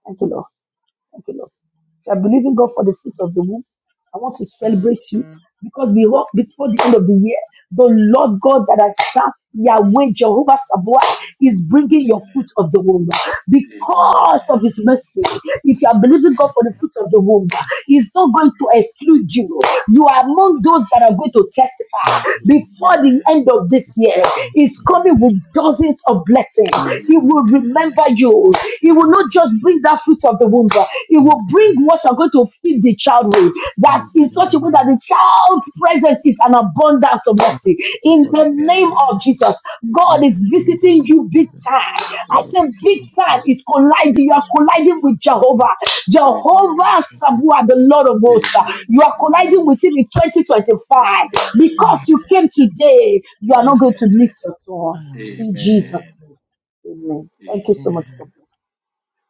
[SPEAKER 3] Thank you, Lord. Thank you, Lord. If you are believing God for the fruit of the womb, I want to celebrate you because before,
[SPEAKER 1] Amen.
[SPEAKER 3] before the end of the year, the Lord God that has served Yahweh Jehovah Sabaoth is bringing your fruit of the womb because of His
[SPEAKER 1] Amen.
[SPEAKER 3] mercy. If you are believing God for the fruit of the womb, He's not going to exclude you. You are among
[SPEAKER 1] Father
[SPEAKER 3] those
[SPEAKER 1] bless
[SPEAKER 3] that
[SPEAKER 1] your
[SPEAKER 3] are going to
[SPEAKER 1] name.
[SPEAKER 3] testify before the
[SPEAKER 1] Amen.
[SPEAKER 3] end of this year. He's
[SPEAKER 1] Amen.
[SPEAKER 3] coming with
[SPEAKER 1] Amen.
[SPEAKER 3] dozens of blessings. He
[SPEAKER 1] Amen.
[SPEAKER 3] will remember you. He will
[SPEAKER 2] Lord.
[SPEAKER 3] not
[SPEAKER 1] Amen.
[SPEAKER 3] just bring that fruit of the womb, but He will
[SPEAKER 1] Amen.
[SPEAKER 3] bring what you're going to feed the child with. That's
[SPEAKER 1] Amen. Amen.
[SPEAKER 2] In the
[SPEAKER 3] in such a way that
[SPEAKER 2] name
[SPEAKER 3] the child's presence is an abundance of
[SPEAKER 2] of
[SPEAKER 3] mercy. In
[SPEAKER 1] Amen. Amen.
[SPEAKER 2] God,
[SPEAKER 1] Amen.
[SPEAKER 3] the name of Jesus,
[SPEAKER 1] Amen. Amen.
[SPEAKER 3] God
[SPEAKER 2] in
[SPEAKER 3] is
[SPEAKER 2] the name
[SPEAKER 3] visiting
[SPEAKER 2] of
[SPEAKER 3] you big
[SPEAKER 2] Jesus,
[SPEAKER 3] time. I
[SPEAKER 2] Lord,
[SPEAKER 3] said, big
[SPEAKER 2] we
[SPEAKER 3] time
[SPEAKER 2] praise
[SPEAKER 3] is colliding.
[SPEAKER 1] Amen. Amen. Amen.
[SPEAKER 3] You are colliding with
[SPEAKER 2] you, we
[SPEAKER 3] Jehovah.
[SPEAKER 2] thank
[SPEAKER 3] Jehovah Sabua, the Lord of hosts. You are colliding with Him in 2025. Because
[SPEAKER 2] you.
[SPEAKER 3] you came today, you are not
[SPEAKER 2] Yes,
[SPEAKER 3] going
[SPEAKER 2] Lord.
[SPEAKER 3] to miss your turn.
[SPEAKER 2] Amen.
[SPEAKER 3] In Jesus' name. Amen. Thank you so much.
[SPEAKER 1] Amen.
[SPEAKER 3] God
[SPEAKER 2] Amen.
[SPEAKER 3] bless.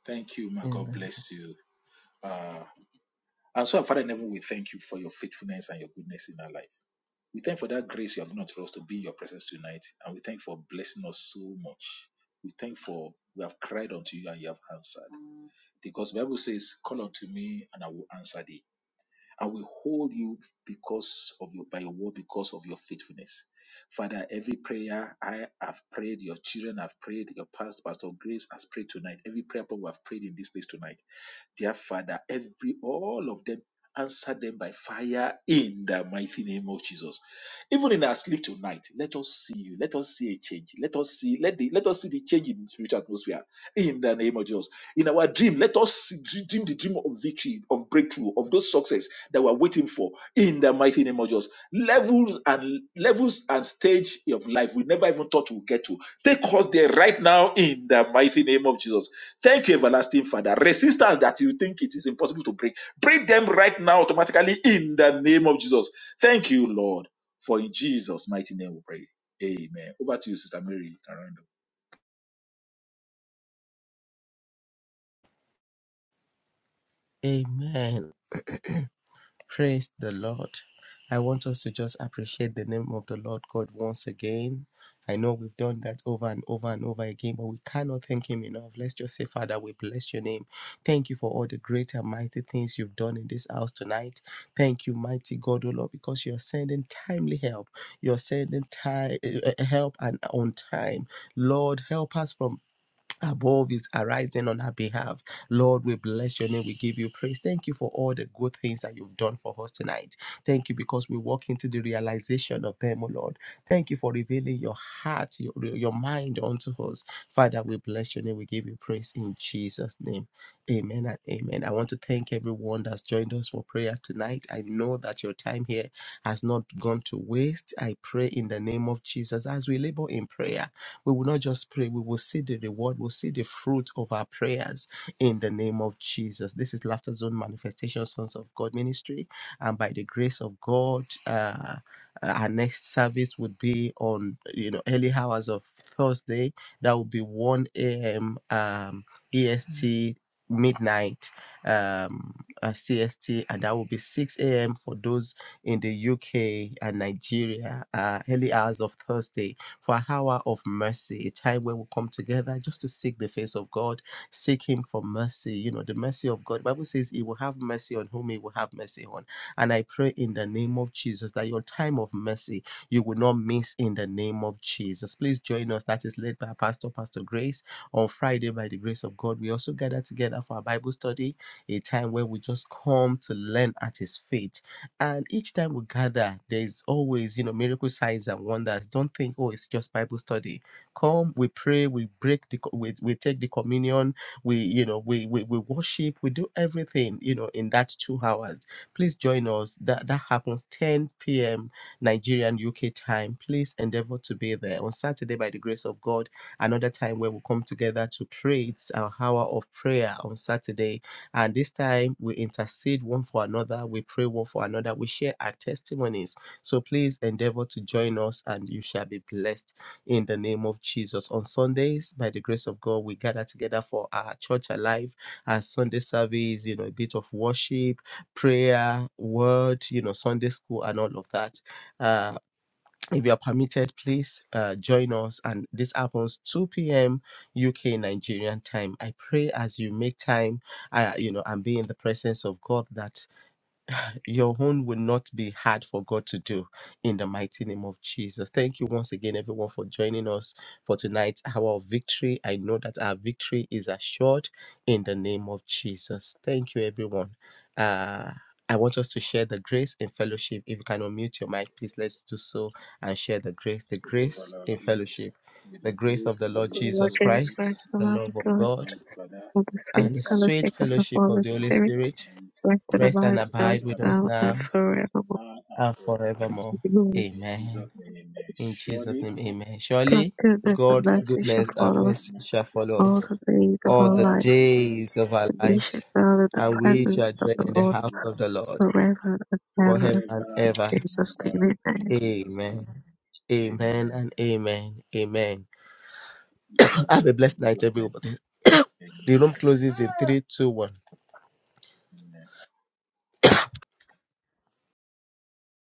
[SPEAKER 1] Thank you, my God.
[SPEAKER 2] Amen.
[SPEAKER 1] Bless you. Ah. And so, our Father in heaven, we thank you for your faithfulness and your goodness in our life. We thank you for that grace you have given to us to be in your presence tonight. And we thank you for blessing us so much. We thank you for we have cried unto you and you have answered. Because the Bible says, Call unto me and I will answer thee I will hold you because of your by your word because of your faithfulness father every prayer i have prayed your children have prayed your past pastor grace has prayed tonight every prayer point we have prayed in this place tonight dear father every all of them answer them by fire in the mighty name of jesus even in our sleep tonight let us see you let us see a change let us see let the let us see the change in spiritual atmosphere in the name of Jesus. In our dream, let us dream the dream of victory, of breakthrough, of those success that we're waiting for in the mighty name of Jesus. Levels and levels and stage of life we never even thought we'll get to. Take us there right now in the mighty name of Jesus. Thank you, everlasting Father. Resistance that you think it is impossible to break, break them right now automatically in the name of Jesus. Thank you, Lord. For in Jesus' mighty name we pray. Amen. Over to you, Sister Mary.
[SPEAKER 2] Amen. Praise the Lord. I want us to just appreciate the name of the Lord God once again. I know we've done that over and over and over again, but we cannot thank Him enough. Let's just say, Father, we bless your name. Thank you for all the great and mighty things you've done in this house tonight. Thank you, mighty God, O Lord, because you're sending timely help. You're sending ti- uh, uh, help and on time. Lord, help us from above is arising on her behalf. Lord, we bless your name. We give you praise. Thank you for all the good things that you've done for us tonight. Thank you because we walk into the realization of them, O Lord. Thank you for revealing your heart, your, your mind unto us. Father, we bless your name. We give you praise in Jesus' name. Amen and amen. I want to thank everyone that's joined us for prayer tonight. I know that your time here has not gone to waste. I pray in the name of Jesus as we labor in prayer we will not just pray, we will see the reward, we'll see the fruit of our prayers in the name of Jesus. This is Laughter Zone Manifestation Sons of God Ministry. And by the grace of God, uh, our next service would be on you know early hours of Thursday. That would be 1 a.m. Um, EST midnight um uh, CST and that will be 6 a.m. for those in the UK and Nigeria uh, early hours of Thursday for an hour of mercy, a time where we come together just to seek the face of God, seek Him for mercy. You know, the mercy of God. The Bible says He will have mercy on whom He will have mercy on. And I pray in the name of Jesus that your time of mercy you will not miss in the name of Jesus. Please join us. That is led by Pastor Pastor Grace on Friday by the grace of God. We also gather together for our Bible study, a time where we just come to learn at His feet and each time we gather, there's always, you know, miracle signs and wonders. Don't think, oh, it's just Bible study. Come, we pray, we break the, co- we, we take the communion, we, you know, we, we we worship, we do everything, you know, in that two hours. Please join us. That that happens 10 p.m. Nigerian UK time. Please endeavor to be there on Saturday by the grace of God. Another time where we come together to pray. It's our hour of prayer on Saturday and this time we intercede one for another, we pray one for another, we share our testimonies. So please endeavor to join us and you shall be blessed in the name of Jesus. On Sundays, by the grace of God, we gather together for our church alive, our Sunday service, you know, a bit of worship, prayer, word, you know, Sunday school and all of that. Uh, if you are permitted, please uh, join us. And this happens 2 p.m. UK Nigerian time. I pray as you make time, uh, you know, and be in the presence of God that your own will not be hard for God to do in the mighty name of Jesus. Thank you once again, everyone, for joining us for tonight's hour of victory. I know that our victory is assured in the name of Jesus. Thank you, everyone. Uh, I want us to share the grace in fellowship. If you can unmute your mic, please let's do so and share the grace, the
[SPEAKER 1] Faith our
[SPEAKER 2] grace
[SPEAKER 1] Lord,
[SPEAKER 2] in
[SPEAKER 1] with
[SPEAKER 2] fellowship,
[SPEAKER 1] the
[SPEAKER 2] the grace
[SPEAKER 1] grace
[SPEAKER 2] of the
[SPEAKER 1] of our
[SPEAKER 2] Lord
[SPEAKER 4] The
[SPEAKER 1] Lord
[SPEAKER 4] Lord
[SPEAKER 1] Jesus
[SPEAKER 2] Jesus
[SPEAKER 4] gives
[SPEAKER 1] Christ,
[SPEAKER 2] Christ,
[SPEAKER 4] first the
[SPEAKER 2] the
[SPEAKER 4] love of
[SPEAKER 2] love of
[SPEAKER 1] the love
[SPEAKER 4] God,
[SPEAKER 1] of
[SPEAKER 2] God,
[SPEAKER 1] God the Father,
[SPEAKER 4] and the sweet
[SPEAKER 2] and the
[SPEAKER 1] and the
[SPEAKER 2] sweet
[SPEAKER 4] fellowship
[SPEAKER 1] sweet
[SPEAKER 4] of the
[SPEAKER 1] fellowship
[SPEAKER 2] fellowship
[SPEAKER 1] of
[SPEAKER 2] of
[SPEAKER 4] Holy
[SPEAKER 2] the Holy
[SPEAKER 1] the
[SPEAKER 4] Spirit,
[SPEAKER 1] Holy
[SPEAKER 2] Spirit
[SPEAKER 1] Spirit,
[SPEAKER 4] rest and
[SPEAKER 2] rest and
[SPEAKER 4] abide
[SPEAKER 1] rest
[SPEAKER 4] with
[SPEAKER 2] abide
[SPEAKER 1] and
[SPEAKER 4] us
[SPEAKER 2] with us
[SPEAKER 1] abide
[SPEAKER 4] now
[SPEAKER 1] with
[SPEAKER 4] and
[SPEAKER 2] now
[SPEAKER 1] us
[SPEAKER 4] forevermore.
[SPEAKER 1] now and
[SPEAKER 2] and
[SPEAKER 1] forevermore.
[SPEAKER 2] forevermore.
[SPEAKER 4] Amen.
[SPEAKER 1] In
[SPEAKER 2] Amen.
[SPEAKER 1] Jesus' name, amen.
[SPEAKER 2] In Jesus'
[SPEAKER 1] Surely,
[SPEAKER 2] name, amen.
[SPEAKER 4] God's
[SPEAKER 2] Surely
[SPEAKER 4] goodness and
[SPEAKER 2] God's
[SPEAKER 1] God
[SPEAKER 4] mercy shall
[SPEAKER 2] goodness and
[SPEAKER 4] follow
[SPEAKER 1] goodness and
[SPEAKER 4] us
[SPEAKER 2] mercy shall
[SPEAKER 1] mercy shall
[SPEAKER 2] follow
[SPEAKER 4] all
[SPEAKER 1] follow
[SPEAKER 2] us
[SPEAKER 1] us
[SPEAKER 4] the days of
[SPEAKER 2] all
[SPEAKER 4] our
[SPEAKER 2] the
[SPEAKER 1] all
[SPEAKER 4] lives,
[SPEAKER 1] the days
[SPEAKER 2] days of
[SPEAKER 1] of
[SPEAKER 2] our
[SPEAKER 1] our
[SPEAKER 4] and we
[SPEAKER 1] life,
[SPEAKER 4] shall
[SPEAKER 2] lives,
[SPEAKER 4] dwell in the
[SPEAKER 1] and
[SPEAKER 2] and we
[SPEAKER 1] we
[SPEAKER 4] presence
[SPEAKER 2] shall
[SPEAKER 4] of
[SPEAKER 2] dwell
[SPEAKER 4] the
[SPEAKER 1] shall
[SPEAKER 2] in the
[SPEAKER 4] Lord
[SPEAKER 1] dwell
[SPEAKER 2] house
[SPEAKER 1] in the
[SPEAKER 2] of the
[SPEAKER 1] presence of
[SPEAKER 2] Lord
[SPEAKER 1] the Lord
[SPEAKER 4] forever and
[SPEAKER 2] forever
[SPEAKER 4] ever.
[SPEAKER 2] and
[SPEAKER 1] forever
[SPEAKER 4] In
[SPEAKER 2] ever.
[SPEAKER 1] and
[SPEAKER 4] Jesus'
[SPEAKER 1] ever.
[SPEAKER 4] name,
[SPEAKER 1] In
[SPEAKER 4] amen.
[SPEAKER 1] Jesus'
[SPEAKER 2] Amen.
[SPEAKER 1] name,
[SPEAKER 2] Amen
[SPEAKER 1] amen.
[SPEAKER 2] and amen. Amen.
[SPEAKER 1] You are
[SPEAKER 2] Have a
[SPEAKER 1] blessed in
[SPEAKER 2] blessed night,
[SPEAKER 1] Jesus' name,
[SPEAKER 2] everybody. The room
[SPEAKER 1] amen.
[SPEAKER 2] closes in three, two, one.
[SPEAKER 1] Amen.